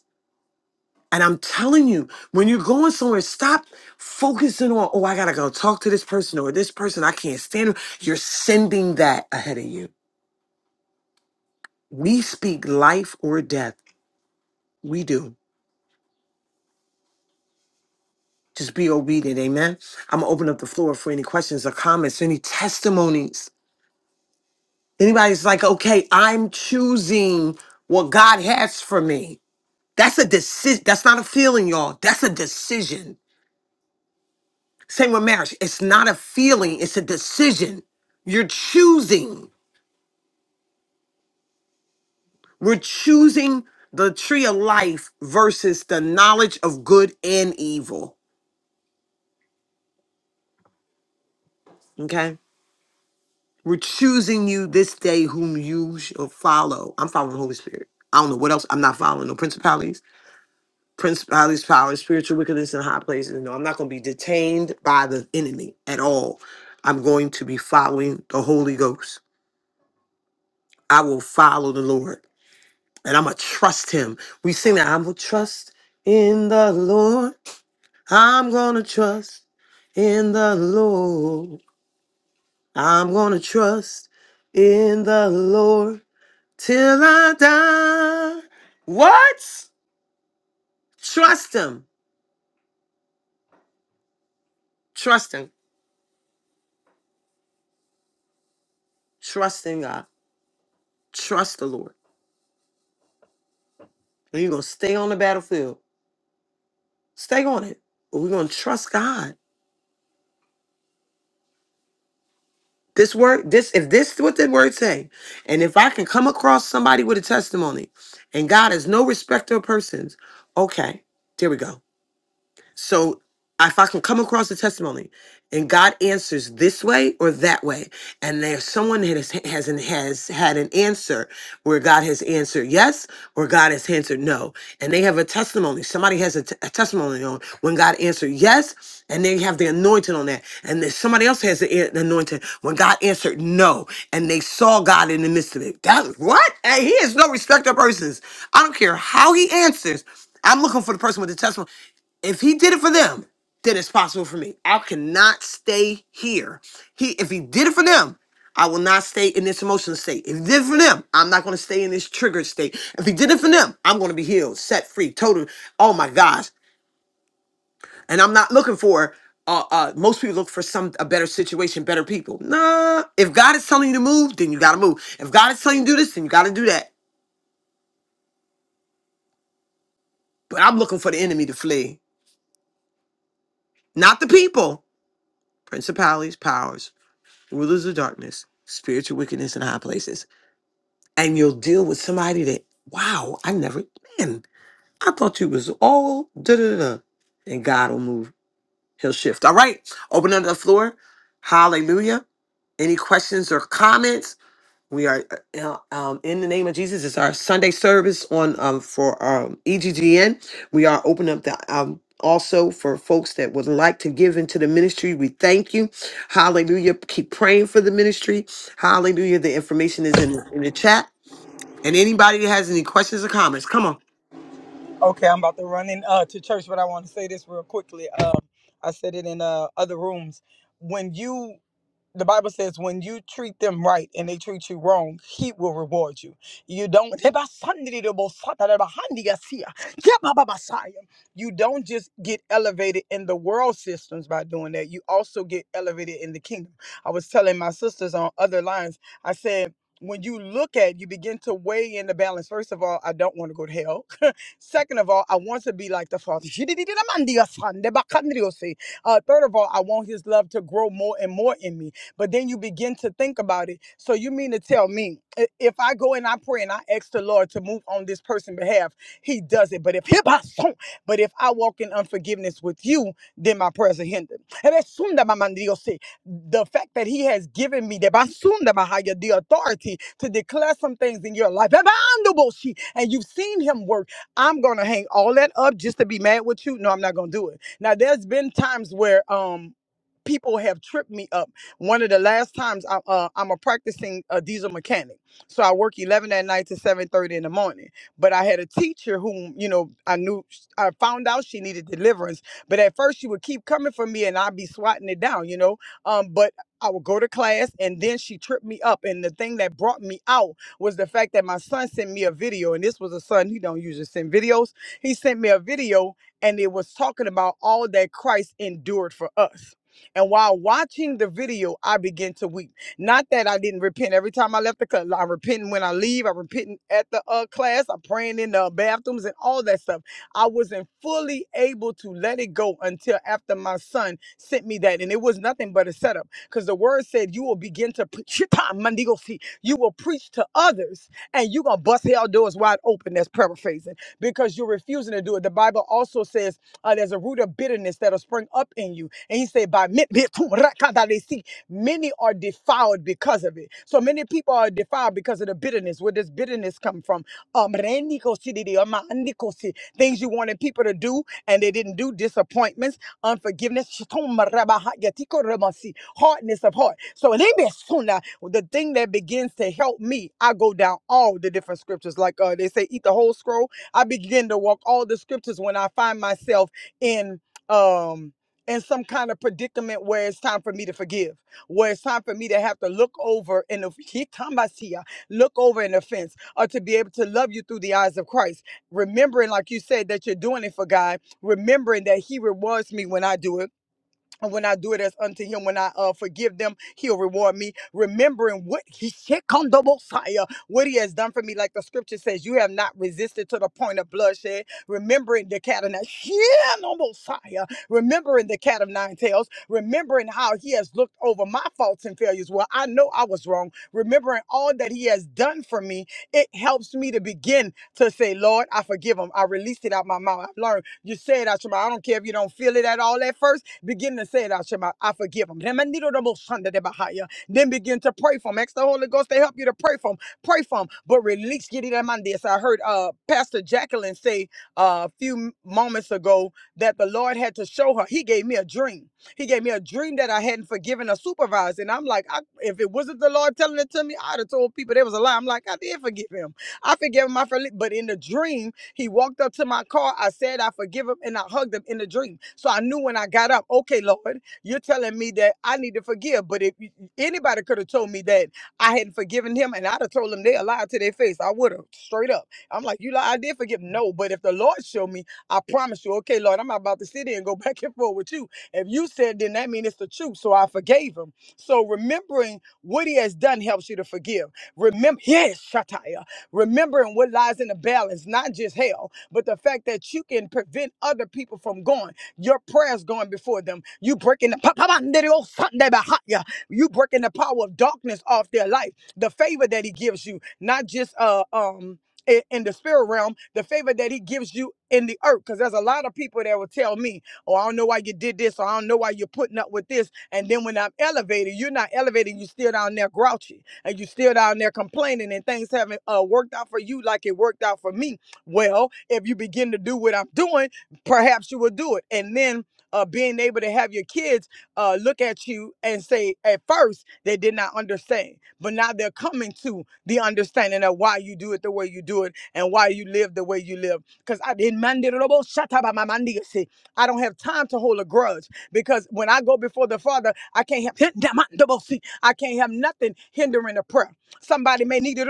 B: And I'm telling you, when you're going somewhere, stop focusing on, oh, I gotta go talk to this person or this person, I can't stand them. You're sending that ahead of you. We speak life or death. We do. Just be obedient, amen. I'm gonna open up the floor for any questions or comments, any testimonies. Anybody's like, okay, I'm choosing what God has for me. That's a decision. That's not a feeling, y'all. That's a decision. Same with marriage. It's not a feeling, it's a decision. You're choosing. We're choosing the tree of life versus the knowledge of good and evil. Okay? We're choosing you this day whom you shall follow. I'm following the Holy Spirit. I don't know what else. I'm not following no principalities, principalities, powers, spiritual wickedness in high places. No, I'm not going to be detained by the enemy at all. I'm going to be following the Holy Ghost. I will follow the Lord. and I'm gonna trust him. We sing that I'm gonna trust in the Lord. I'm gonna trust in the Lord. I'm gonna trust in the Lord till I die. What? Trust him. Trust him. Trust in God. Trust the Lord. And you're gonna stay on the battlefield. Stay on it. But we're gonna trust God. This word, this if this is what the word say, and if I can come across somebody with a testimony, and God is no respecter of persons, okay, there we go. So if I can come across a testimony and God answers this way or that way, and there's someone that has has, an, has had an answer where God has answered yes or God has answered no, and they have a testimony. Somebody has a, t- a testimony on when God answered yes, and they have the anointing on that, and then somebody else has the an- anointing when God answered no, and they saw God in the midst of it. That what? Hey, he is no respecter of persons. I don't care how he answers. I'm looking for the person with the testimony if he did it for them, then it's possible for me. I cannot stay here. He if he did it for them, I will not stay in this emotional state. If he did it for them, I'm not gonna stay in this triggered state. If he did it for them, I'm gonna be healed, set free, total. Oh my gosh. And I'm not looking for uh, uh most people look for some a better situation, better people. Nah. If God is telling you to move, then you gotta move. If God is telling you to do this, then you gotta do that. But I'm looking for the enemy to flee. Not the people. Principalities, powers. rulers of darkness, spiritual wickedness in high places, and you'll deal with somebody that, wow, I never, man, I thought you was all da da da. And God will move, He'll shift. All right, open up the floor. Hallelujah. Any questions or comments? We are uh, um, in the name of Jesus. It's our Sunday service on um, for um, EGGN. We are open up the um, also for folks that would like to give into the ministry. We thank you, Hallelujah. Keep praying for the ministry, Hallelujah. The information is in, in the chat. And anybody that has any questions or comments, come on,
C: Okay, I'm about to run in uh, to church, but I want to say this real quickly. Um, I said it in uh, other rooms. When you the Bible says when you treat them right and they treat you wrong, he will reward you. You don't you don't just get elevated in the world systems by doing that. You also get elevated in the kingdom. I was telling my sisters on other lines, I said when you look at you begin to weigh in the balance first of all i don't want to go to hell second of all i want to be like the father uh, third of all i want his love to grow more and more in me but then you begin to think about it. So you mean to tell me i- if I go and I pray and I ask the Lord to move on this person's behalf, he does it. But if hip hop song, but if I walk in unforgiveness with you, then my prayers are hindered. And that's soon that my man Dios say, the fact that he has given me the basunda bahaya, the authority to declare some things in your life. Ebandoboshi, And you've seen him work. I'm gonna hang all that up just to be mad with you. No, I'm not gonna do it. Now there's been times where um people have tripped me up one of the last times I, uh, I'm a practicing uh, diesel mechanic, so I work 11 at night to 7:30 in the morning. But I had a teacher whom you know I knew I found out she needed deliverance, but at first she would keep coming for me, and I'd be swatting it down, you know. Um, but I would go to class, and then she tripped me up, and the thing that brought me out was the fact that my son sent me a video, and this was a son he don't usually send videos. He sent me a video, and it was talking about all that Christ endured for us. And while watching the video, I began to weep. Not that I didn't repent every time I left the class. I repent when I leave. I repent at the uh, class. I'm praying in the bathrooms and all that stuff. I wasn't fully able to let it go until after my son sent me that. And it was nothing but a setup because the word said, You will begin to preach. You will preach to others and you're going to bust hell doors wide open. That's paraphrasing because you're refusing to do it. The Bible also says uh, there's a root of bitterness that'll spring up in you. And he said, by mi- mi- tu- rakadalesi, many are defiled because of it. So many people are defiled because of the bitterness. Where does bitterness come from? Um, rendikosi didi, amandikosi, Things you wanted people to do and they didn't do, disappointments, unforgiveness, shitomarabahayatikoromosi, hardness of heart. So limesuna, the thing that begins to help me, I go down all the different scriptures. Like uh, they say, eat the whole scroll. I begin to walk all the scriptures when I find myself in um in some kind of predicament where it's time for me to forgive, where it's time for me to have to look over and look over an offense, or to be able to love you through the eyes of Christ. Remembering, like you said, that you're doing it for God, remembering that He rewards me when I do it and when I do it as unto him, when I uh, forgive them, he'll reward me. Remembering what he shit come Messiah, what he has done for me, like the scripture says, you have not resisted to the point of bloodshed. Remembering the cat of nine, yeah, no Messiah. Remembering the cat of nine tails. Remembering how he has looked over my faults and failures. Well, I know I was wrong. Remembering all that he has done for me, it helps me to begin to say, Lord, I forgive him. I released it out my mouth. I've learned. You say it out your mouth. I don't care if you don't feel it at all at first. Begin to say it out your mouth. I forgive them. Then begin to pray for them. Ask the Holy Ghost to help you to pray for them. Pray for them. But release get it out my this. I heard uh Pastor Jacqueline say uh, a few moments ago that the Lord had to show her. He gave me a dream. He gave me a dream that I hadn't forgiven a supervisor. And I'm like, I, if it wasn't the Lord telling it to me, I'd have told people there was a lie. I'm like, I did forgive him. I forgave him. I forli- But in the dream, he walked up to my car. I said, I forgive him, and I hugged him in the dream. So I knew when I got up, okay, Lord, you're telling me that I need to forgive. But if anybody could have told me that I hadn't forgiven him, and I'd have told them they a lie to their face, I would have straight up. I'm like, you lie, I did forgive. him." No, but if the Lord showed me, I promise you, okay, Lord, I'm not about to sit here and go back and forth with you. If you said, then that means it's the truth. So I forgave him. So remembering what he has done helps you to forgive. Remember, yes, Shataya remembering what lies in the balance, not just hell, but the fact that you can prevent other people from going. Your prayers going before them. You breaking the you breaking the power of darkness off their life. The favor that he gives you, not just uh um i- in the spirit realm, the favor that he gives you in the earth. Because there's a lot of people that will tell me, Oh, I don't know why you did this, or I don't know why you're putting up with this. And then when I'm elevated, you're not elevated, you're still down there grouchy and you still down there complaining and things haven't uh, worked out for you like it worked out for me. Well, if you begin to do what I'm doing, perhaps you will do it. And then uh, being able to have your kids uh, look at you and say, at first, they did not understand, but now they're coming to the understanding of why you do it the way you do it and why you live the way you live. Because I didn't mind it I don't have time to hold a grudge because when I go before the Father, I can't have I can't have nothing hindering the prayer. Somebody may need to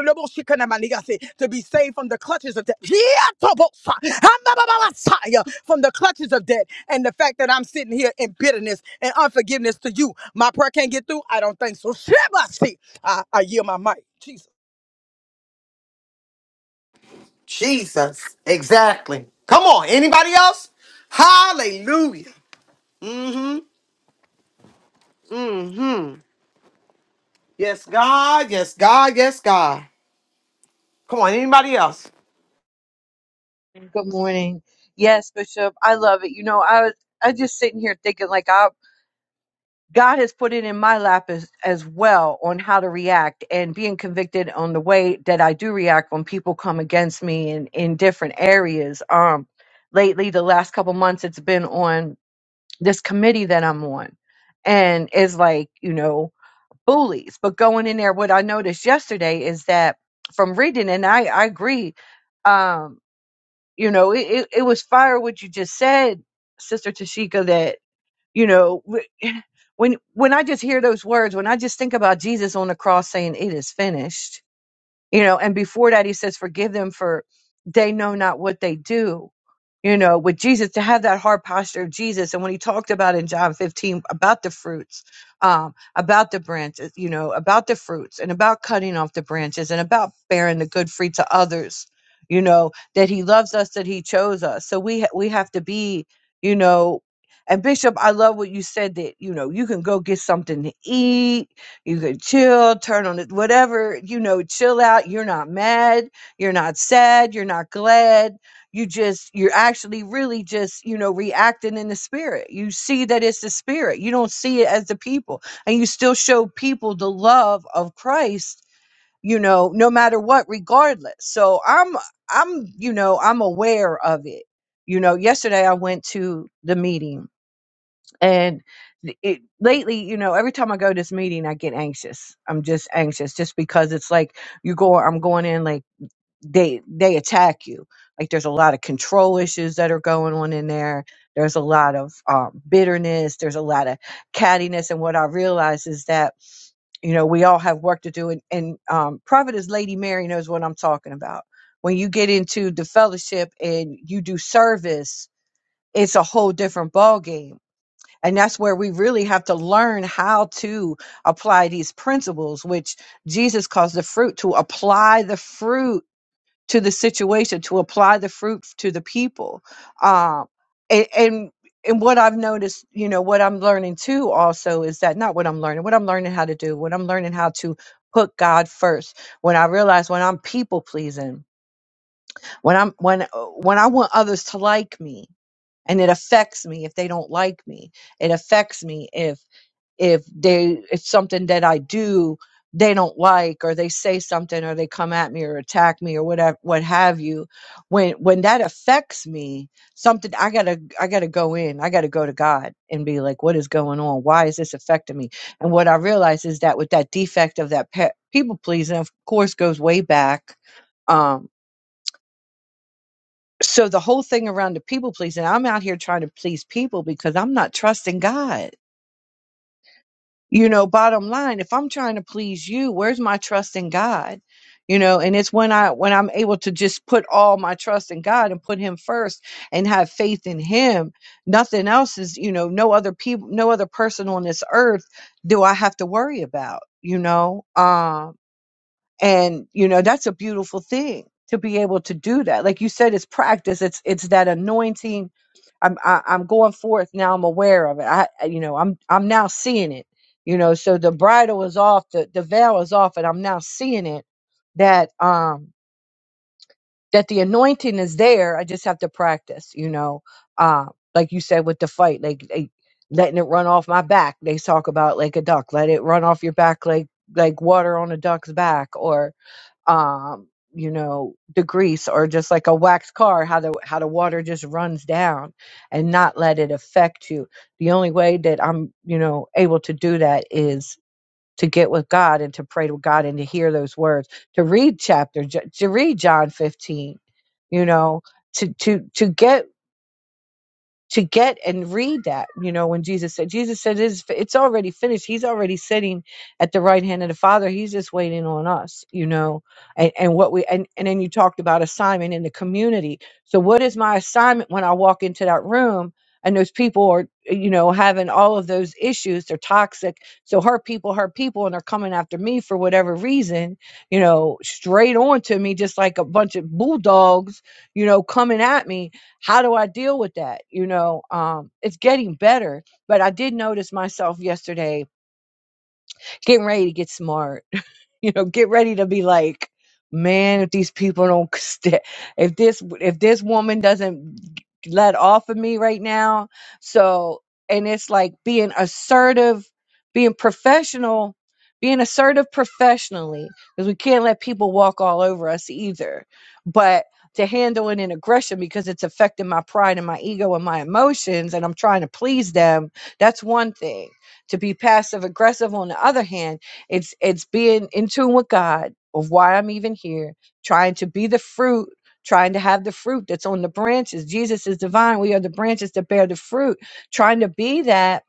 C: be saved from the clutches of death. From the clutches of death and the fact that I'm sitting here in bitterness and unforgiveness to you, my prayer can't get through. I don't think so. Shit, I I yield my mic. Jesus.
B: Jesus, exactly. Come on, anybody else? Hallelujah. Mm hmm Yes, God. Yes, God. Yes, God. Come on, anybody else?
E: Good morning. Yes, Bishop, I love it. You know, I was I just sitting here thinking like I God has put it in my lap as as well on how to react and being convicted on the way that I do react when people come against me in in different areas. Um, lately, the last couple months, it's been on this committee that I'm on, and it's like you know bullies. But going in there, what I noticed yesterday is that from reading, and I I agree. um, you know it, it, it was fire what you just said sister tashika that you know when when i just hear those words when i just think about jesus on the cross saying it is finished you know and before that he says forgive them for they know not what they do you know with jesus to have that hard posture of jesus and when he talked about in john 15 about the fruits um about the branches you know about the fruits and about cutting off the branches and about bearing the good fruit to others you know that he loves us that he chose us so we ha- we have to be you know and bishop i love what you said that you know you can go get something to eat you could chill, turn on it, whatever, you know, chill out. You're not mad. You're not sad. You're not glad. You just, you're actually really just, you know, reacting in the spirit. You see that it's the spirit. You don't see it as the people. And you still show people the love of Christ, you know, no matter what, regardless. So I'm, I'm, you know, I'm aware of it. You know, yesterday I went to the meeting and it, lately you know every time i go to this meeting i get anxious i'm just anxious just because it's like you go i'm going in like they they attack you like there's a lot of control issues that are going on in there there's a lot of um, bitterness there's a lot of cattiness and what i realize is that you know we all have work to do and, and um, prophetess lady mary knows what i'm talking about when you get into the fellowship and you do service it's a whole different ballgame and that's where we really have to learn how to apply these principles, which Jesus calls the fruit, to apply the fruit to the situation, to apply the fruit to the people. Um, and, and and what I've noticed, you know, what I'm learning too also is that not what I'm learning, what I'm learning how to do, what I'm learning how to put God first. When I realize when I'm people pleasing, when I'm when when I want others to like me, and it affects me if they don't like me it affects me if if they if something that I do they don't like or they say something or they come at me or attack me or whatever what have you when when that affects me something I got to I got to go in I got to go to God and be like what is going on why is this affecting me and what I realize is that with that defect of that pe- people pleasing of course goes way back um so the whole thing around the people pleasing I'm out here trying to please people because I'm not trusting God you know bottom line if i'm trying to please you where's my trust in god you know and it's when i when i'm able to just put all my trust in god and put him first and have faith in him nothing else is you know no other people no other person on this earth do i have to worry about you know Um and you know that's a beautiful thing to be able to do that like you said it's practice it's it's that anointing i'm I, i'm going forth now i'm aware of it i I- you know i'm i'm now seeing it you know so the bridle is off the the veil is off and i'm now seeing it that um that the anointing is there i just have to practice you know uh like you said with the fight like, like letting it run off my back they talk about like a duck let it run off your back like like water on a duck's back or um, you know, degrease or just like a wax car, how the how the water just runs down and not let it affect you. The only way that I'm, you know, able to do that is to get with God and to pray to God and to hear those words, to read chapter, to read John 15, you know, to to to get to get and read that you know when jesus said jesus said it's, it's already finished he's already sitting at the right hand of the father he's just waiting on us you know and, and what we and, and then you talked about assignment in the community so what is my assignment when i walk into that room and those people are you know having all of those issues they're toxic so hurt people hurt people and they're coming after me for whatever reason you know straight on to me just like a bunch of bulldogs you know coming at me how do I deal with that? You know, um, it's getting better, but I did notice myself yesterday getting ready to get smart you know, get ready to be like, man, if these people don't, st- if this, if this woman doesn't let off of me right now. So, and it's like being assertive, being professional, being assertive professionally, because we can't let people walk all over us either. But to handle it in aggression because it's affecting my pride and my ego and my emotions, and I'm trying to please them. That's one thing. To be passive aggressive, on the other hand, it's it's being in tune with God of why I'm even here, trying to be the fruit, trying to have the fruit that's on the branches. Jesus is divine. We are the branches that bear the fruit, trying to be that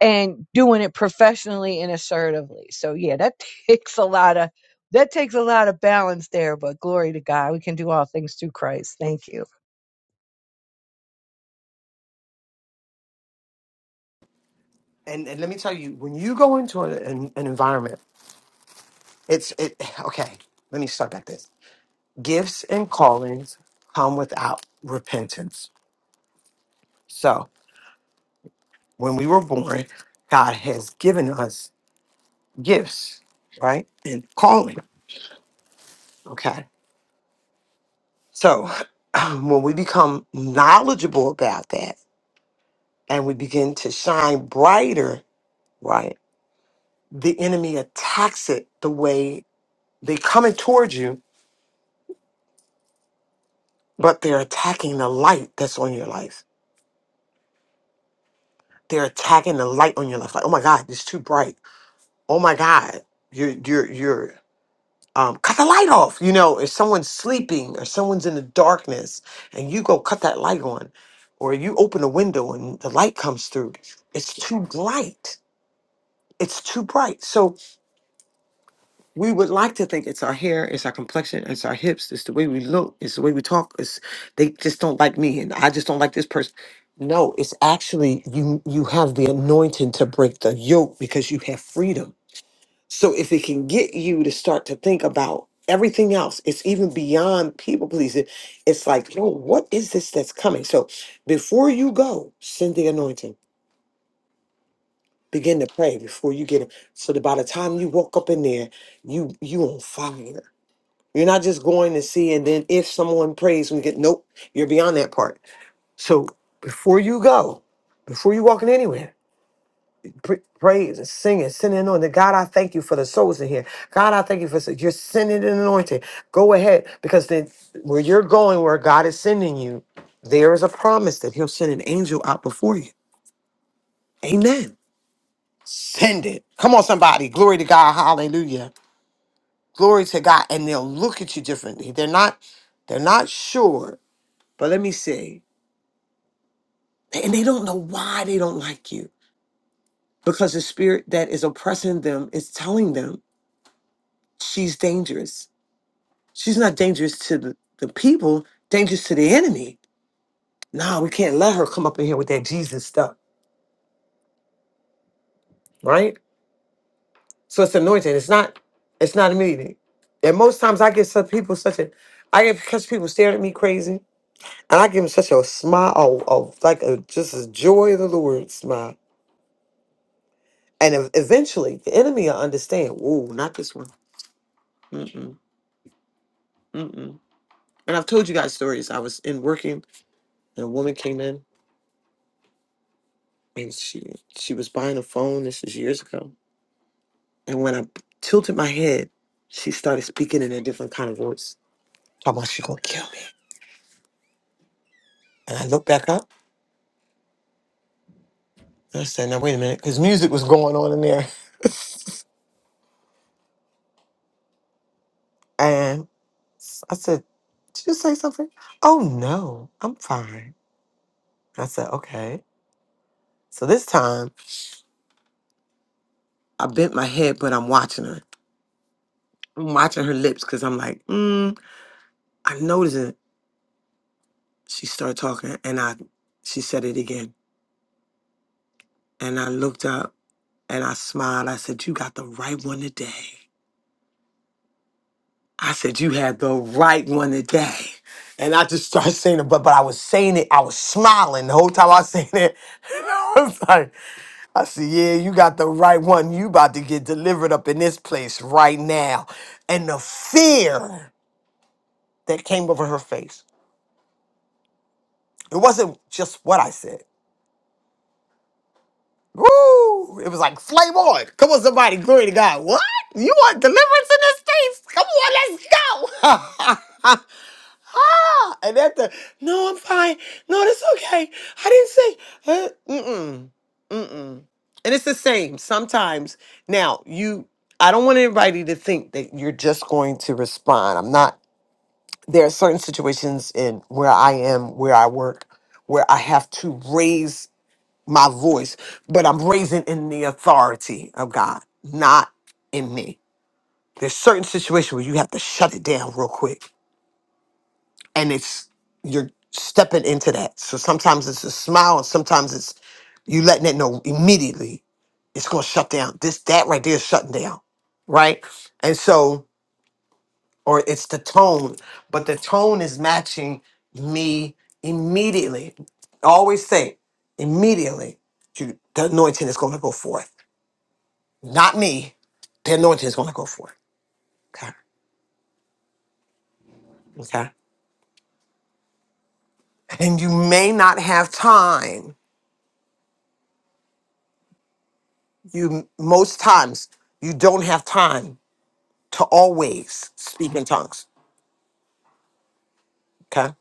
E: and doing it professionally and assertively. So yeah, that takes a lot of that takes a lot of balance there, but glory to God. We can do all things through Christ. Thank you.
B: and, and let me tell you, when you go into an, an, an environment, it's it okay. Let me start back this. Gifts and callings come without repentance. So when we were born, God has given us gifts, right? And calling. Okay. So when we become knowledgeable about that and we begin to shine brighter, right? The enemy attacks it the way they coming towards you, but they're attacking the light that's on your life they're attacking the light on your life. Like, oh my God, it's too bright. Oh my God, you're you're you're um, cut the light off. You know, if someone's sleeping or someone's in the darkness, and you go cut that light on, or you open a window and the light comes through, it's too bright. It's too bright. So we would like to think it's our hair, it's our complexion, it's our hips, it's the way we look, it's the way we talk. It's they just don't like me, and I just don't like this person. No, it's actually you. You have the anointing to break the yoke because you have freedom. So if it can get you to start to think about everything else, it's even beyond people pleasing. It's like, yo, what is this that's coming? So before you go, send the anointing. Begin to pray before you get it. So that by the time you walk up in there, you you on fire you're not just going to see, and then if someone prays, we get nope. You're beyond that part. So before you go, before you walking anywhere, pr- praise and sing and send an anointing. God, I thank you for the souls in here. God, I thank you for you're sending an anointing. Go ahead, because then where you're going, where God is sending you, there is a promise that He'll send an angel out before you. Amen. Send it. Come on, somebody. Glory to God. Hallelujah. Glory to God. And they'll look at you differently. They're not. They're not sure But let me see. And they don't know why they don't like you because the spirit that is oppressing them is telling them she's dangerous. She's not dangerous to the, the people, dangerous to the enemy. No, we can't let her come up in here with that Jesus stuff, right? So it's anointing. It's not, it's not immediate. And most times I get some people such a, I get catch people staring at me crazy, and I give them such a smile, of, of like a just a joy of the Lord smile. And ev- eventually, the enemy will understand. Whoa, not this one Mm-mm, mm-mm. And I've told you guys stories. I was in working, and a woman came in, and she she was buying a phone. This is years ago. And when I tilted my head, she started speaking in a different kind of voice. Talking about she gonna kill me. And I looked back up. And I said, "Now wait a minute," because music was going on in there. And I said, "Did you say something?" Oh no, I'm fine. I said, "Okay." So this time, I bent my head, but I'm watching her. I'm watching her lips because I'm like, mm, I noticed it. She started talking and I she said it again. And I looked up and I smiled. I said, You got the right one today. I said, You had the right one today. And I just started saying it, but but I was saying it, I was smiling the whole time I was saying it. I was like, I said, Yeah, you got the right one. You about to get delivered up in this place right now. And the fear that came over her face. It wasn't just what I said. Woo! It was like flame on. Come on, somebody, glory to God. What? You want deliverance in the states? Come on, let's go. ah, and at the no, I'm fine. No, that's okay. I didn't say. Uh, mm-mm, mm-mm. And it's the same sometimes. Now you, I don't want anybody to think that you're just going to respond. I'm not. There are certain situations in where I am, where I work, where I have to raise my voice, but I'm raising in the authority of God, not in me. There's certain situations where you have to shut it down real quick, and it's you're stepping into that. So sometimes it's a smile, and sometimes it's you letting it know immediately it's going to shut down. This that right there is shutting down, right? And so, or it's the tone, but the tone is matching me immediately. I always say immediately, you, the anointing is going to go forth not me. The anointing is going to go forth. Okay. Okay. And you may not have time. You most times you don't have time to always speak in tongues. Okay.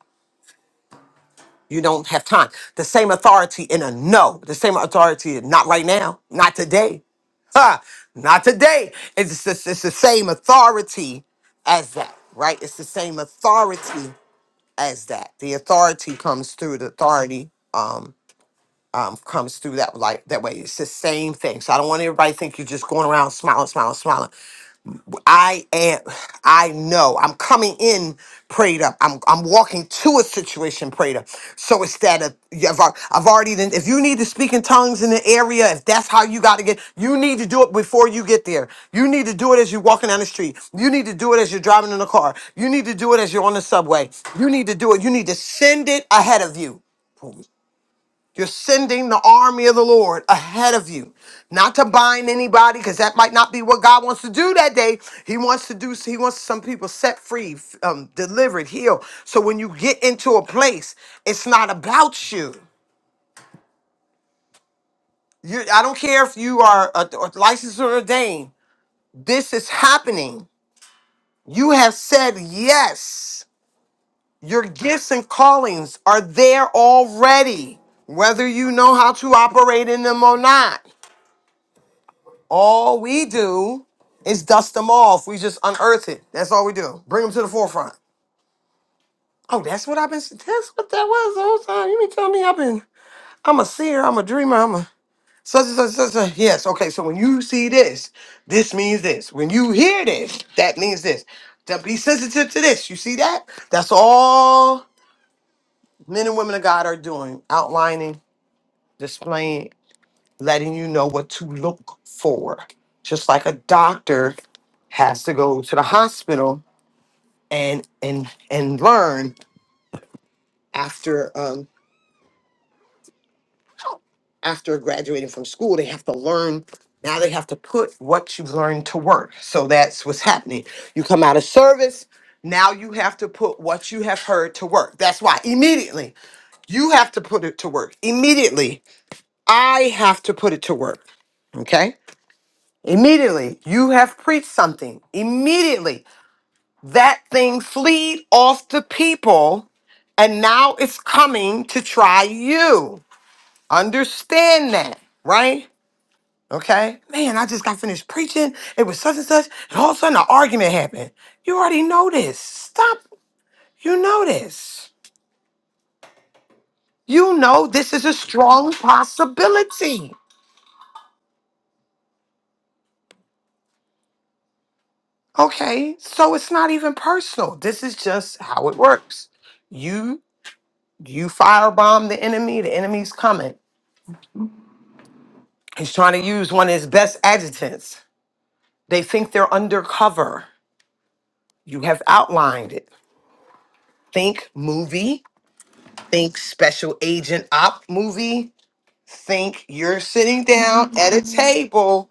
B: You don't have time. The same authority in a no. The same authority in not right now. Not today. Ha! Not today. It's, it's, it's the same authority as that, right? It's the same authority as that. The authority comes through the authority. um, um, comes through that like that way. It's the same thing. So I don't want everybody to think you're just going around smiling, smiling, smiling. I am. I know. I'm coming in prayed up. I'm I'm walking to a situation prayed up. So it's that uh, yeah, I've, al- I've already. Done, if you need to speak in tongues in the area, if that's how you got to get, you need to do it before you get there. You need to do it as you're walking down the street. You need to do it as you're driving in the car. You need to do it as you're on the subway. You need to do it. You need to send it ahead of you. You're sending the army of the Lord ahead of you, not to bind anybody, because that might not be what God wants to do that day. He wants to do. He wants some people set free, f- um, delivered, healed. So when you get into a place, it's not about you. You. I don't care if you are a, a licensed or ordained. This is happening. You have said yes. Your gifts and callings are there already, whether you know how to operate in them or not. All we do is dust them off. We just unearth it. That's all we do. Bring them to the forefront. Oh, that's what I've been. That's what that was the whole time. You mean tell me I've been? I'm a seer. I'm a dreamer. I'm a such and such such. such. Yes. Okay. So when you see this, this means this. When you hear this, that means this. To be sensitive to this. You see that? That's all men and women of God are doing. Outlining, displaying, letting you know what to look for. Just like a doctor has to go to the hospital and and and learn after um after graduating from school, they have to learn now they have to put what you've learned to work. So that's what's happening. You come out of service, now you have to put what you have heard to work. That's why immediately you have to put it to work. Immediately, I have to put it to work. Okay? Immediately, you have preached something. Immediately, that thing fleed off the people, and now it's coming to try you. Understand that, right? Okay? Man, I just got finished preaching. It was such and such, and all of a sudden, an argument happened. You already know this. Stop. You know this. You know this is a strong possibility. Okay? So it's not even personal. This is just how it works. You You firebomb the enemy, the enemy's coming. He's trying to use one of his best adjutants. They think they're undercover. You have outlined it. Think movie, think special agent op movie, think you're sitting down at a table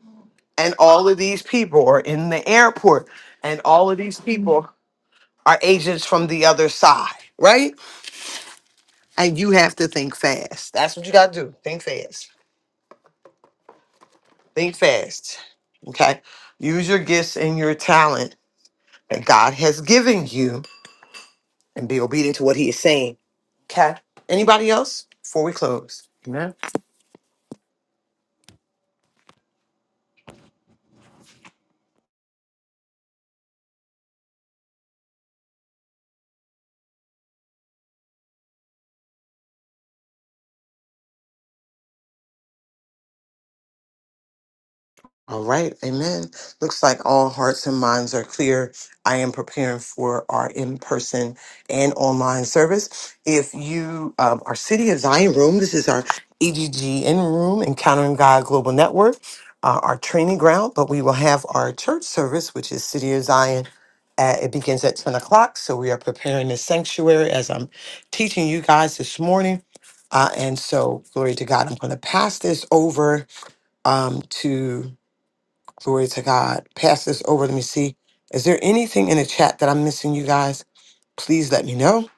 B: and all of these people are in the airport and all of these people are agents from the other side, right? And you have to think fast. That's what you got to do. Think fast. Think fast. Okay? Use your gifts and your talent that God has given you and be obedient to what he is saying. Okay? Anybody else? Before we close. Amen. All right, amen. Looks like all hearts and minds are clear. I am preparing for our in person and online service. If you, um, our City of Zion room, this is our EGG in room, Encountering God Global Network, uh, our training ground, but we will have our church service, which is City of Zion. At, it begins at 10 o'clock. So we are preparing the sanctuary as I'm teaching you guys this morning. Uh, and so, glory to God, I'm going to pass this over um, to. Glory to God. Pass this over. Let me see. Is there anything in the chat that I'm missing, you guys? Please let me know.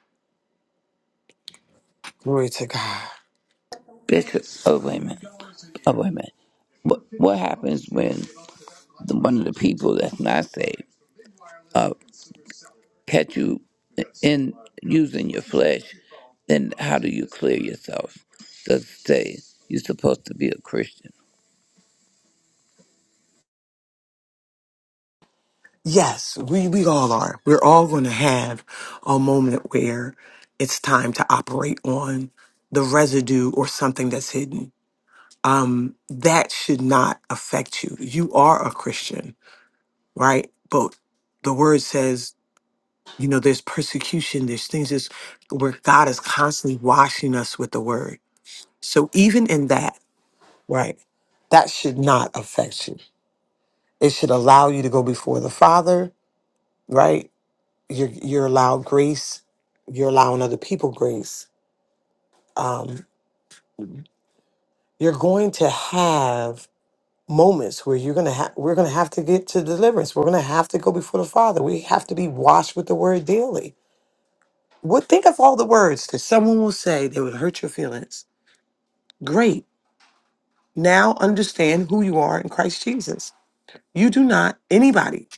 B: Glory to God.
G: Because oh wait a minute, oh wait a minute. What what happens when the, one of the people that's not saved uh, catch you in using your flesh? Then how do you clear yourself? Does it say you're supposed to be a Christian?
B: Yes, we, we all are. We're all going to have a moment where it's time to operate on the residue or something that's hidden. Um, that should not affect you. You are a Christian, right? But the word says, you know, there's persecution, there's things that's, where God is constantly washing us with the word. So even in that, right? That should not affect you. It should allow you to go before the Father, right? You're you're allowed grace. You're allowing other people grace. Um, you're going to have moments where you're gonna have we're gonna have to get to deliverance. We're gonna have to go before the Father. We have to be washed with the Word daily. What think of all the words that someone will say that would hurt your feelings? Great. Now understand who you are in Christ Jesus. You do not anybody.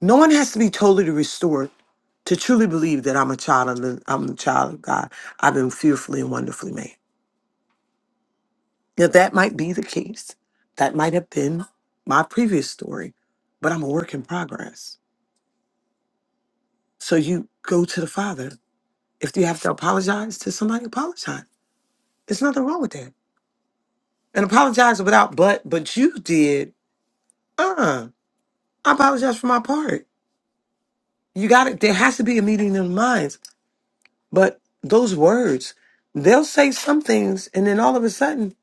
B: No one has to be totally restored to truly believe that I'm a child of the, I'm a child of God. I've been fearfully and wonderfully made. Now that might be the case. That might have been my previous story, but I'm a work in progress. So you go to the Father. If you have to apologize to somebody, apologize. There's nothing wrong with that. And apologize without but but you did. Uh, I apologize for my part. You got it. There has to be a meeting in the minds. But those words, they'll say some things, and then all of a sudden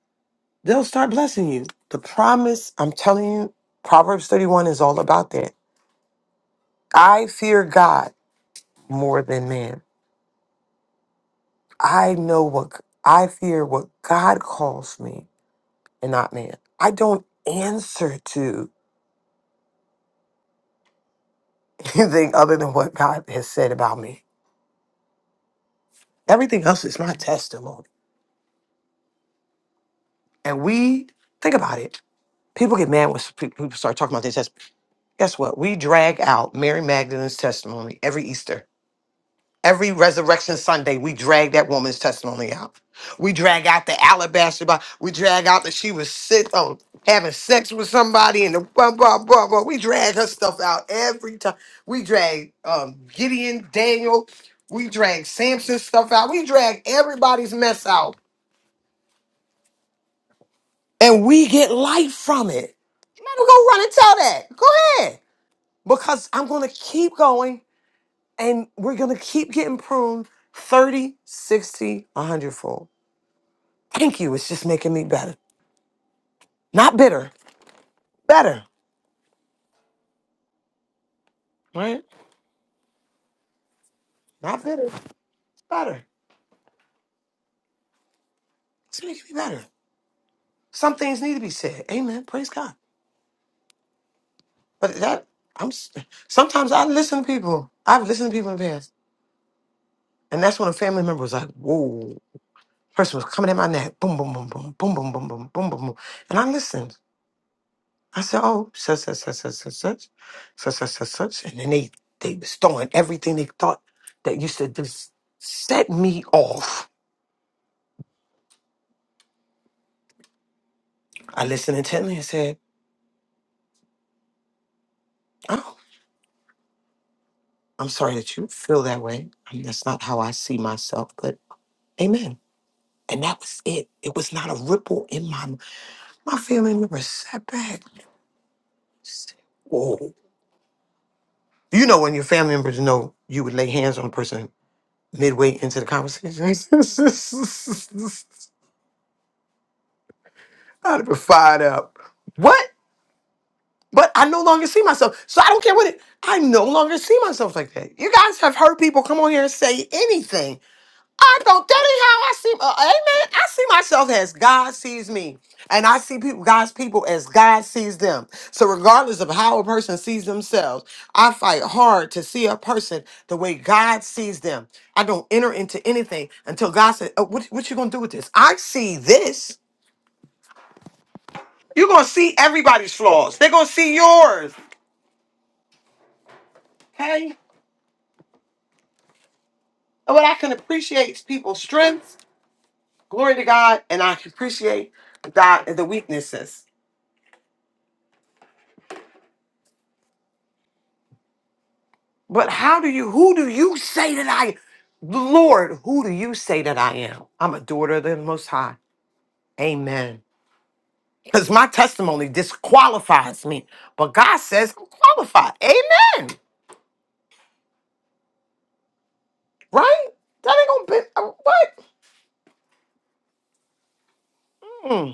B: They'll start blessing you. The promise, I'm telling you, Proverbs 31 is all about that. I fear God more than man. I know what I fear what God calls me and not man. I don't answer to anything other than what God has said about me. Everything else is my testimony. And we think about it. People get mad when people start talking about their testimony. Guess what? We drag out Mary Magdalene's testimony every Easter Every Resurrection Sunday, we drag that woman's testimony out. We drag out the alabaster box. We drag out that she was sick on having sex with somebody and the blah blah blah blah. We drag her stuff out every time. We drag um, Gideon, Daniel. We drag Samson's stuff out. We drag everybody's mess out, and we get life from it. Let him go run and tell that. Go ahead, because I'm gonna keep going, and we're gonna keep getting pruned 30, 60, 100 fold. Thank you. It's just making me better. Not bitter, better, right? Not bitter, better. It's making me better. Some things need to be said. Amen. Praise God. But that, I'm, s- sometimes I listen to people. I've listened to people in the past. And that's when a family member was like, whoa, person was coming at my neck. Boom, boom, boom, boom, boom, boom, boom, boom, boom, boom, boom. And I listened. I said, oh, such, such, such, such, such, such, such, such, such, such. And then they, they was throwing everything they thought that used to just set me off. I listened intently and said, Oh, I'm sorry that you feel that way. I mean, that's not how I see myself, but amen. And that was it. It was not a ripple in my my family members sat back. said, Whoa. You know when your family members know you would lay hands on a person midway into the conversation. I'd have been fired up. What? But I no longer see myself. So I don't care what it I no longer see myself like that. You guys have heard people come on here and say anything I don't. That ain't how I see. Uh, amen. I see myself as God sees me, and I see people, God's people, as God sees them. So, regardless of how a person sees themselves, I fight hard to see a person the way God sees them. I don't enter into anything until God said, oh, "What, what you gonna do with this? I see this. You're gonna see everybody's flaws. They're gonna see yours. Okay. But I can appreciate people's strengths. Glory to God, and I can appreciate God the weaknesses. But how do you, who do you say that I, Lord, who do you say that I am? I'm a daughter of the Most High. Amen. Because my testimony disqualifies me, but God says I'm qualified. Amen. Right? That ain't gonna be, uh, what? Hmm.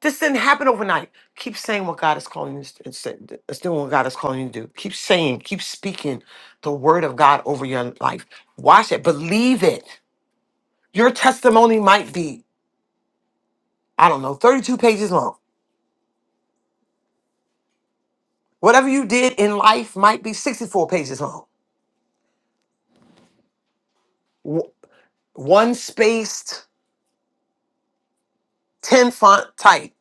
B: This didn't happen overnight. Keep saying what God is calling you to it's- it's doing what God is calling you to do. Keep saying, keep speaking the word of God over your life. Watch it, believe it. Your testimony might be, I don't know, 32 pages long Whatever you did in life might be 64 pages long, W- one spaced, 10 font type,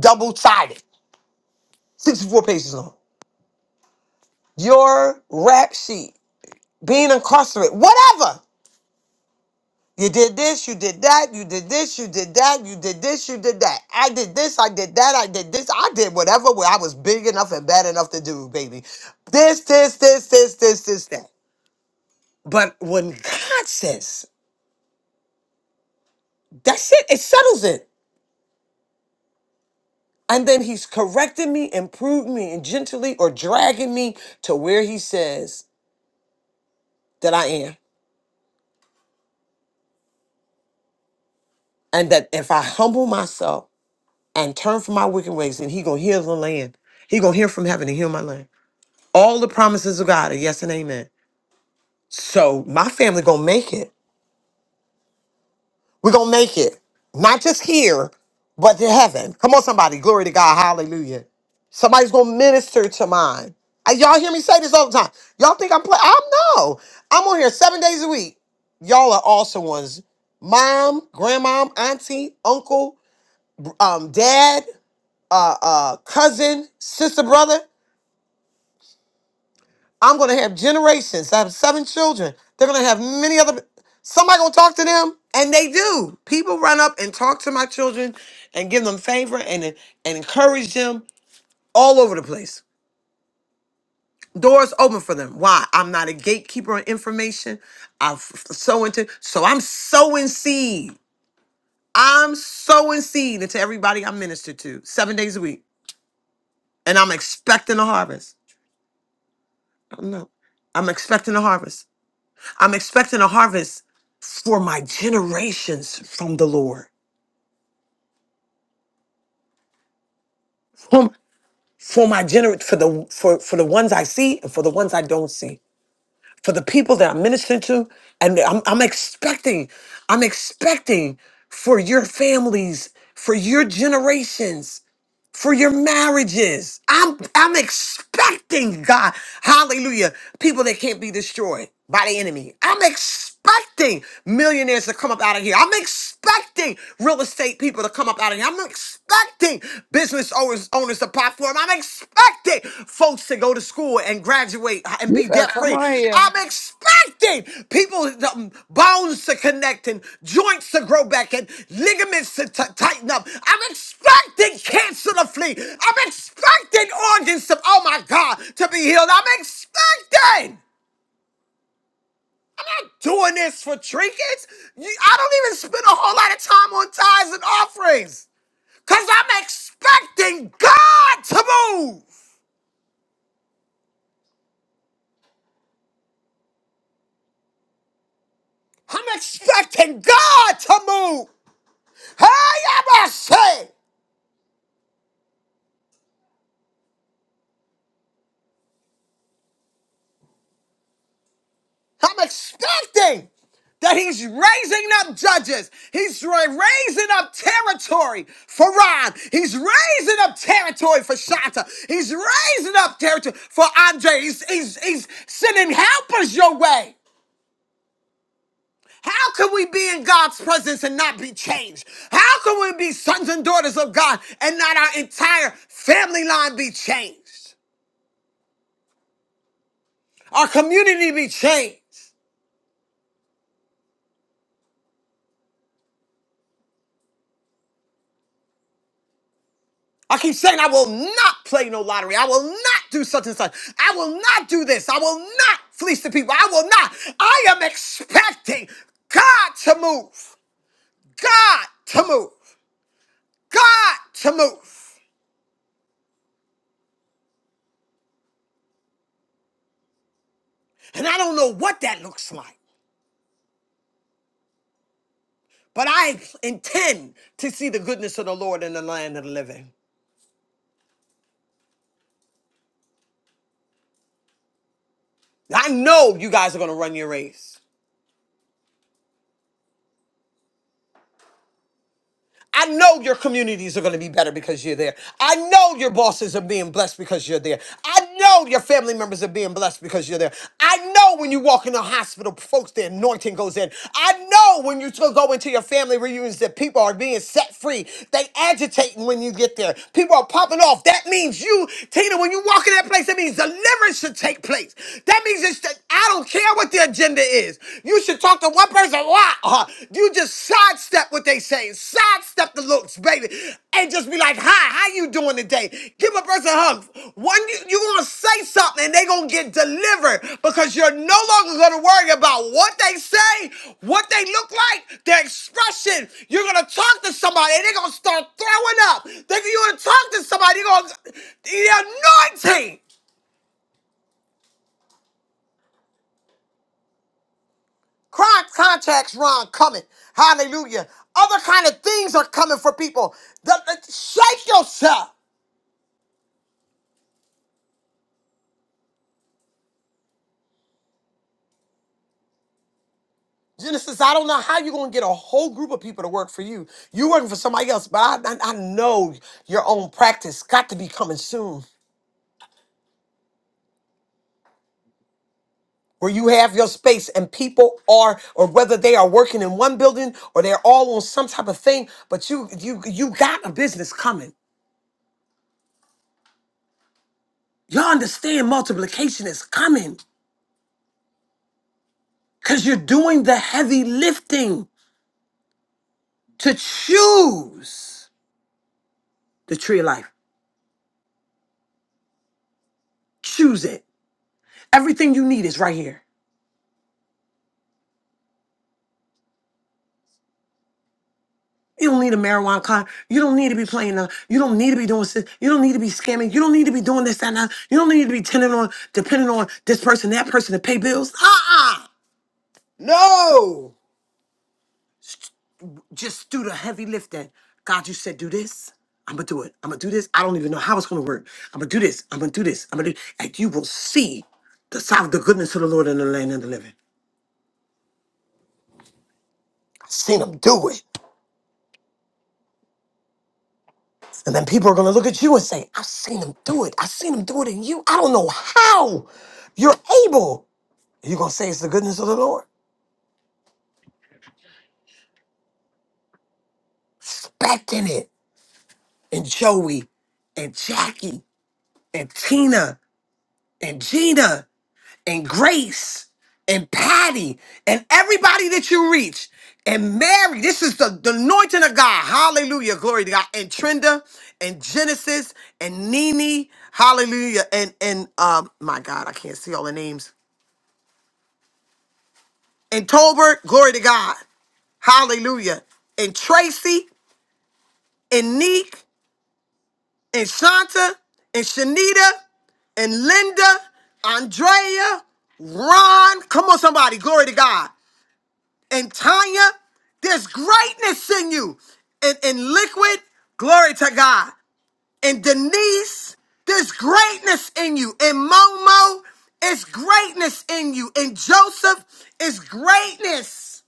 B: double sided, 64 pages long. Your rap sheet, being incarcerated, whatever. You did this, you did that, you did this, you did that, you did this, you did that. I did this, I did that, I did this, I did whatever where I was big enough and bad enough to do, baby. This, this, this, this, this, this, that. But when God says, that's it, it settles it. And then he's correcting me, improving me, and gently or dragging me to where he says that I am. And that if I humble myself and turn from my wicked ways, then he gonna heal the land. He gonna hear from heaven and heal my land. All the promises of God are yes and amen. So my family gonna make it. We're going to make it, not just here, but to heaven. Come on, somebody. Glory to God. Hallelujah. Somebody's going to minister to mine. Uh, Y'all hear me say this all the time. Y'all think I'm playing? I'm no. I'm on here seven days a week. Y'all are awesome ones. Mom, grandmom, auntie, uncle, um, dad, uh, uh, cousin, sister, brother. I'm going to have generations. I have seven children. They're going to have many other. Somebody going to talk to them, and they do. People run up and talk to my children, and give them favor and and encourage them all over the place. Doors open for them. Why? I'm not a gatekeeper on information. I'm so into so I'm sowing seed. I'm sowing seed into everybody I minister to seven days a week, and I'm expecting a harvest. I don't know. I'm expecting a harvest. I'm expecting a harvest for my generations from the Lord. For, for my gener for the for for the ones I see and for the ones I don't see. For the people that I'm ministering to, and I'm I'm expecting, I'm expecting for your families, for your generations. for your marriages. I'm I'm expecting God, hallelujah, people that can't be destroyed by the enemy. I'm expecting millionaires to come up out of here. I'm expecting real estate people to come up out of here. I'm expecting business owners owners to platform. I'm expecting folks to go to school and graduate and
G: You
B: be
G: better
B: debt
G: come
B: free.
G: on here.
B: I'm expecting people um, bones to connect and joints to grow back and ligaments to t- tighten up. I'm expecting cancer to flee. I'm expecting organs to, oh my God, to be healed. I'm expecting. I'm not doing this for trinkets. You- I don't even spend a whole lot of time on tithes and offerings because I'm expecting God to move. I'm expecting God to move. Hey, Abashe! I'm expecting that he's raising up judges. He's ra- raising up territory for Ron. He's raising up territory for Shanta. He's raising up territory for Andre. He's, he's, he's sending helpers your way. How can we be in God's presence and not be changed? How can we be sons and daughters of God and not our entire family line be changed? Our community be changed? I keep saying I will not play no lottery. I will not do such and such. I will not do this. I will not fleece the people. I will not. I am expecting God to move. God to move. God to move. And I don't know what that looks like, but I intend to see the goodness of the Lord in the land of the living. I know you guys are going to run your race. I know your communities are going to be better because you're there. I know your bosses are being blessed because you're there. I know your family members are being blessed because you're there. I know when you walk in the hospital, folks, the anointing goes in. I know when you still go into your family reunions that people are being set free. They agitating when you get there. People are popping off. That means you, Tina, when you walk in that place, that means deliverance should take place. That means it's, I don't care what the agenda is. You should talk to one person. Why? Uh, you just sidestep what they say. Sidestep the looks, baby. And just be like, hi, how you doing today? Give a person a hug. One, you, you going to say something and they going to get delivered because you're no longer going to worry about what they say, what they look like, their expression. You're going to talk to somebody and they're going to start throwing up. They're, you're going to talk to somebody. You're going to, the anointing. Crime contacts, Ron, coming. Hallelujah. Other kind of things are coming for people. The- the- shake yourself. Genesis, I don't know how you're going to get a whole group of people to work for you. You're working for somebody else, but I, I, I know your own practice got to be coming soon. Where you have your space and people are, or whether they are working in one building or they're all on some type of thing, but you you you got a business coming. Y'all understand multiplication is coming because you're doing the heavy lifting. to choose the tree of life. Choose it. Everything you need is right here. You don't need a marijuana card. You don't need to be playing. The, you don't need to be doing this. You don't need to be scamming. You don't need to be doing this, that, and that. You don't need to be depending on depending on this person, that person to pay bills. Uh-uh. No. Just do the heavy lifting. God, you said do this. I'm gonna do it. I'm gonna do this. I don't even know how it's gonna work. I'm gonna do this. I'm gonna do this. I'm gonna do and you will see the side of the goodness of the Lord in the land of the living. I've seen him do it. And then people are going to look at you and say, I've seen him do it. I've seen him do it in you. I don't know how you're able. You're going to say it's the goodness of the Lord. Expecting it. And Joey and Jackie and Tina and Gina and Grace and Patty and everybody that you reach and Mary. This is the, the anointing of God. Hallelujah. Glory to God. And Trinda and Genesis and Nene. Hallelujah. And, and, um, my God, I can't see all the names and Tolbert, glory to God. Hallelujah. And Tracy, and Neek, and Shanta, and Shanita, and Linda, Andrea, Ron. Come on, somebody. Glory to God. And Tanya, there's greatness in you. And, and Liquid, glory to God. And Denise, there's greatness in you. And Momo, it's greatness in you. And Joseph, it's greatness.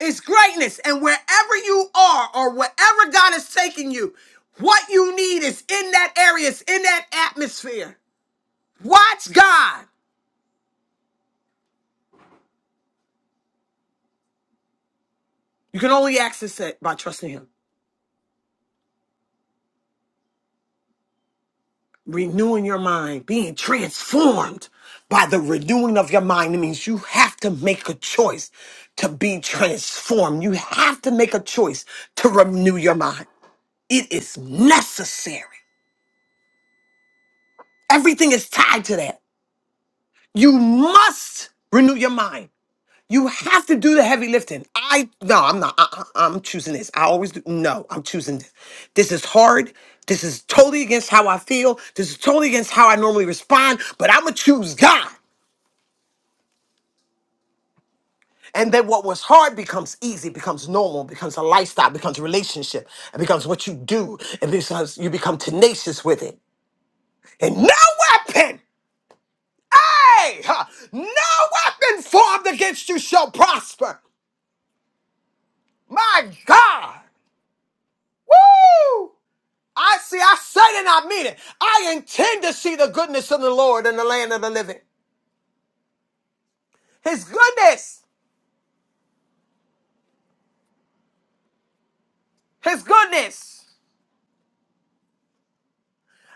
B: It's greatness. And wherever you are or wherever God is taking you, what you need is in that area, it's in that atmosphere. Watch God. You can only access it by trusting Him. Renewing your mind, being transformed by the renewing of your mind. It means you have to make a choice to be transformed. You have to make a choice to renew your mind. It is necessary. Everything is tied to that. You must renew your mind. You have to do the heavy lifting. I no, I'm not. I, I, am choosing this. I always do. No, I'm choosing this. This is hard. This is totally against how I feel. This is totally against how I normally respond. But I'm gonna choose God. And then what was hard becomes easy, becomes normal, becomes a lifestyle, becomes a relationship, it becomes what you do, and becomes you become tenacious with it. And no weapon, hey, huh, no weapon formed against you shall prosper. My God. Woo! I see, I said it, and I mean it. I intend to see the goodness of the Lord in the land of the living. His goodness, His goodness.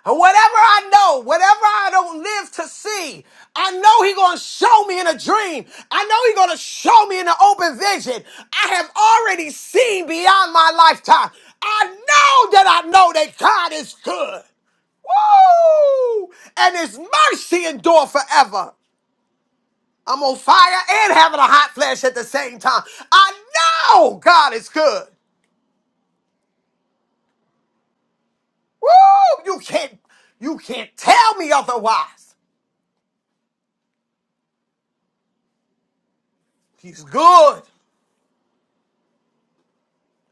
B: And whatever I know, whatever I don't live to see, I know He's gonna show me in a dream. I know He's gonna show me in an open vision. I have already seen beyond my lifetime. I know that I know that God is good. Woo! And his mercy endure forever. I'm on fire and having a hot flash at the same time. I know God is good. Woo! You can't you can't tell me otherwise. He's good.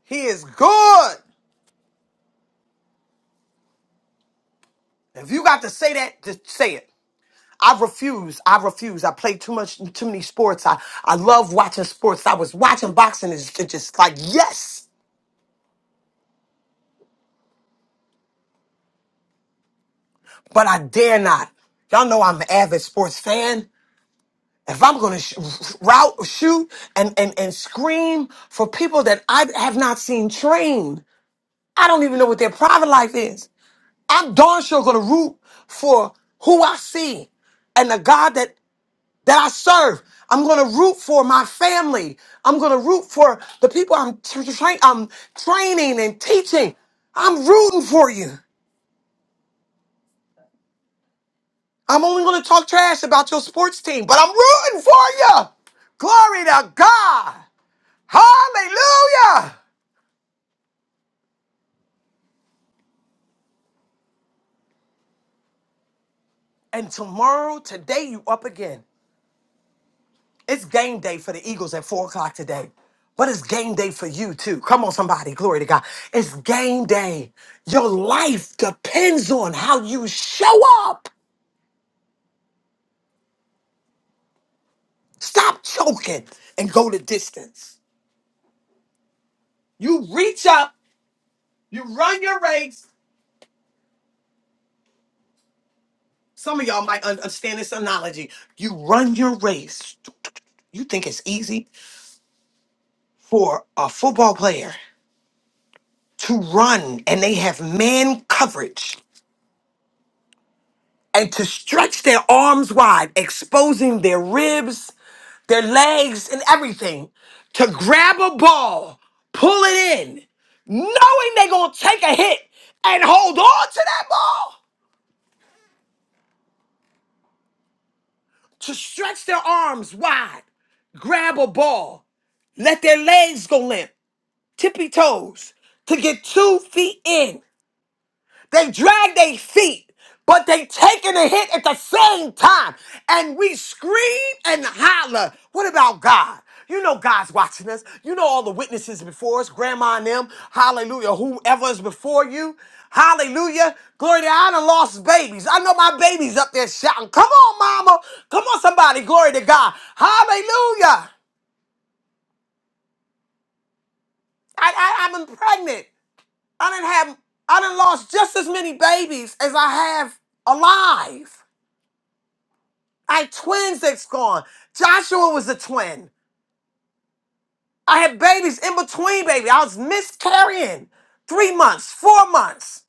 B: He is good. If you got to say that, just say it. I refuse. I refuse. I play too much, too many sports. I, I love watching sports. I was watching boxing. It's ju- just like, yes, but I dare not. Y'all know I'm an avid sports fan. if I'm going to sh- route, shoot, and, and, and scream for people that I have not seen trained, I don't even know what their private life is. I'm darn sure going to root for who I see and the God that, that I serve. I'm going to root for my family. I'm going to root for the people I'm, tra- tra- I'm training and teaching. I'm rooting for you. I'm only going to talk trash about your sports team, but I'm rooting for you. Glory to God. Hallelujah! And tomorrow, today, you up again. It's game day for the Eagles at four o'clock today. But it's game day for you too. Come on, somebody. Glory to God. It's game day. Your life depends on how you show up. Stop choking and go the distance. You reach up, you run your race. Some of y'all might understand this analogy. You run your race. You think it's easy for a football player to run and they have man coverage and to stretch their arms wide, exposing their ribs, their legs, and everything to grab a ball, pull it in, knowing they're going to take a hit and hold on to that ball to stretch their arms wide, grab a ball, let their legs go limp, tippy toes to get two feet in They drag their feet, but they taking a hit at the same time. And we scream and holler. What about God? You know God's watching us. You know all the witnesses before us, grandma and them, hallelujah, whoever is before you. Hallelujah. Glory to God. I done lost babies. I know my baby's up there shouting, come on, mama. Come on, somebody. Glory to God. Hallelujah. I, I, I've been pregnant. I didn't have, I done lost just as many babies as I have alive. I had twins that's gone. Joshua was a twin. I had babies in between, baby. I was miscarrying three months, four months.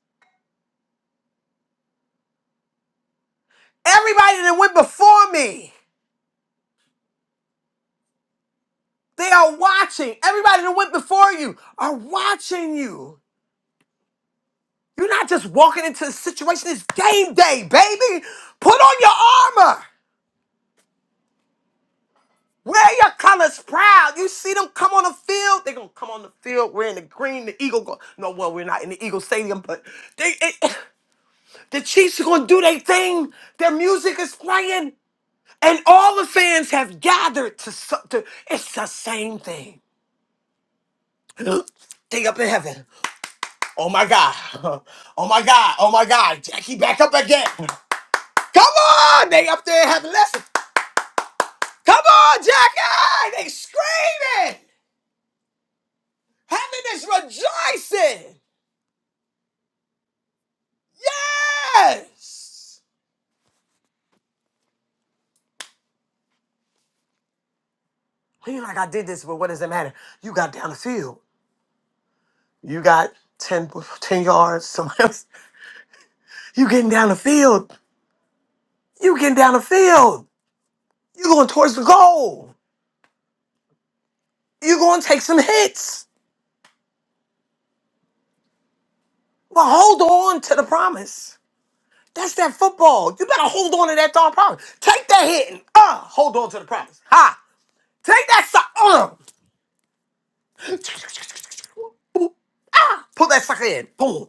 B: Everybody that went before me, they are watching. Everybody that went before you are watching you. You're not just walking into the situation. It's game day, baby. Put on your armor. Wear your colors proud. You see them come on the field. They're gonna come on the field wearing the green, the eagle. Go- no, well, we're not in the Eagle Stadium, but they. It, The Chiefs are going to do their thing. Their music is playing. And all the fans have gathered to, su- to it's the same thing. Thing up in heaven. Oh my God. Oh my God. Oh my God. Jackie back up again. Come on. They up there in heaven. Listen. Come on, Jackie. They screaming. Heaven is rejoicing. Yes. You're like, I did this, but what does it matter? You got down the field. You got 10, po- 10 yards. Somebody else. You getting down the field. You getting down the field. You going towards the goal. You going to take some hits. But hold on to the promise. That's that football. You better hold on to that darn promise. Take that hit and uh, hold on to the promise. Ha! Take that sucker. Uh, pull that sucker in. Boom.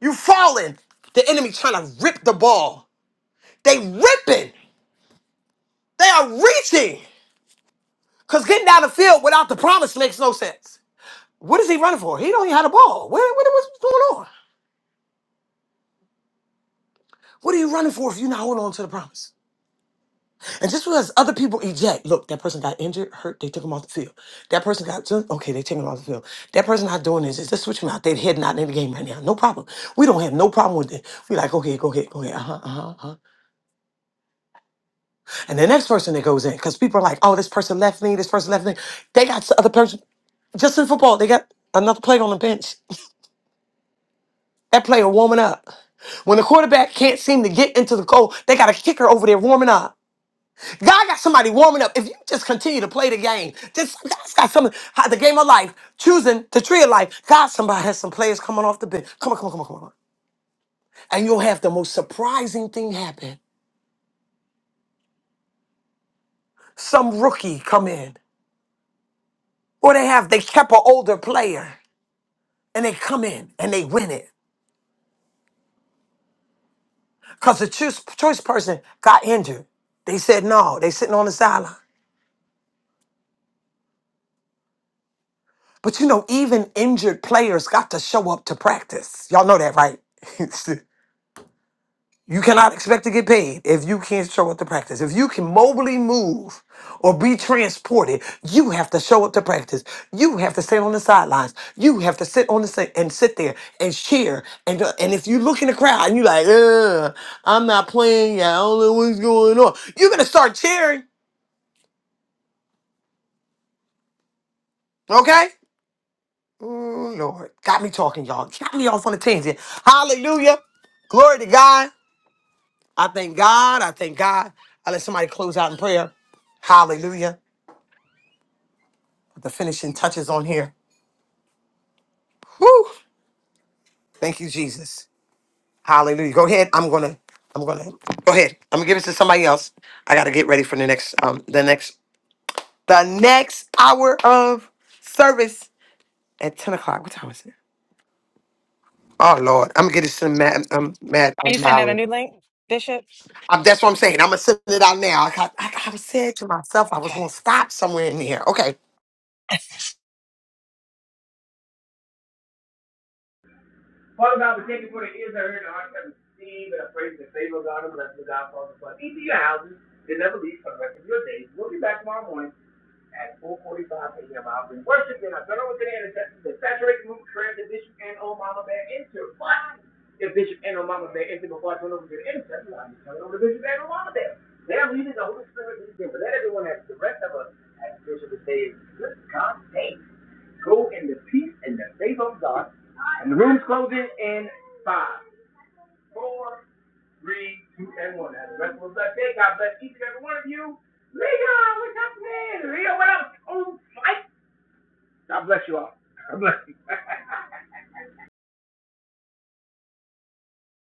B: You falling. The enemy trying to rip the ball. They ripping. They are reaching. Cause getting down the field without the promise makes no sense. What is he running for? He don't even have the ball. What, what, what's going on? What are you running for if you're not holding on to the promise? And just because other people eject, look, that person got injured, hurt, they took him off the field. That person got, done- okay, they taking him off the field. That person not doing this, is just switch him out. They're heading out in the game right now. No problem. We don't have no problem with it. We like, okay, go ahead, go ahead, uh huh, uh huh, uh-huh. uh-huh, uh-huh. And the next person that goes in, because people are like, oh, this person left me, this person left me. They got the other person, just in football, they got another player on the bench. That player warming up. When the quarterback can't seem to get into the goal, they got a kicker over there warming up. God got somebody warming up. If you just continue to play the game, just God's got some how- the game of life, choosing the tree of life. God, somebody has some players coming off the bench. Come on, come on, come on, come on. And you'll have the most surprising thing happen. Some rookie come in, or they have they kept an older player, and they come in and they win it because the choice, choice person got injured. They said no. They sitting on the sideline. But you know, even injured players got to show up to practice. Y'all know that, right? You cannot expect to get paid if you can't show up to practice. If you can mobily move or be transported, you have to show up to practice. You have to stand on the sidelines. You have to sit on the sa- and sit there and cheer. And uh, and if you look in the crowd and you're like, Ugh, I'm not playing. Yeah, I don't know what's going on. You're gonna start cheering, okay? Oh Lord, got me talking, y'all. Got me off on a tangent. Hallelujah, glory to God. I thank God. I thank God. I let somebody close out in prayer. Hallelujah. the finishing touches on here. Whew. Thank you, Jesus. Hallelujah. Go ahead. I'm gonna. I'm gonna. Go ahead. I'm gonna give it to somebody else. I gotta get ready for the next. Um. The next. The next hour of service at ten o'clock. What time is it? Oh Lord. I'm gonna get it to Matt. Um. Matt. Um,
H: Are you sending out a
B: Mallory.
H: new link, Bishop?
B: Um, that's what I'm saying. I'm gonna send it out now. I, got, I, I said to myself I was
H: Okay.
B: gonna stop somewhere in here. Okay.
I: Father God, we thank you for the ears that heard, the heart that received, and I pray for the favor of God and bless the God, Father, for each of your houses. They never leave for the rest of your days. We'll be back tomorrow morning at 4.45 a.m. I'll bring worship, then I'll turn over to the intercessors and saturate the room with prayer that Bishop and old Mama Bear into. But if Bishop and old Mama Bear enter before I turn over to the intercession, I'll just turn over to Bishop and old Mama Bear. They are leading the Holy Spirit leads them, but let everyone have the rest of us, as Bishop would say, good God sake. Go in the peace and the faith of God. And the room's closing in five, four, three, two, and one. Have a restful, blessed day. God bless each and every one of you. Leo, what's up, man? Leo, what up? Oh, Mike. God bless you all. God bless you.